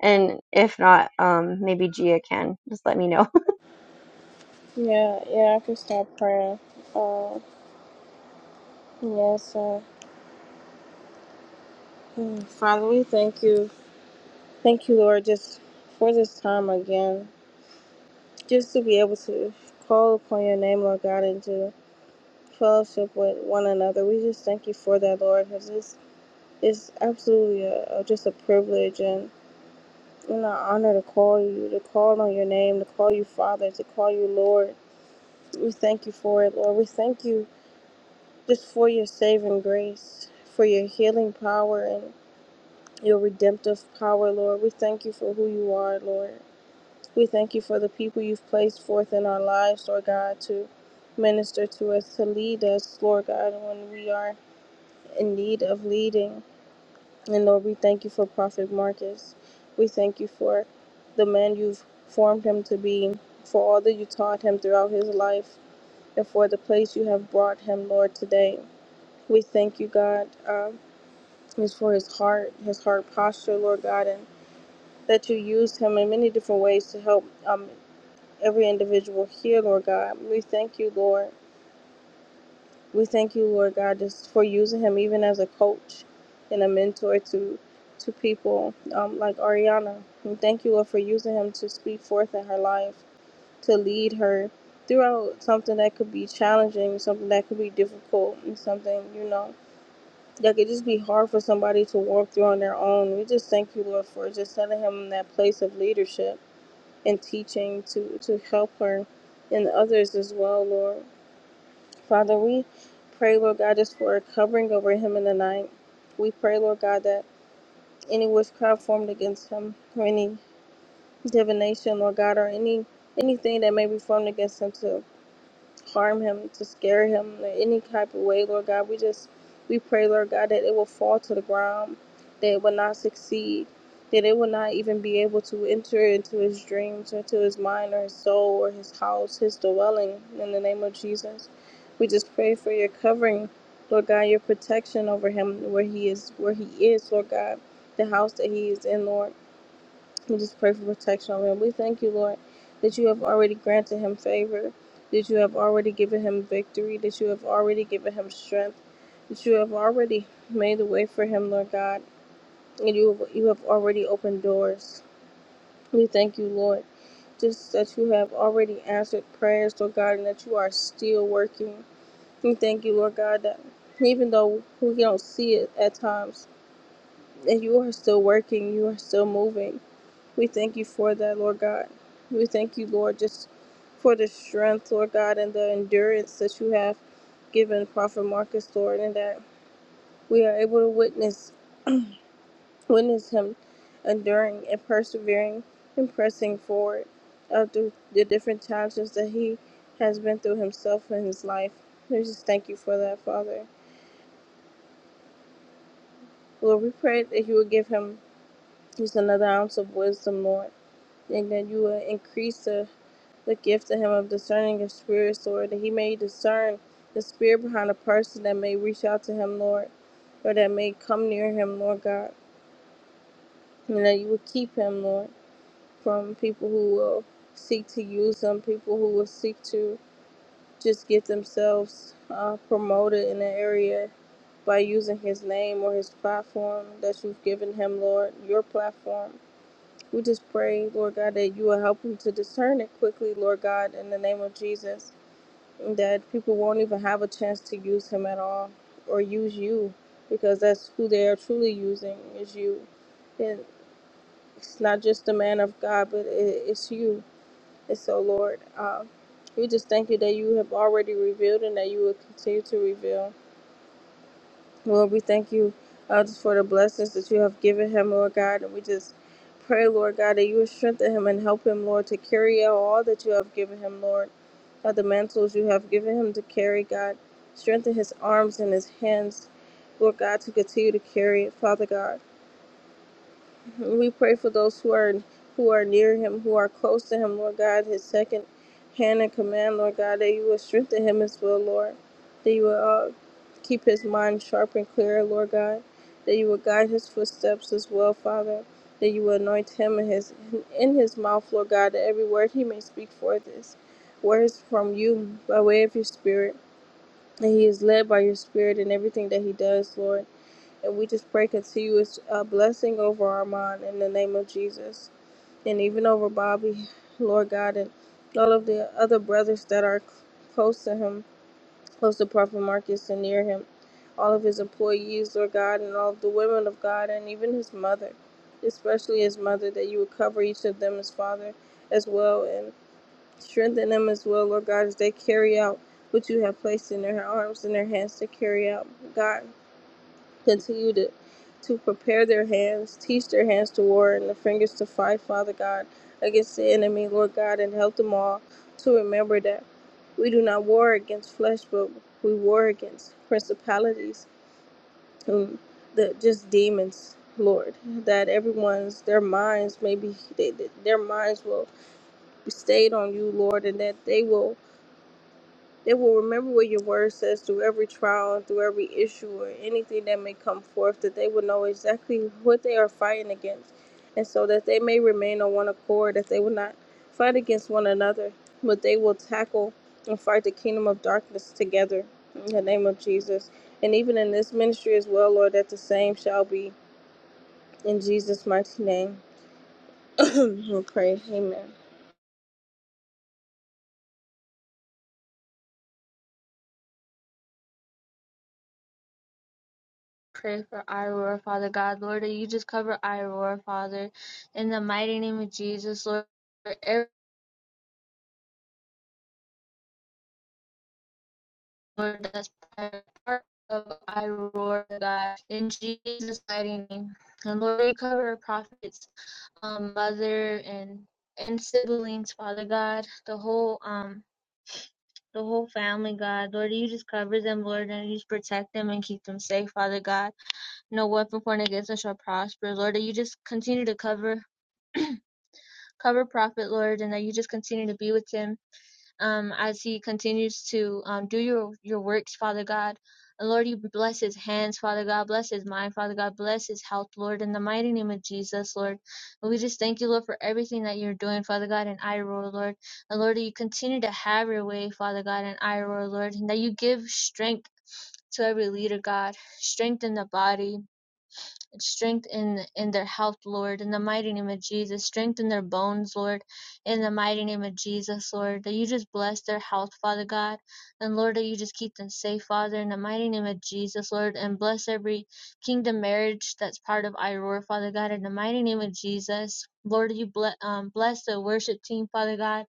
S3: And if not, um, maybe Gia can just let me know.
S2: Yeah, yeah, I can start prayer. Uh, yes, uh, hmm, Father, we thank you. Thank you, Lord, just for this time again. Just to be able to call upon your name, Lord God, and to fellowship with one another. We just thank you for that, Lord, because this is absolutely a, a, just a privilege and an honor to call you, to call on your name, to call you Father, to call you Lord. We thank you for it, Lord. We thank you just for your saving grace, for your healing power, and. your redemptive power, Lord. We thank you for who you are, Lord. We thank you for the people you've placed forth in our lives, Lord God, to minister to us, to lead us, Lord God, when we are in need of leading. And Lord, we thank you for Prophet Marcus. We thank you for the man you've formed him to be, for all that you taught him throughout his life, and for the place you have brought him, Lord, today. We thank you, God, um, is for his heart, his heart posture, Lord God, and. that you used him in many different ways to help um, every individual here, Lord God. We thank you, Lord. We thank you, Lord God, just for using him even as a coach and a mentor to to people um, like Ariana. We thank you, Lord, for using him to speak forth in her life, to lead her throughout something that could be challenging, something that could be difficult, and something you know that could just be hard for somebody to walk through on their own. We just thank you, Lord, for just setting him in that place of leadership and teaching to, to help her and others as well, Lord. Father, we pray, Lord God, just for a covering over him in the night. We pray, Lord God, that any witchcraft formed against him or any divination, Lord God, or any anything that may be formed against him to harm him, to scare him in any type of way, Lord God. We just, we pray, Lord God, that it will fall to the ground, that it will not succeed, that it will not even be able to enter into his dreams, or to his mind, or his soul, or his house, his dwelling, in the name of Jesus. We just pray for your covering, Lord God, your protection over him, where he is, where he is, Lord God, the house that he is in, Lord. We just pray for protection over him. We thank you, Lord, that you have already granted him favor, that you have already given him victory, that you have already given him strength, that you have already made a way for him, Lord God, and you you have already opened doors. We thank you, Lord, just that you have already answered prayers, Lord God, and that you are still working. We thank you, Lord God, that even though we don't see it at times, that you are still working, you are still moving. We thank you for that, Lord God. We thank you, Lord, just for the strength, Lord God, and the endurance that you have given Prophet Marcus, Lord, and that we are able to witness witness him enduring and persevering and pressing forward uh, through the different challenges that he has been through himself in his life. We just thank you for that, Father. Lord, we pray that you would give him just another ounce of wisdom, Lord, and that you will increase the the gift to him of discerning of spirits, Lord, that he may discern the spirit behind a person that may reach out to him, Lord, or that may come near him, Lord God, and that you will keep him, Lord, from people who will seek to use him, people who will seek to just get themselves uh, promoted in the area by using his name or his platform that you've given him, Lord, your platform. We just pray, Lord God, that you will help him to discern it quickly, Lord God, in the name of Jesus that people won't even have a chance to use him at all or use you because that's who they are truly using is you and it's not just the man of god but it, it's you and so lord um, we just thank you that you have already revealed and that you will continue to reveal Lord, we thank you uh, just for the blessings that you have given him, Lord God. And we just pray, Lord God, that you would strengthen him and help him, Lord, to carry out all that you have given him, Lord. God, the mantles you have given him to carry, God. Strengthen his arms and his hands, Lord God, to continue to carry it, Father God. We pray for those who are who are near him, who are close to him, Lord God, his second hand in command, Lord God, that you will strengthen him as well, Lord. That you will uh, keep his mind sharp and clear, Lord God. That you will guide his footsteps as well, Father. That you will anoint him in his in his mouth, Lord God, that every word he may speak forth is words from you by way of your spirit. That he is led by your spirit in everything that he does, Lord. And we just pray continuous uh, blessing over Armand in the name of Jesus. And even over Bobby, Lord God, and all of the other brothers that are c- close to him, close to Prophet Marcus and near him. All of his employees, Lord God, and all of the women of God, and even his mother, especially his mother, that you would cover each of them as Father as well and strengthen them as well, Lord God, as they carry out what you have placed in their arms and their hands to carry out, God. Continue to, to prepare their hands, teach their hands to war and the fingers to fight, Father God, against the enemy, Lord God, and help them all to remember that we do not war against flesh, but we war against principalities, um, the just demons, Lord. That everyone's their minds maybe they, their minds will be stayed on you, Lord, and that they will. They will remember what your word says through every trial and through every issue or anything that may come forth, that they will know exactly what they are fighting against. And so that they may remain on one accord, that they will not fight against one another, but they will tackle and fight the kingdom of darkness together in the name of Jesus. And even in this ministry as well, Lord, that the same shall be in Jesus' mighty name. we will pray. Amen.
S1: pray for Iroar, Father God. Lord, that you just cover Iroar, Father, in the mighty name of Jesus, Lord, for every Lord that's part of Iroar, God, in Jesus' mighty name. And Lord, you cover prophets, um, mother and and siblings, Father God, the whole um the whole family, God, Lord, you just cover them, Lord, and you just protect them and keep them safe, Father God. No weapon formed against us shall prosper, Lord. that You just continue to cover cover Prophet, Lord, and that you just continue to be with him um, as he continues to um, do your, your works, Father God. And Lord, you bless his hands, Father God. Bless his mind, Father God. Bless his health, Lord, in the mighty name of Jesus, Lord. And we just thank you, Lord, for everything that you're doing, Father God, in Iroh, Lord. And Lord, that you continue to have your way, Father God, in Iroh, Lord, and that you give strength to every leader, God, strength in the body, strength in in their health, Lord, in the mighty name of Jesus. Strength in their bones, Lord, in the mighty name of Jesus, Lord. That you just bless their health, Father God, and Lord, that you just keep them safe, Father, in the mighty name of Jesus, Lord, and bless every kingdom marriage that's part of IROAR, Father God, in the mighty name of Jesus. Lord, you bless, um, bless the worship team, Father God.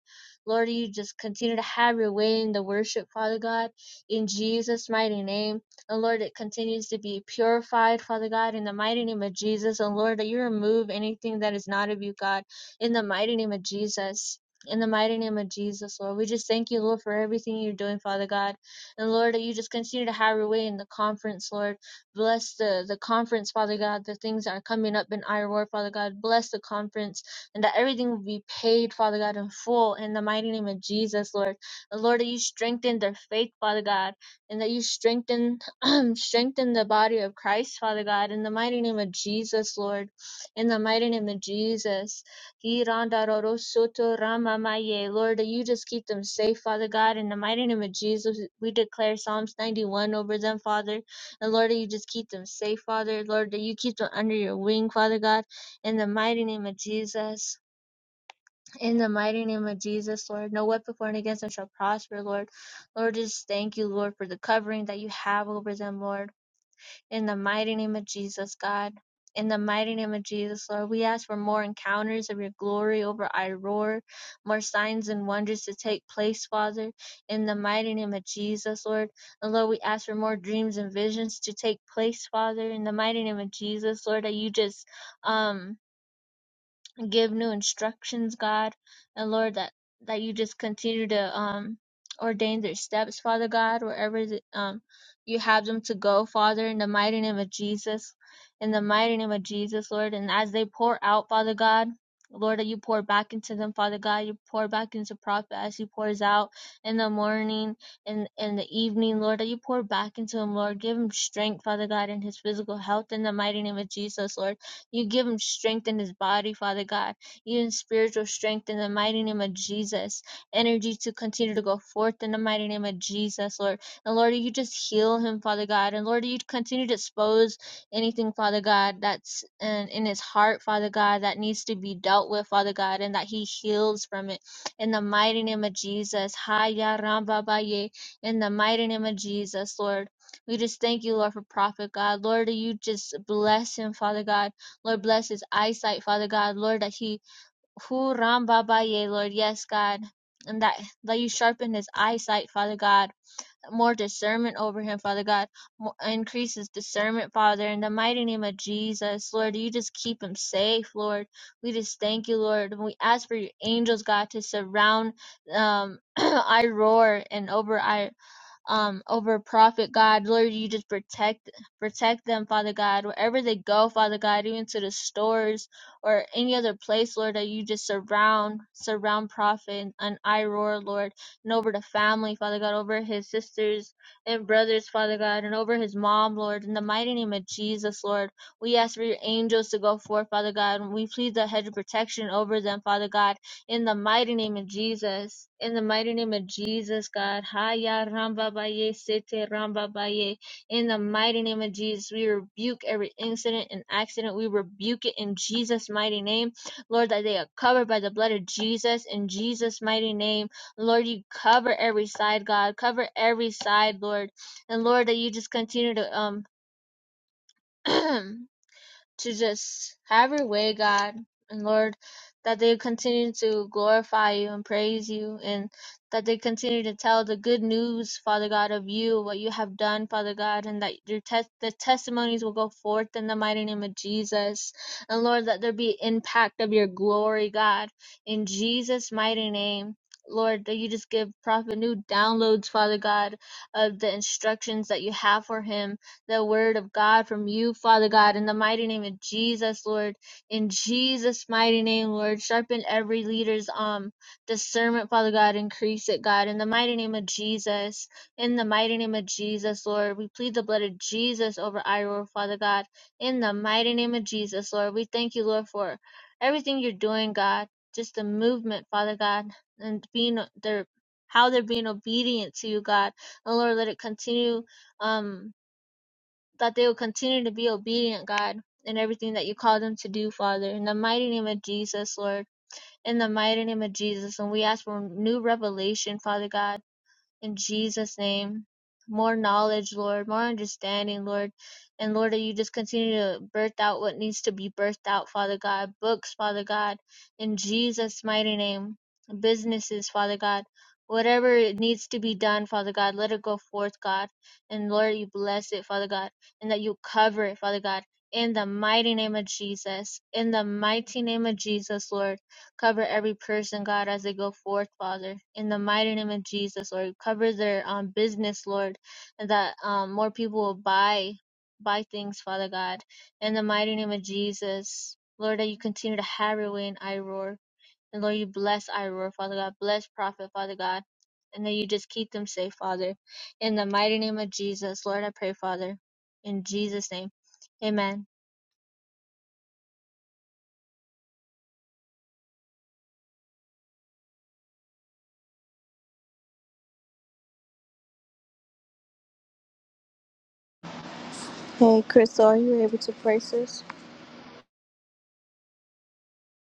S1: Lord, you just continue to have your way in the worship, Father God, in Jesus' mighty name. And Lord, it continues to be purified, Father God, in the mighty name of Jesus. And Lord, that you remove anything that is not of you, God, in the mighty name of Jesus. In the mighty name of Jesus, Lord. We just thank you, Lord, for everything you're doing, Father God. And Lord, that you just continue to have your way in the conference, Lord. Bless the, the conference, Father God, the things that are coming up in our word, Father God. Bless the conference and that everything will be paid, Father God, in full in the mighty name of Jesus, Lord. And Lord, that you strengthen their faith, Father God, and that you strengthen strengthen the body of Christ, Father God, in the mighty name of Jesus, Lord, in the mighty name of Jesus. Lord, that you just keep them safe, Father God, in the mighty name of Jesus. We declare Psalms 91 over them, Father. And Lord, that you just keep them safe, Father. Lord, that you keep them under your wing, Father God, in the mighty name of Jesus. In the mighty name of Jesus, Lord, no weapon formed against them shall prosper, Lord. Lord, just thank you, Lord, for the covering that you have over them, Lord. In the mighty name of Jesus, God. In the mighty name of Jesus, Lord, we ask for more encounters of your glory over Iroar, more signs and wonders to take place, Father. In the mighty name of Jesus, Lord. And Lord, we ask for more dreams and visions to take place, Father. In the mighty name of Jesus, Lord, that you just um give new instructions, God. And Lord, that, that you just continue to um ordain their steps, Father God, wherever the, um you have them to go, Father, in the mighty name of Jesus. In the mighty name of Jesus, Lord. And as they pour out, Father God, Lord, that you pour back into them, Father God, you pour back into Prophet as he pours out in the morning and in, in the evening, Lord, that you pour back into him, Lord. Give him strength, Father God, in his physical health in the mighty name of Jesus, Lord you give him strength in his body, Father God. Even spiritual strength in the mighty name of Jesus. Energy to continue to go forth in the mighty name of Jesus, Lord. And Lord, you just heal him, Father God. And Lord, you continue to expose anything, Father God, that's in, in his heart, Father God, that needs to be dealt with, Father God, and that he heals from it. In the mighty name of Jesus. Haya Ramba Baye. In the mighty name of Jesus, Lord. We just thank you, Lord, for prophet God. Lord, you just bless him, Father God. Lord, bless his eyesight, Father God. Lord, that he, who ram baba ye, Lord, yes, God. And that, that you sharpen his eyesight, Father God. More discernment over him, Father God. Mo- Increase his discernment, Father. In the mighty name of Jesus, Lord, you just keep him safe, Lord. We just thank you, Lord. we ask for your angels, God, to surround um, I roar and over I um, over Prophet God. Lord, you just protect protect them, Father God, wherever they go, Father God, even to the stores or any other place, Lord, that you just surround surround Prophet and I roar, Lord, and over the family, Father God, over his sisters and brothers, Father God, and over his mom, Lord, in the mighty name of Jesus, Lord. We ask for your angels to go forth, Father God, and we plead the hedge of protection over them, Father God in the mighty name of Jesus, in the mighty name of Jesus, God, Haya Ramba Baye Sete Ramba Baye. In the mighty name of Jesus, we rebuke every incident and accident. We rebuke it in Jesus' mighty name, Lord, that they are covered by the blood of Jesus. In Jesus' mighty name, Lord, you cover every side, God, cover every side, Lord, and Lord, that you just continue to um. to just have your way, God and Lord, that they continue to glorify you and praise you, and that they continue to tell the good news, Father God, of you, what you have done, Father God, and that your tes- the testimonies will go forth in the mighty name of Jesus. And Lord, that there be impact of your glory, God, in Jesus' mighty name. Lord, that you just give Prophet new downloads, Father God, of the instructions that you have for him the word of God from you, Father God, in the mighty name of Jesus, Lord. In Jesus' mighty name, Lord, sharpen every leader's um discernment, Father God, increase it, God, in the mighty name of Jesus. In the mighty name of Jesus, Lord, we plead the blood of Jesus over Iroh, Father God. In the mighty name of Jesus, Lord, we thank you, Lord, for everything you're doing, God. Just the movement, Father God, and being their how they're being obedient to you, God. And Lord, let it continue. Um, that they will continue to be obedient, God, in everything that you call them to do, Father. In the mighty name of Jesus, Lord. In the mighty name of Jesus. And we ask for new revelation, Father God in Jesus' name. More knowledge, Lord, more understanding, Lord. And Lord, that you just continue to birth out what needs to be birthed out, Father God. Books, Father God, in Jesus' mighty name. Businesses, Father God. Whatever it needs to be done, Father God, let it go forth, God. And Lord, you bless it, Father God. And that you cover it, Father God. In the mighty name of Jesus. In the mighty name of Jesus, Lord cover every person, God, as they go forth, Father, in the mighty name of Jesus, Lord. Cover their um, business, Lord, and that um, more people will buy buy things, Father God, in the mighty name of Jesus, Lord. That you continue to have your way in Iroar, and Lord, you bless Iroar, Father God, bless Prophet, Father God, and that you just keep them safe, Father, in the mighty name of Jesus, Lord. I pray, Father, in Jesus' name, Amen.
S2: Hey, Crystal, are you able to pray, sis?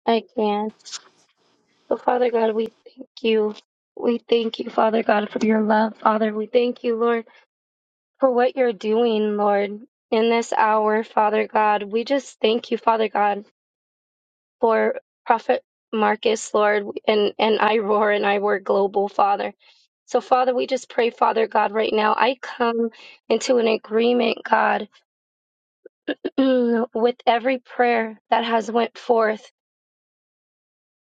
S4: I can. So Father God, we thank you. We thank you, Father God, for your love, Father. We thank you, Lord, for what you're doing, Lord, in this hour, Father God. We just thank you, Father God. for Prophet Marcus, Lord, and, and I roar and I were global, Father. So, Father, we just pray, Father God, right now. I come into an agreement, God, with every prayer that has went forth.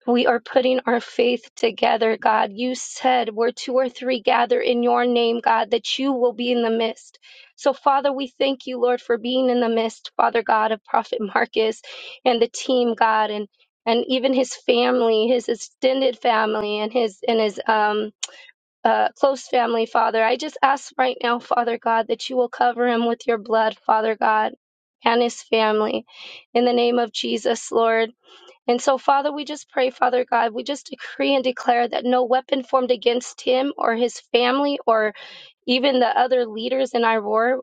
S4: We are putting our faith together, God. You said where two or three gather in your name, God, that you will be in the midst. So, Father, we thank you, Lord, for being in the midst, Father God, of Prophet Marcus and the team, God, and and even his family, his extended family, and his and his um uh, close family, Father. I just ask right now, Father God, that you will cover him with your blood, Father God, and his family. In the name of Jesus, Lord. And so, Father, we just pray, Father God, we just decree and declare that no weapon formed against him or his family or even the other leaders in Aurora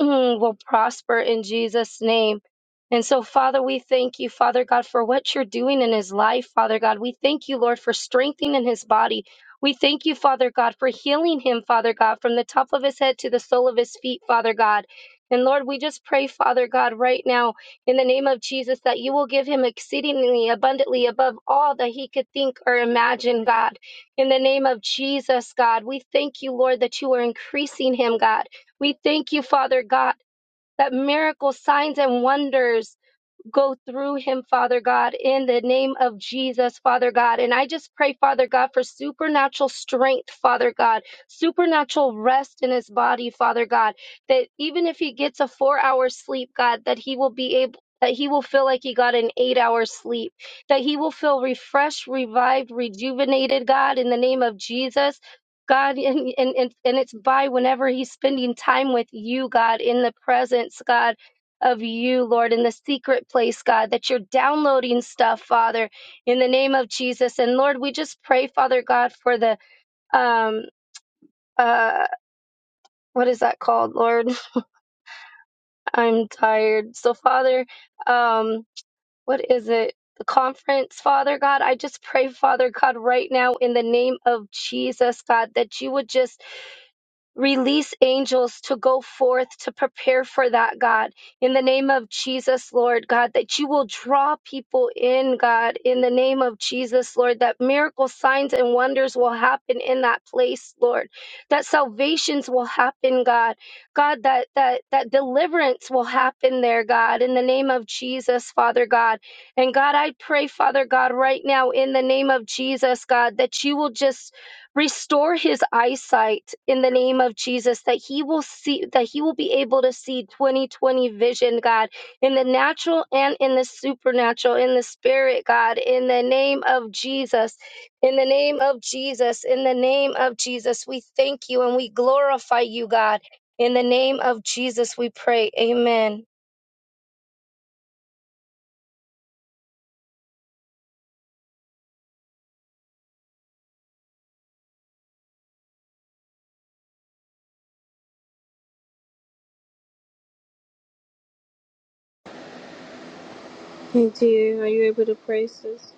S4: mm, will prosper in Jesus' name. And so, Father, we thank you, Father God, for what you're doing in his life, Father God. We thank you, Lord, for strengthening his body. We thank you, Father God, for healing him, Father God, from the top of his head to the sole of his feet, Father God. And Lord, we just pray, Father God, right now in the name of Jesus that you will give him exceedingly abundantly above all that he could think or imagine, God. In the name of Jesus, God, we thank you, Lord, that you are increasing him, God. We thank you, Father God, that miracles, signs, and wonders go through him, Father God, in the name of Jesus, Father God. And I just pray, Father God, for supernatural strength, Father God, supernatural rest in his body, Father God, that even if he gets a four hour sleep, God, that he will be able. That he will feel like he got an eight hour sleep, that he will feel refreshed, revived, rejuvenated, God, in the name of Jesus. God, and, and, and and it's by whenever he's spending time with you, God, in the presence, God of you, Lord, in the secret place, God, that you're downloading stuff, Father, in the name of Jesus. And Lord, we just pray, Father God, for the um uh what is that called, Lord? I'm tired. So Father, um what is it? The conference, Father God, I just pray, Father God, right now in the name of Jesus, God, that you would just Release angels to go forth to prepare for that, God. In the name of Jesus, Lord God, that you will draw people in, God. In the name of Jesus, Lord, that miracle signs and wonders will happen in that place, Lord. That salvations will happen, God. God, that that that deliverance will happen there, God. In the name of Jesus, Father God. And God, I pray, Father God, right now in the name of Jesus, God, that you will just restore his eyesight in the name of Jesus that he will see that he will be able to see 2020 vision God in the natural and in the supernatural in the spirit God in the name of Jesus in the name of Jesus in the name of Jesus we thank you and we glorify you God in the name of Jesus we pray amen
S2: Hey, dear, are you able to pray, sis?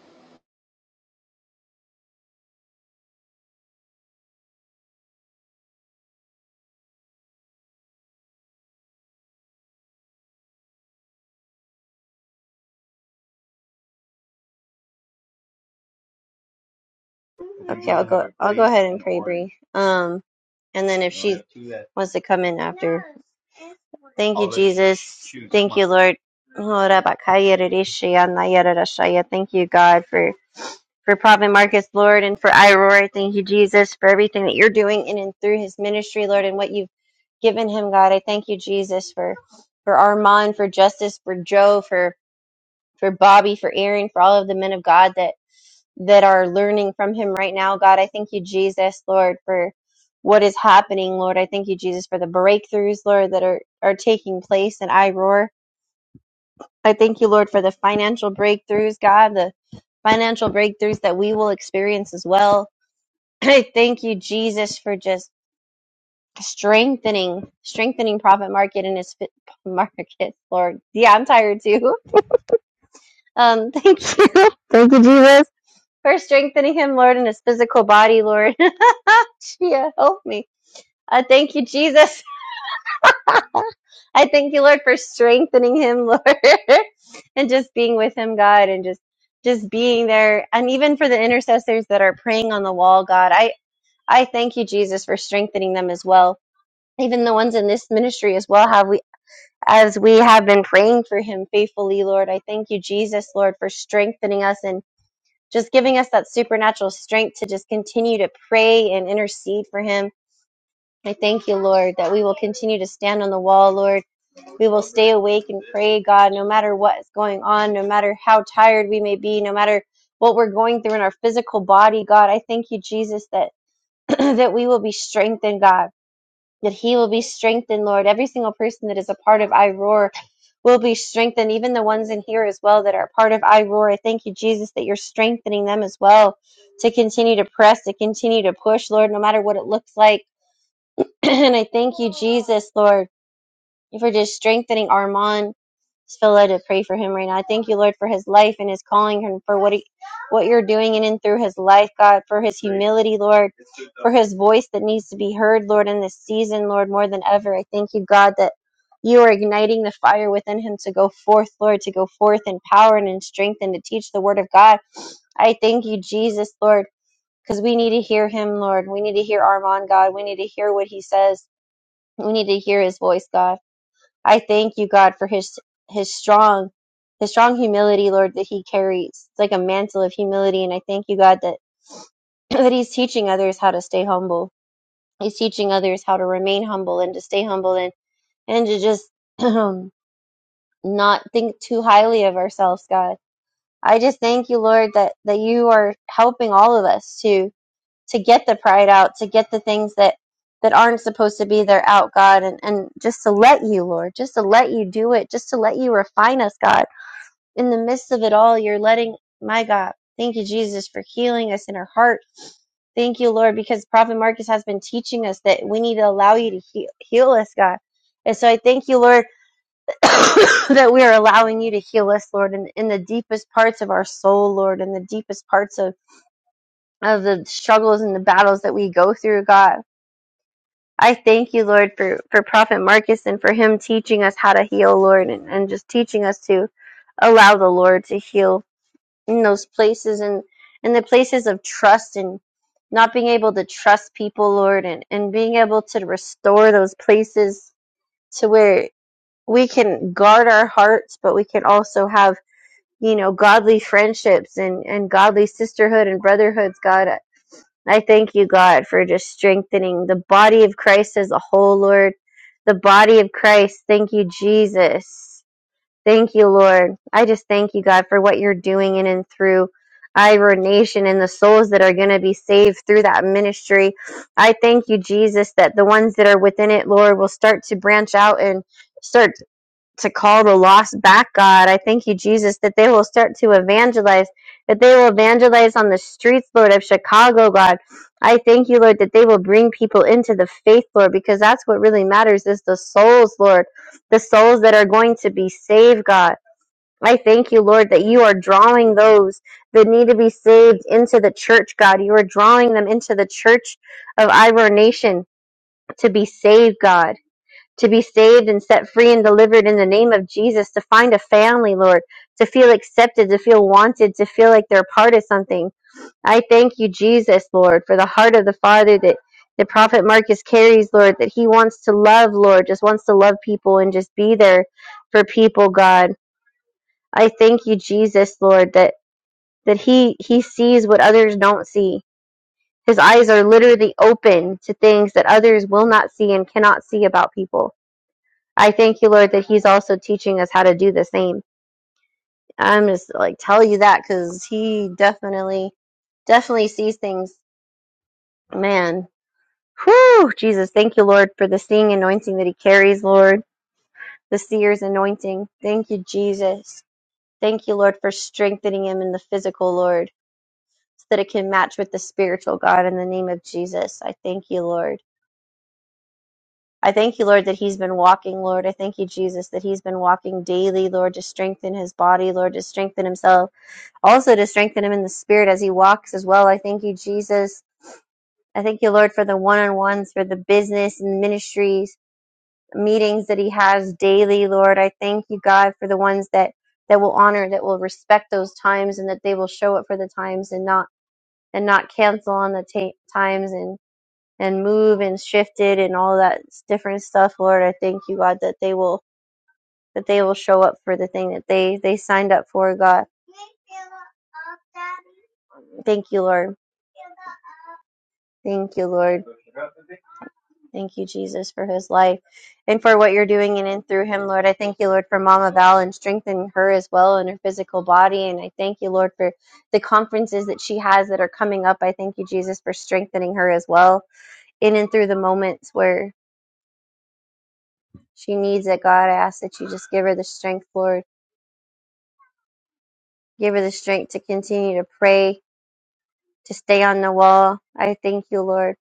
S3: okay, I'll go. I'll go ahead and pray, Bree. Um, and then if she wants to come in after, thank you, Jesus. Thank you, Lord. Ora bakaya rishi anaya rarashaya. Thank you, God, for for Prophet Marcus, Lord, and for Iroar. I Thank you, Jesus, for everything that you're doing in and through his ministry, Lord, and what you've given him, God. I thank you, Jesus, for for Armand, for Justice, for Joe, for for Bobby, for Aaron, for all of the men of God that that are learning from him right now, God. I thank you, Jesus, Lord, for what is happening, Lord. I thank you, Jesus, for the breakthroughs, Lord, that are are taking place in Iroar. I thank you, Lord, for the financial breakthroughs, God, the financial breakthroughs that we will experience as well I thank you, Jesus, for just strengthening, strengthening Prophet Market and his fit market, Lord. Yeah, I'm tired too. Um, thank you, thank you, Jesus, for strengthening him, Lord, in his physical body, Lord. yeah, help me. I thank you, Jesus. I thank you, Lord, for strengthening him, Lord, and just being with him, God, and just just being there, and even for the intercessors that are praying on the wall, God. I I thank you, Jesus, for strengthening them as well even the ones in this ministry as well have we as we have been praying for him faithfully lord i thank you jesus lord for strengthening us and just giving us that supernatural strength to just continue to pray and intercede for him i thank you lord that we will continue to stand on the wall lord we will stay awake and pray god no matter what is going on no matter how tired we may be no matter what we're going through in our physical body god i thank you jesus that that we will be strengthened god that he will be strengthened, Lord. Every single person that is a part of I will be strengthened, even the ones in here as well that are part of I I thank you, Jesus, that you're strengthening them as well to continue to press, to continue to push, Lord, no matter what it looks like. and I thank you, Jesus, Lord and for just strengthening Armand. Just feel led to pray for him right now. I thank you, Lord, for his life and his calling and for what he, what you're doing in and through his life, God, for his humility, Lord, for his voice that needs to be heard, Lord, in this season, Lord, more than ever. I thank you, God, that you are igniting the fire within him to go forth, Lord, to go forth in power and in strength and to teach the word of God. I thank you, Jesus, Lord, because we need to hear him, Lord. We need to hear Armand, God. We need to hear what he says. We need to hear his voice, God. I thank you, God, for his his strong his strong humility, Lord, that he carries. It's like a mantle of humility, and I thank you, God, that that he's teaching others how to stay humble. He's teaching others how to remain humble and to stay humble and and to just not think too highly of ourselves, God. I just thank you, Lord, that that you are helping all of us to to get the pride out, to get the things that that aren't supposed to be there out, God, and and just to let you, Lord, just to let you do it, just to let you refine us, God. In the midst of it all, you're letting my God. Thank you, Jesus, for healing us in our heart. Thank you, Lord, because Prophet Marcus has been teaching us that we need to allow you to heal, heal us, God. And so I thank you, Lord, that we are allowing you to heal us, Lord, in, in the deepest parts of our soul, Lord, in the deepest parts of of the struggles and the battles that we go through, God. I thank you, Lord, for, for Prophet Marcus and for him teaching us how to heal, Lord, and, and just teaching us to allow the Lord to heal in those places and in the places of trust and not being able to trust people, Lord, and, and being able to restore those places to where we can guard our hearts, but we can also have, you know, godly friendships and, and godly sisterhood and brotherhoods, God. I thank you, God, for just strengthening the body of Christ as a whole, Lord. The body of Christ. Thank you, Jesus. Thank you, Lord. I just thank you, God, for what you're doing in and through Iro Nation and the souls that are going to be saved through that ministry. I thank you, Jesus, that the ones that are within it, Lord, will start to branch out and start to call the lost back, God. I thank you, Jesus, that they will start to evangelize, that they will evangelize on the streets, Lord, of Chicago, God. I thank you, Lord, that they will bring people into the faith, Lord, because that's what really matters is the souls, Lord, the souls that are going to be saved, God. I thank you, Lord, that you are drawing those that need to be saved into the church, God. You are drawing them into the church of Ivor Nation to be saved, God to be saved and set free and delivered in the name of Jesus, to find a family, Lord, to feel accepted, to feel wanted, to feel like they're part of something. I thank you, Jesus, Lord, for the heart of the Father that the prophet Marcus carries, Lord, that he wants to love, Lord, just wants to love people and just be there for people, God. I thank you, Jesus, Lord, that that he he sees what others don't see. His eyes are literally open to things that others will not see and cannot see about people. I thank you, Lord, that He's also teaching us how to do the same. I'm just like tell you that because He definitely, definitely sees things. Man, whew, Jesus, thank you, Lord, for the seeing anointing that He carries, Lord, the seer's anointing. Thank you, Jesus. Thank you, Lord, for strengthening Him in the physical, Lord, so that it can match with the spiritual, God, in the name of Jesus. I thank you, Lord. I thank you, Lord, that he's been walking, Lord. I thank you, Jesus, that he's been walking daily, Lord, to strengthen his body, Lord, to strengthen himself. also to strengthen him in the spirit as he walks as well. I thank you, Jesus. I thank you, Lord, for the one on ones, for the business and ministries, meetings that he has daily, Lord. I thank you, God, for the ones that, that will honor, that will respect those times and that they will show up for the times and not, and not cancel on the ta times and, and move and shift it and all that different stuff, Lord. I thank you, God, that they will, that they will show up for the thing that they, they signed up for, God. Thank you, Lord. Thank you, Lord. Thank you, Jesus, for his life and for what you're doing in and through him, Lord. I thank you, Lord, for Mama Val and strengthening her as well in her physical body. And I thank you, Lord, for the conferences that she has that are coming up. I thank you, Jesus, for strengthening her as well in and through the moments where she needs it. God, I ask that you just give her the strength, Lord. Give her the strength to continue to pray, to stay on the wall. I thank you, Lord,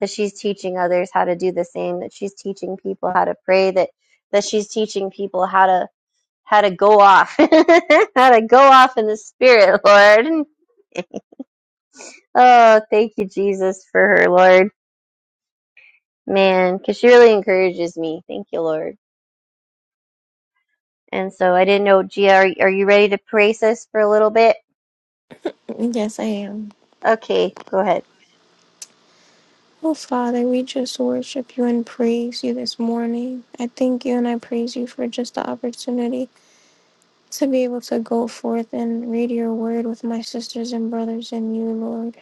S3: that she's teaching others how to do the same, that she's teaching people how to pray, that that she's teaching people how to how to go off, how to go off in the spirit, Lord. Oh, thank you, Jesus, for her, Lord. Man, because she really encourages me. Thank you, Lord. And so I didn't know, Gia, are, are you ready to pray, sis, for a little bit?
S6: Yes, I am.
S3: Okay, go ahead.
S6: Oh, Father, we just worship you and praise you this morning. I thank you and I praise you for just the opportunity to be able to go forth and read your word with my sisters and brothers and you, Lord.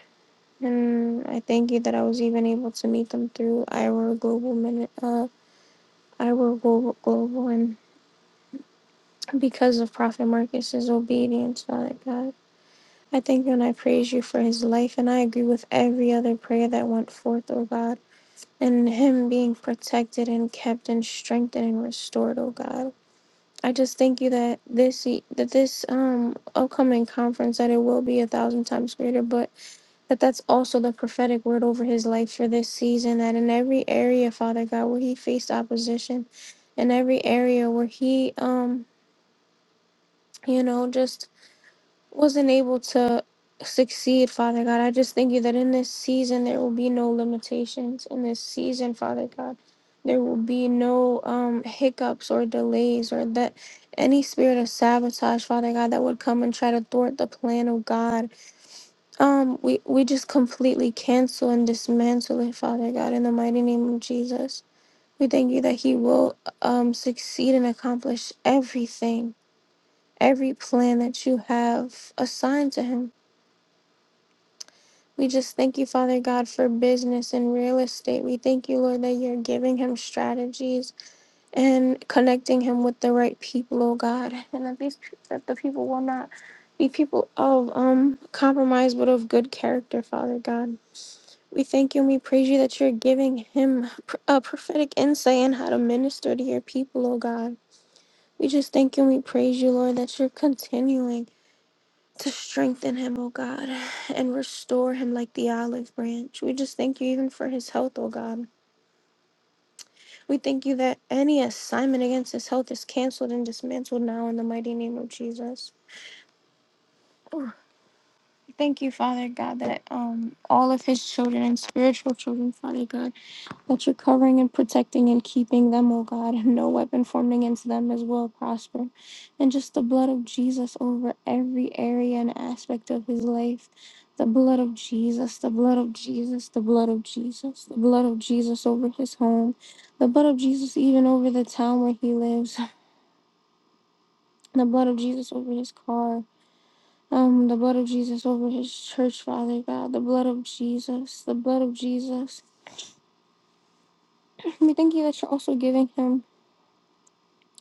S6: And I thank you that I was even able to meet them through Iowa Global Minute, uh, Iowa Global, Global, and because of Prophet Marcus's obedience, Father God. I thank you and I praise you for his life, and I agree with every other prayer that went forth, oh God. and him being protected and kept and strengthened and restored, oh God. I just thank you that this that this um upcoming conference that it will be a thousand times greater, but that that's also the prophetic word over his life for this season that in every area father god where he faced opposition in every area where he um you know just wasn't able to succeed, Father God. I just thank you that in this season there will be no limitations. In this season, Father God, there will be no um, hiccups or delays or that any spirit of sabotage, Father God, that would come and try to thwart the plan of God. Um, we we just completely cancel and dismantle it, Father God, in the mighty name of Jesus. We thank you that He will um, succeed and accomplish everything, every plan that you have assigned to Him. We just thank you, Father God, for business and real estate. We thank you, Lord, that you're giving him strategies and connecting him with the right people, oh God, and that these that the people will not be people of um compromise, but of good character, Father God. We thank you and we praise you that you're giving him pr- a prophetic insight in how to minister to your people, oh God. We just thank you and we praise you, Lord, that you're continuing to strengthen him, oh God, and restore him like the olive branch. We just thank you even for his health, oh God. We thank you that any assignment against his health is canceled and dismantled now in the mighty name of Jesus. Oh, Thank you, Father God, that um all of his children and spiritual children, Father God. that you're covering and protecting and keeping them, oh God, and no weapon formed against them is will prosper. And just the blood of Jesus over every area and aspect of his life. The blood of Jesus, the blood of Jesus, the blood of Jesus, the blood of Jesus over his home, the blood of Jesus even over the town where he lives, the blood of Jesus over his car, um, the blood of Jesus over his church, Father God, the blood of Jesus, the blood of Jesus. We thank you that you're also giving him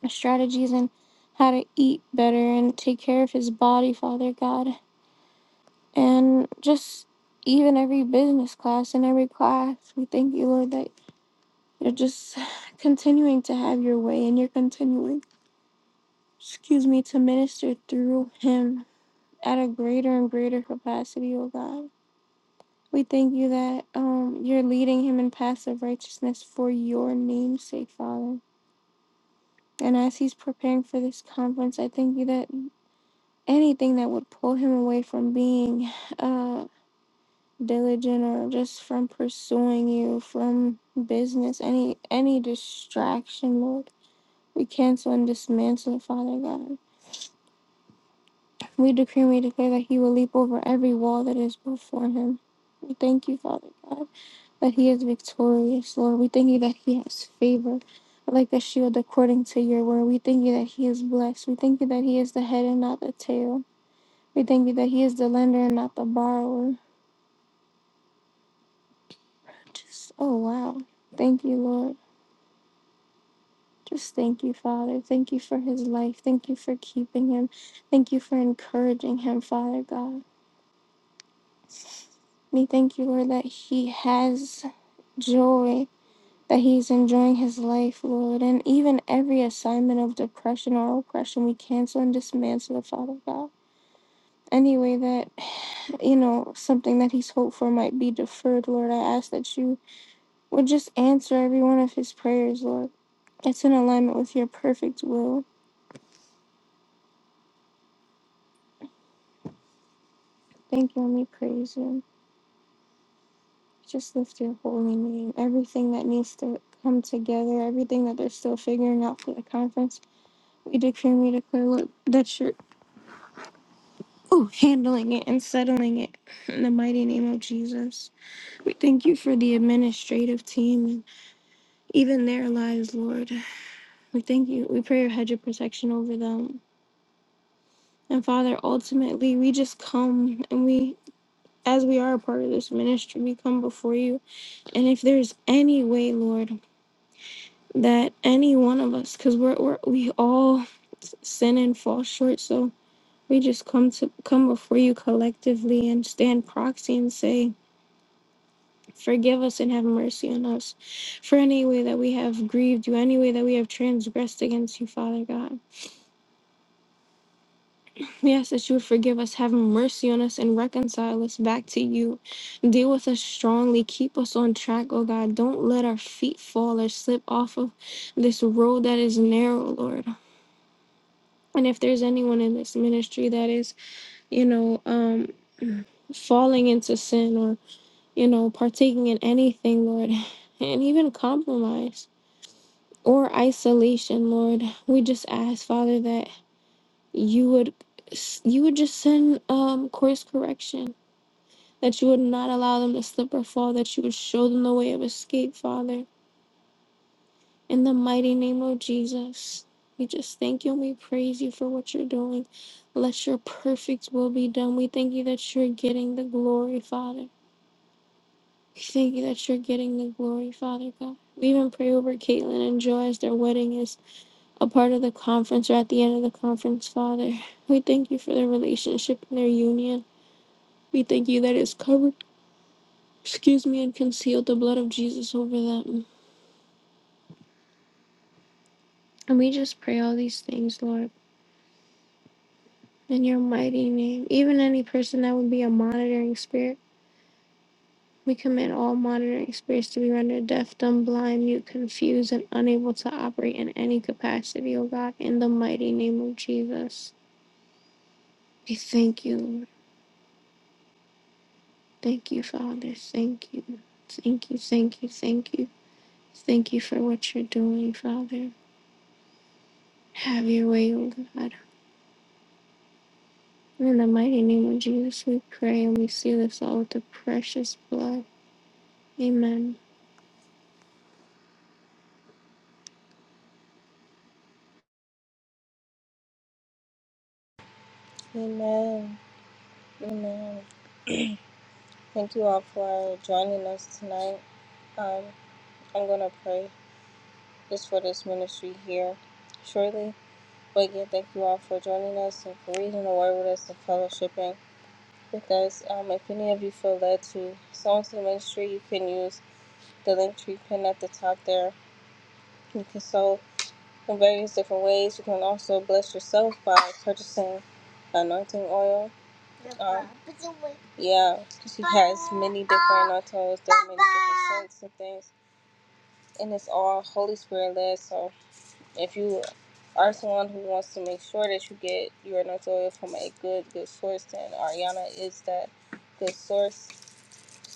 S6: strategies and how to eat better and take care of his body, Father God. And just even every business class and every class, we thank you, Lord, that you're just continuing to have your way and you're continuing, excuse me, to minister through him at a greater and greater capacity, oh God. We thank you that um, you're leading him in paths of righteousness for your name's sake, Father. And as he's preparing for this conference, I thank you that anything that would pull him away from being uh diligent or just from pursuing you from business any any distraction lord we cancel and dismantle it, father god we decree and we declare that he will leap over every wall that is before him we thank you father god that he is victorious lord we thank you that he has favor like the shield according to your word we thank you that he is blessed we thank you that he is the head and not the tail we thank you that he is the lender and not the borrower Just, oh, wow. Thank you, Lord. Just thank you, Father. Thank you for his life. Thank you for keeping him. Thank you for encouraging him, Father God. We thank you, Lord, that he has joy, that he's enjoying his life, Lord. And even every assignment of depression or oppression, we cancel and dismantle it, Father God. Anyway, that, you know, something that he's hoped for might be deferred, Lord. I ask that you Would just answer every one of his prayers, Lord. It's in alignment with your perfect will. Thank you, and we praise you. Just lift your holy name. Everything that needs to come together, everything that they're still figuring out for the conference, we decree and we declare, Lord, that you're ooh, handling it and settling it in the mighty name of Jesus. We thank you for the administrative team and even their lives, Lord. We thank you. We pray your hedge of protection over them. And Father, ultimately, we just come and we as we are a part of this ministry, we come before you. And if there's any way, Lord, that any one of us, because we're, we're we all sin and fall short, so we just come to come before you collectively and stand proxy and say, Forgive us and have mercy on us for any way that we have grieved you, any way that we have transgressed against you, Father God. We ask that you would forgive us, have mercy on us, and reconcile us back to you. Deal with us strongly. Keep us on track, oh God. Don't let our feet fall or slip off of this road that is narrow, Lord. And if there's anyone in this ministry that is, you know, um, falling into sin or, you know, partaking in anything, Lord, and even compromise or isolation, Lord, we just ask, Father, that you would you would just send um course correction that you would not allow them to slip or fall, that you would show them the way of escape, Father. In the mighty name of Jesus, we just thank you and we praise you for what you're doing. Let your perfect will be done. We thank you that you're getting the glory, Father. We thank you that you're getting the glory, Father God. We even pray over Caitlin and Joy as their wedding is a part of the conference or at the end of the conference, Father. We thank you for their relationship and their union. We thank you that it's covered Excuse me and conceal the blood of Jesus over them. And we just pray all these things, Lord, in your mighty name. Even any person that would be a monitoring spirit, we command all monitoring spirits to be rendered deaf, dumb, blind, mute, confused, and unable to operate in any capacity, Oh God, in the mighty name of Jesus. We thank you, Lord. Thank you, Father. Thank you. Thank you, thank you, thank you. Thank you for what you're doing, Father. Have your way, Oh God. In the mighty name of Jesus, we pray and we seal this all with the precious blood. Amen.
S2: Amen. Amen. Thank you all for joining us tonight. Um, I'm going to pray just for this ministry here shortly. But again, thank you all for joining us and for reading the word with us and fellowshipping with us. Um, if any of you feel led to sow into the ministry, you can use the link tree pin at the top there. You can sow in various different ways. You can also bless yourself by purchasing anointing oil. Um, yeah, she has many different anointing oils. There are many different scents and things, and it's all Holy Spirit led. So if you are someone who wants to make sure that you get your anointing oil from a good, good source, then Ariana is that good source.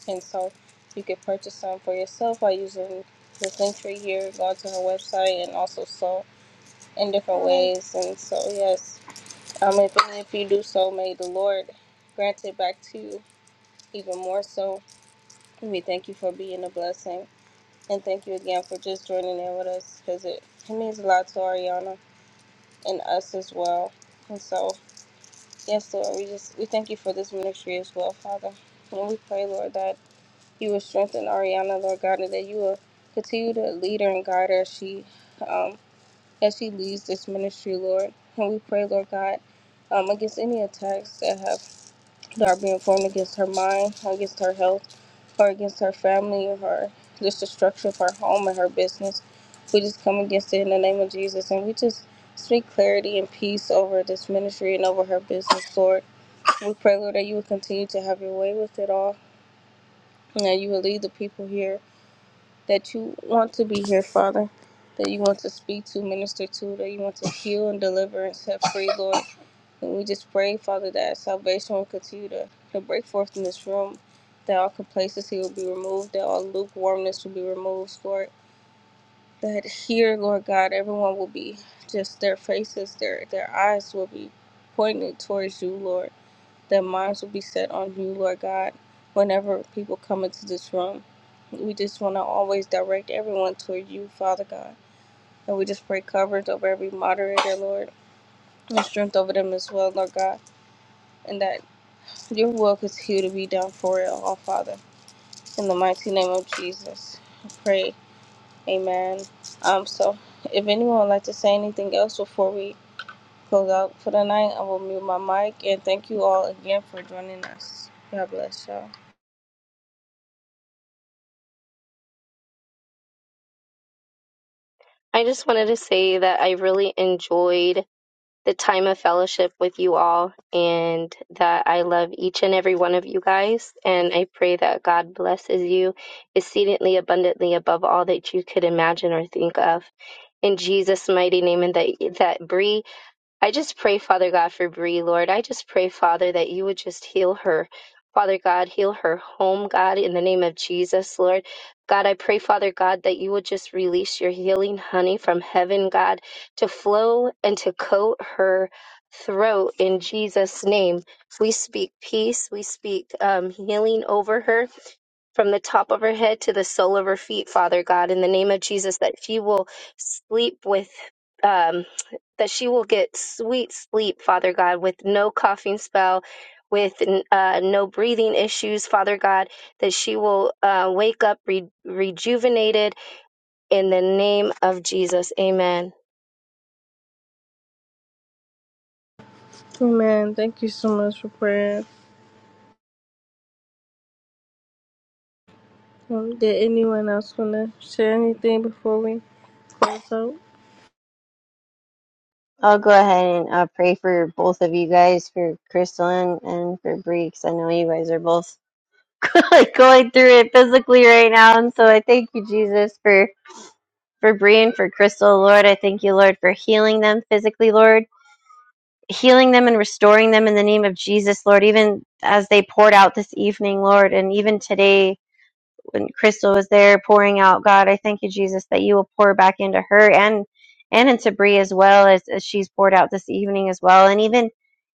S2: And so you can purchase some for yourself by using this link right here. Go to her website and also so in different ways. And so, yes, um, if, and if you do so, may the Lord grant it back to you even more so. We thank you for being a blessing. And thank you again for just joining in with us because it, it means a lot to Ariana and us as well. And so, yes, Lord, we just we thank you for this ministry as well, Father. And we pray, Lord, that you will strengthen Ariana, Lord God, and that you will continue to lead her and guide her as she um, as she leads this ministry, Lord. And we pray, Lord God, um, against any attacks that have that are being formed against her mind, against her health, or against her family, or her just the structure of her home and her business. We just come against it in the name of Jesus, and we just speak clarity and peace over this ministry and over her business, Lord. We pray, Lord, that you would continue to have your way with it all, and that you will lead the people here that you want to be here, Father, that you want to speak to, minister to, that you want to heal and deliver and set free, Lord. And we just pray, Father, that salvation will continue to, to break forth in this room, that all complacency will be removed, that all lukewarmness will be removed, Lord. That here, Lord God, everyone will be just their faces, their their eyes will be pointed towards you, Lord that minds will be set on you, Lord God, whenever people come into this room. We just want to always direct everyone toward you, Father God. And we just pray coverage over every moderator, Lord, and strength over them as well, Lord God, and that your will continue to be done for it all, Father. In the mighty name of Jesus, I pray. Amen. Um, so if anyone would like to say anything else before we close out for the night, I will mute my mic and thank you all again for joining us. God bless y'all.
S4: I just wanted to say that I really enjoyed the time of fellowship with you all and that I love each and every one of you guys. And I pray that God blesses you exceedingly abundantly above all that you could imagine or think of. In Jesus' mighty name, and that, that Bree I just pray, Father God, for Bree, Lord. I just pray, Father, that you would just heal her. Father God, heal her home, God, in the name of Jesus, Lord. God, I pray, Father God, that you would just release your healing honey from heaven, God, to flow and to coat her throat in Jesus' name. We speak peace. We speak um, healing over her from the top of her head to the sole of her feet, Father God, in the name of Jesus, that she will sleep with, um, that she will get sweet sleep, Father God, with no coughing spell, with uh, no breathing issues, Father God, that she will uh, wake up re- rejuvenated in the name of Jesus. Amen.
S2: Amen. Thank you so much for praying. Um, did anyone else want to share anything before we close out?
S3: I'll go ahead and uh, pray for both of you guys, for Crystal and, and for Bree, 'cause I know you guys are both going through it physically right now. And so I thank you, Jesus, for for Bree and for Crystal, Lord. I thank you, Lord, for healing them physically, Lord. healing them and restoring them in the name of Jesus, Lord, even as they poured out this evening, Lord, and even today when Crystal was there pouring out, God, I thank you, Jesus, that you will pour back into her and and into Bree as well as, as she's poured out this evening as well, and even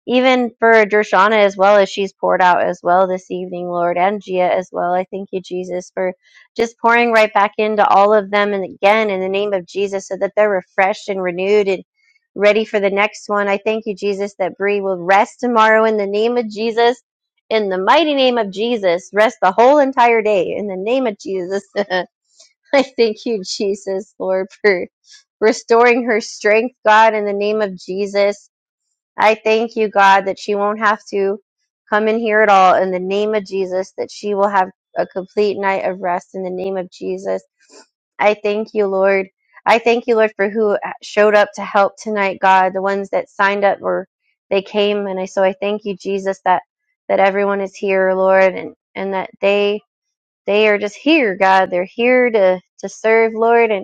S3: even for Dershana as well as she's poured out as well this evening, Lord, and Gia as well. I thank you, Jesus, for just pouring right back into all of them and again in the name of Jesus so that they're refreshed and renewed and ready for the next one. I thank you, Jesus, that Bree will rest tomorrow in the name of Jesus in the mighty name of Jesus, rest the whole entire day. In the name of Jesus, I thank you, Jesus, Lord, for restoring her strength, God, in the name of Jesus. I thank you, God, that she won't have to come in here at all in the name of Jesus, that she will have a complete night of rest in the name of Jesus. I thank you, Lord. I thank you, Lord, for who showed up to help tonight, God, the ones that signed up or they came. And I, so I thank you, Jesus, that, that everyone is here, Lord, and, and that they, they are just here, God. They're here to, to serve, Lord. and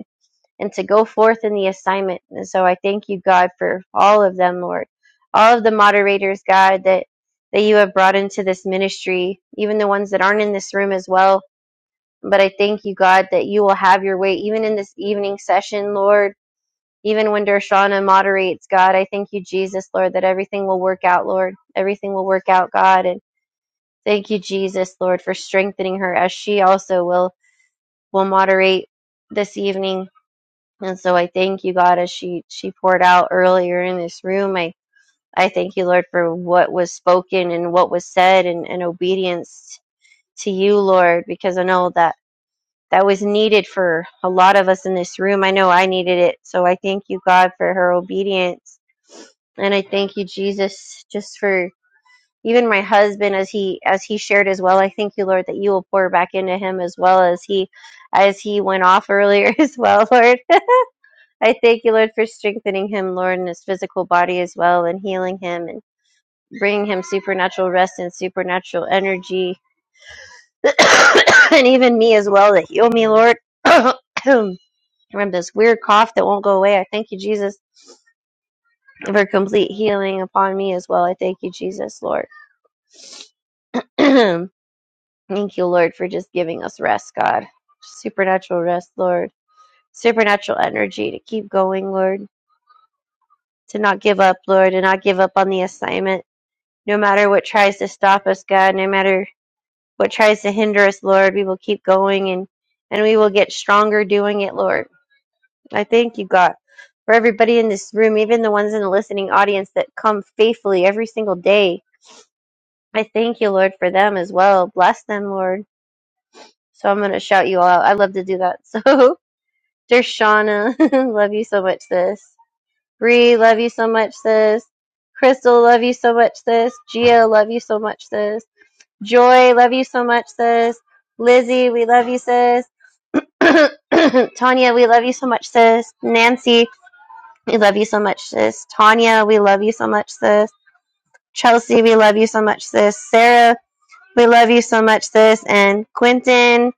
S3: and to go forth in the assignment. And so I thank you, God, for all of them, Lord. All of the moderators, God, that, that you have brought into this ministry, even the ones that aren't in this room as well. But I thank you, God, that you will have your way, even in this evening session, Lord. Even when Dershana moderates, God, I thank you, Jesus, Lord, that everything will work out, Lord. Everything will work out, God. And thank you, Jesus, Lord, for strengthening her as she also will will moderate this evening. And so I thank you, God, as she she poured out earlier in this room. I I thank you, Lord, for what was spoken and what was said, and, and obedience to you, Lord, because I know that that was needed for a lot of us in this room. I know I needed it, so I thank you, God, for her obedience, and I thank you, Jesus, just for even my husband as he as he shared as well. I thank you, Lord, that you will pour back into him as well as he as he went off earlier as well, Lord. I thank you, Lord, for strengthening him, Lord, in his physical body as well, and healing him and bringing him supernatural rest and supernatural energy, and even me as well to heal me, Lord. From this weird cough that won't go away, I thank you, Jesus, for complete healing upon me as well. I thank you, Jesus, Lord. thank you, Lord, for just giving us rest, God. Supernatural rest, Lord. Supernatural energy to keep going, Lord. To not give up, Lord, and not give up on the assignment No matter what tries to stop us, God, no matter what tries to hinder us, Lord, we will keep going and, and we will get stronger doing it, Lord. I thank you, God, for everybody in this room, even the ones in the listening audience that come faithfully every single day. I thank you, Lord, for them as well. Bless them, Lord. So I'm going to shout you all out. I love to do that. So, there's Shauna. love you so much, sis. Bree, love you so much, sis. Crystal, love you so much, sis. Gia, love you so much, sis. Joy, love you so much, sis. Lizzie, we love you, sis. Tanya, we love you so much, sis. Nancy, we love you so much, sis. Tanya, we love you so much, sis. Chelsea, we love you so much, sis. Sarah, we love you so much, sis. And Quentin,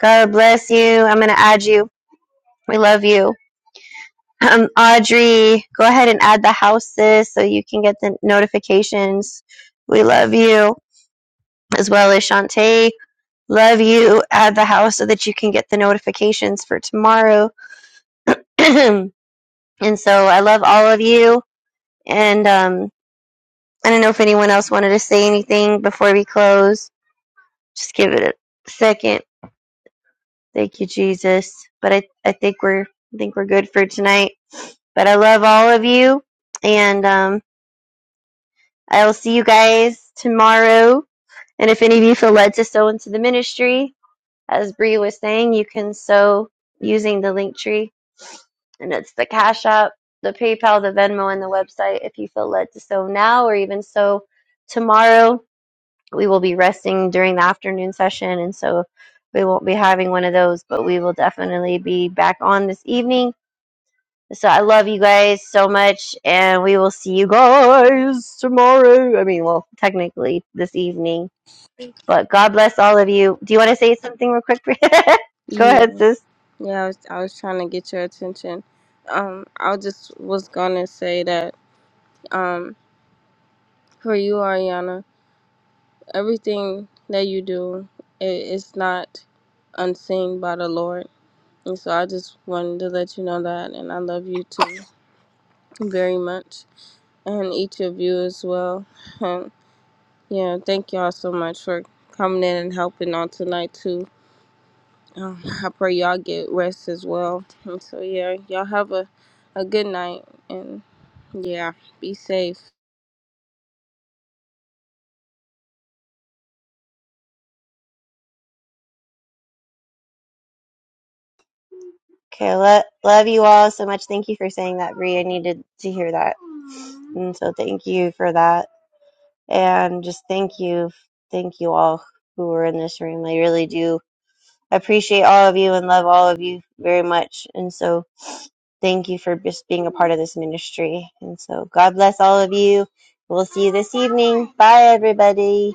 S3: God bless you. I'm going to add you. We love you. Um, Audrey, go ahead and add the house, sis, so you can get the notifications. We love you, as well as Shantae. love you at the house so that you can get the notifications for tomorrow. and so I love all of you. And um, I don't know if anyone else wanted to say anything before we close. Just give it a second. Thank you, Jesus. But I, I think we're I think we're good for tonight. But I love all of you, and um, I will see you guys tomorrow. And if any of you feel led to sow into the ministry, as Bree was saying, you can sow using the link tree and it's the Cash App, the PayPal, the Venmo, and the website if you feel led to sow now or even sow tomorrow. We will be resting during the afternoon session, and so we won't be having one of those, but we will definitely be back on this evening. So I love you guys so much, and we will see you guys tomorrow. I mean, well, technically this evening, but God bless all of you. Do you want to say something real quick? Go ahead,
S2: Yeah.
S3: sis.
S2: Yeah, I was, I was trying to get your attention. Um, I just was going to say that um, for you, Ariana, everything that you do, it, it's not unseen by the Lord. And so I just wanted to let you know that. And I love you too very much. And each of you as well. Yeah, thank y'all so much for coming in and helping on tonight too. Um, I pray y'all get rest as well. And so yeah, y'all have a a good night and yeah, be safe.
S3: Okay, lo- love you all so much. Thank you for saying that, Bree. I needed to hear that. And so thank you for that. And just thank you. Thank you all who were in this room. I really do appreciate all of you and love all of you very much. And so thank you for just being a part of this ministry. And so God bless all of you. We'll see you this evening. Bye, everybody.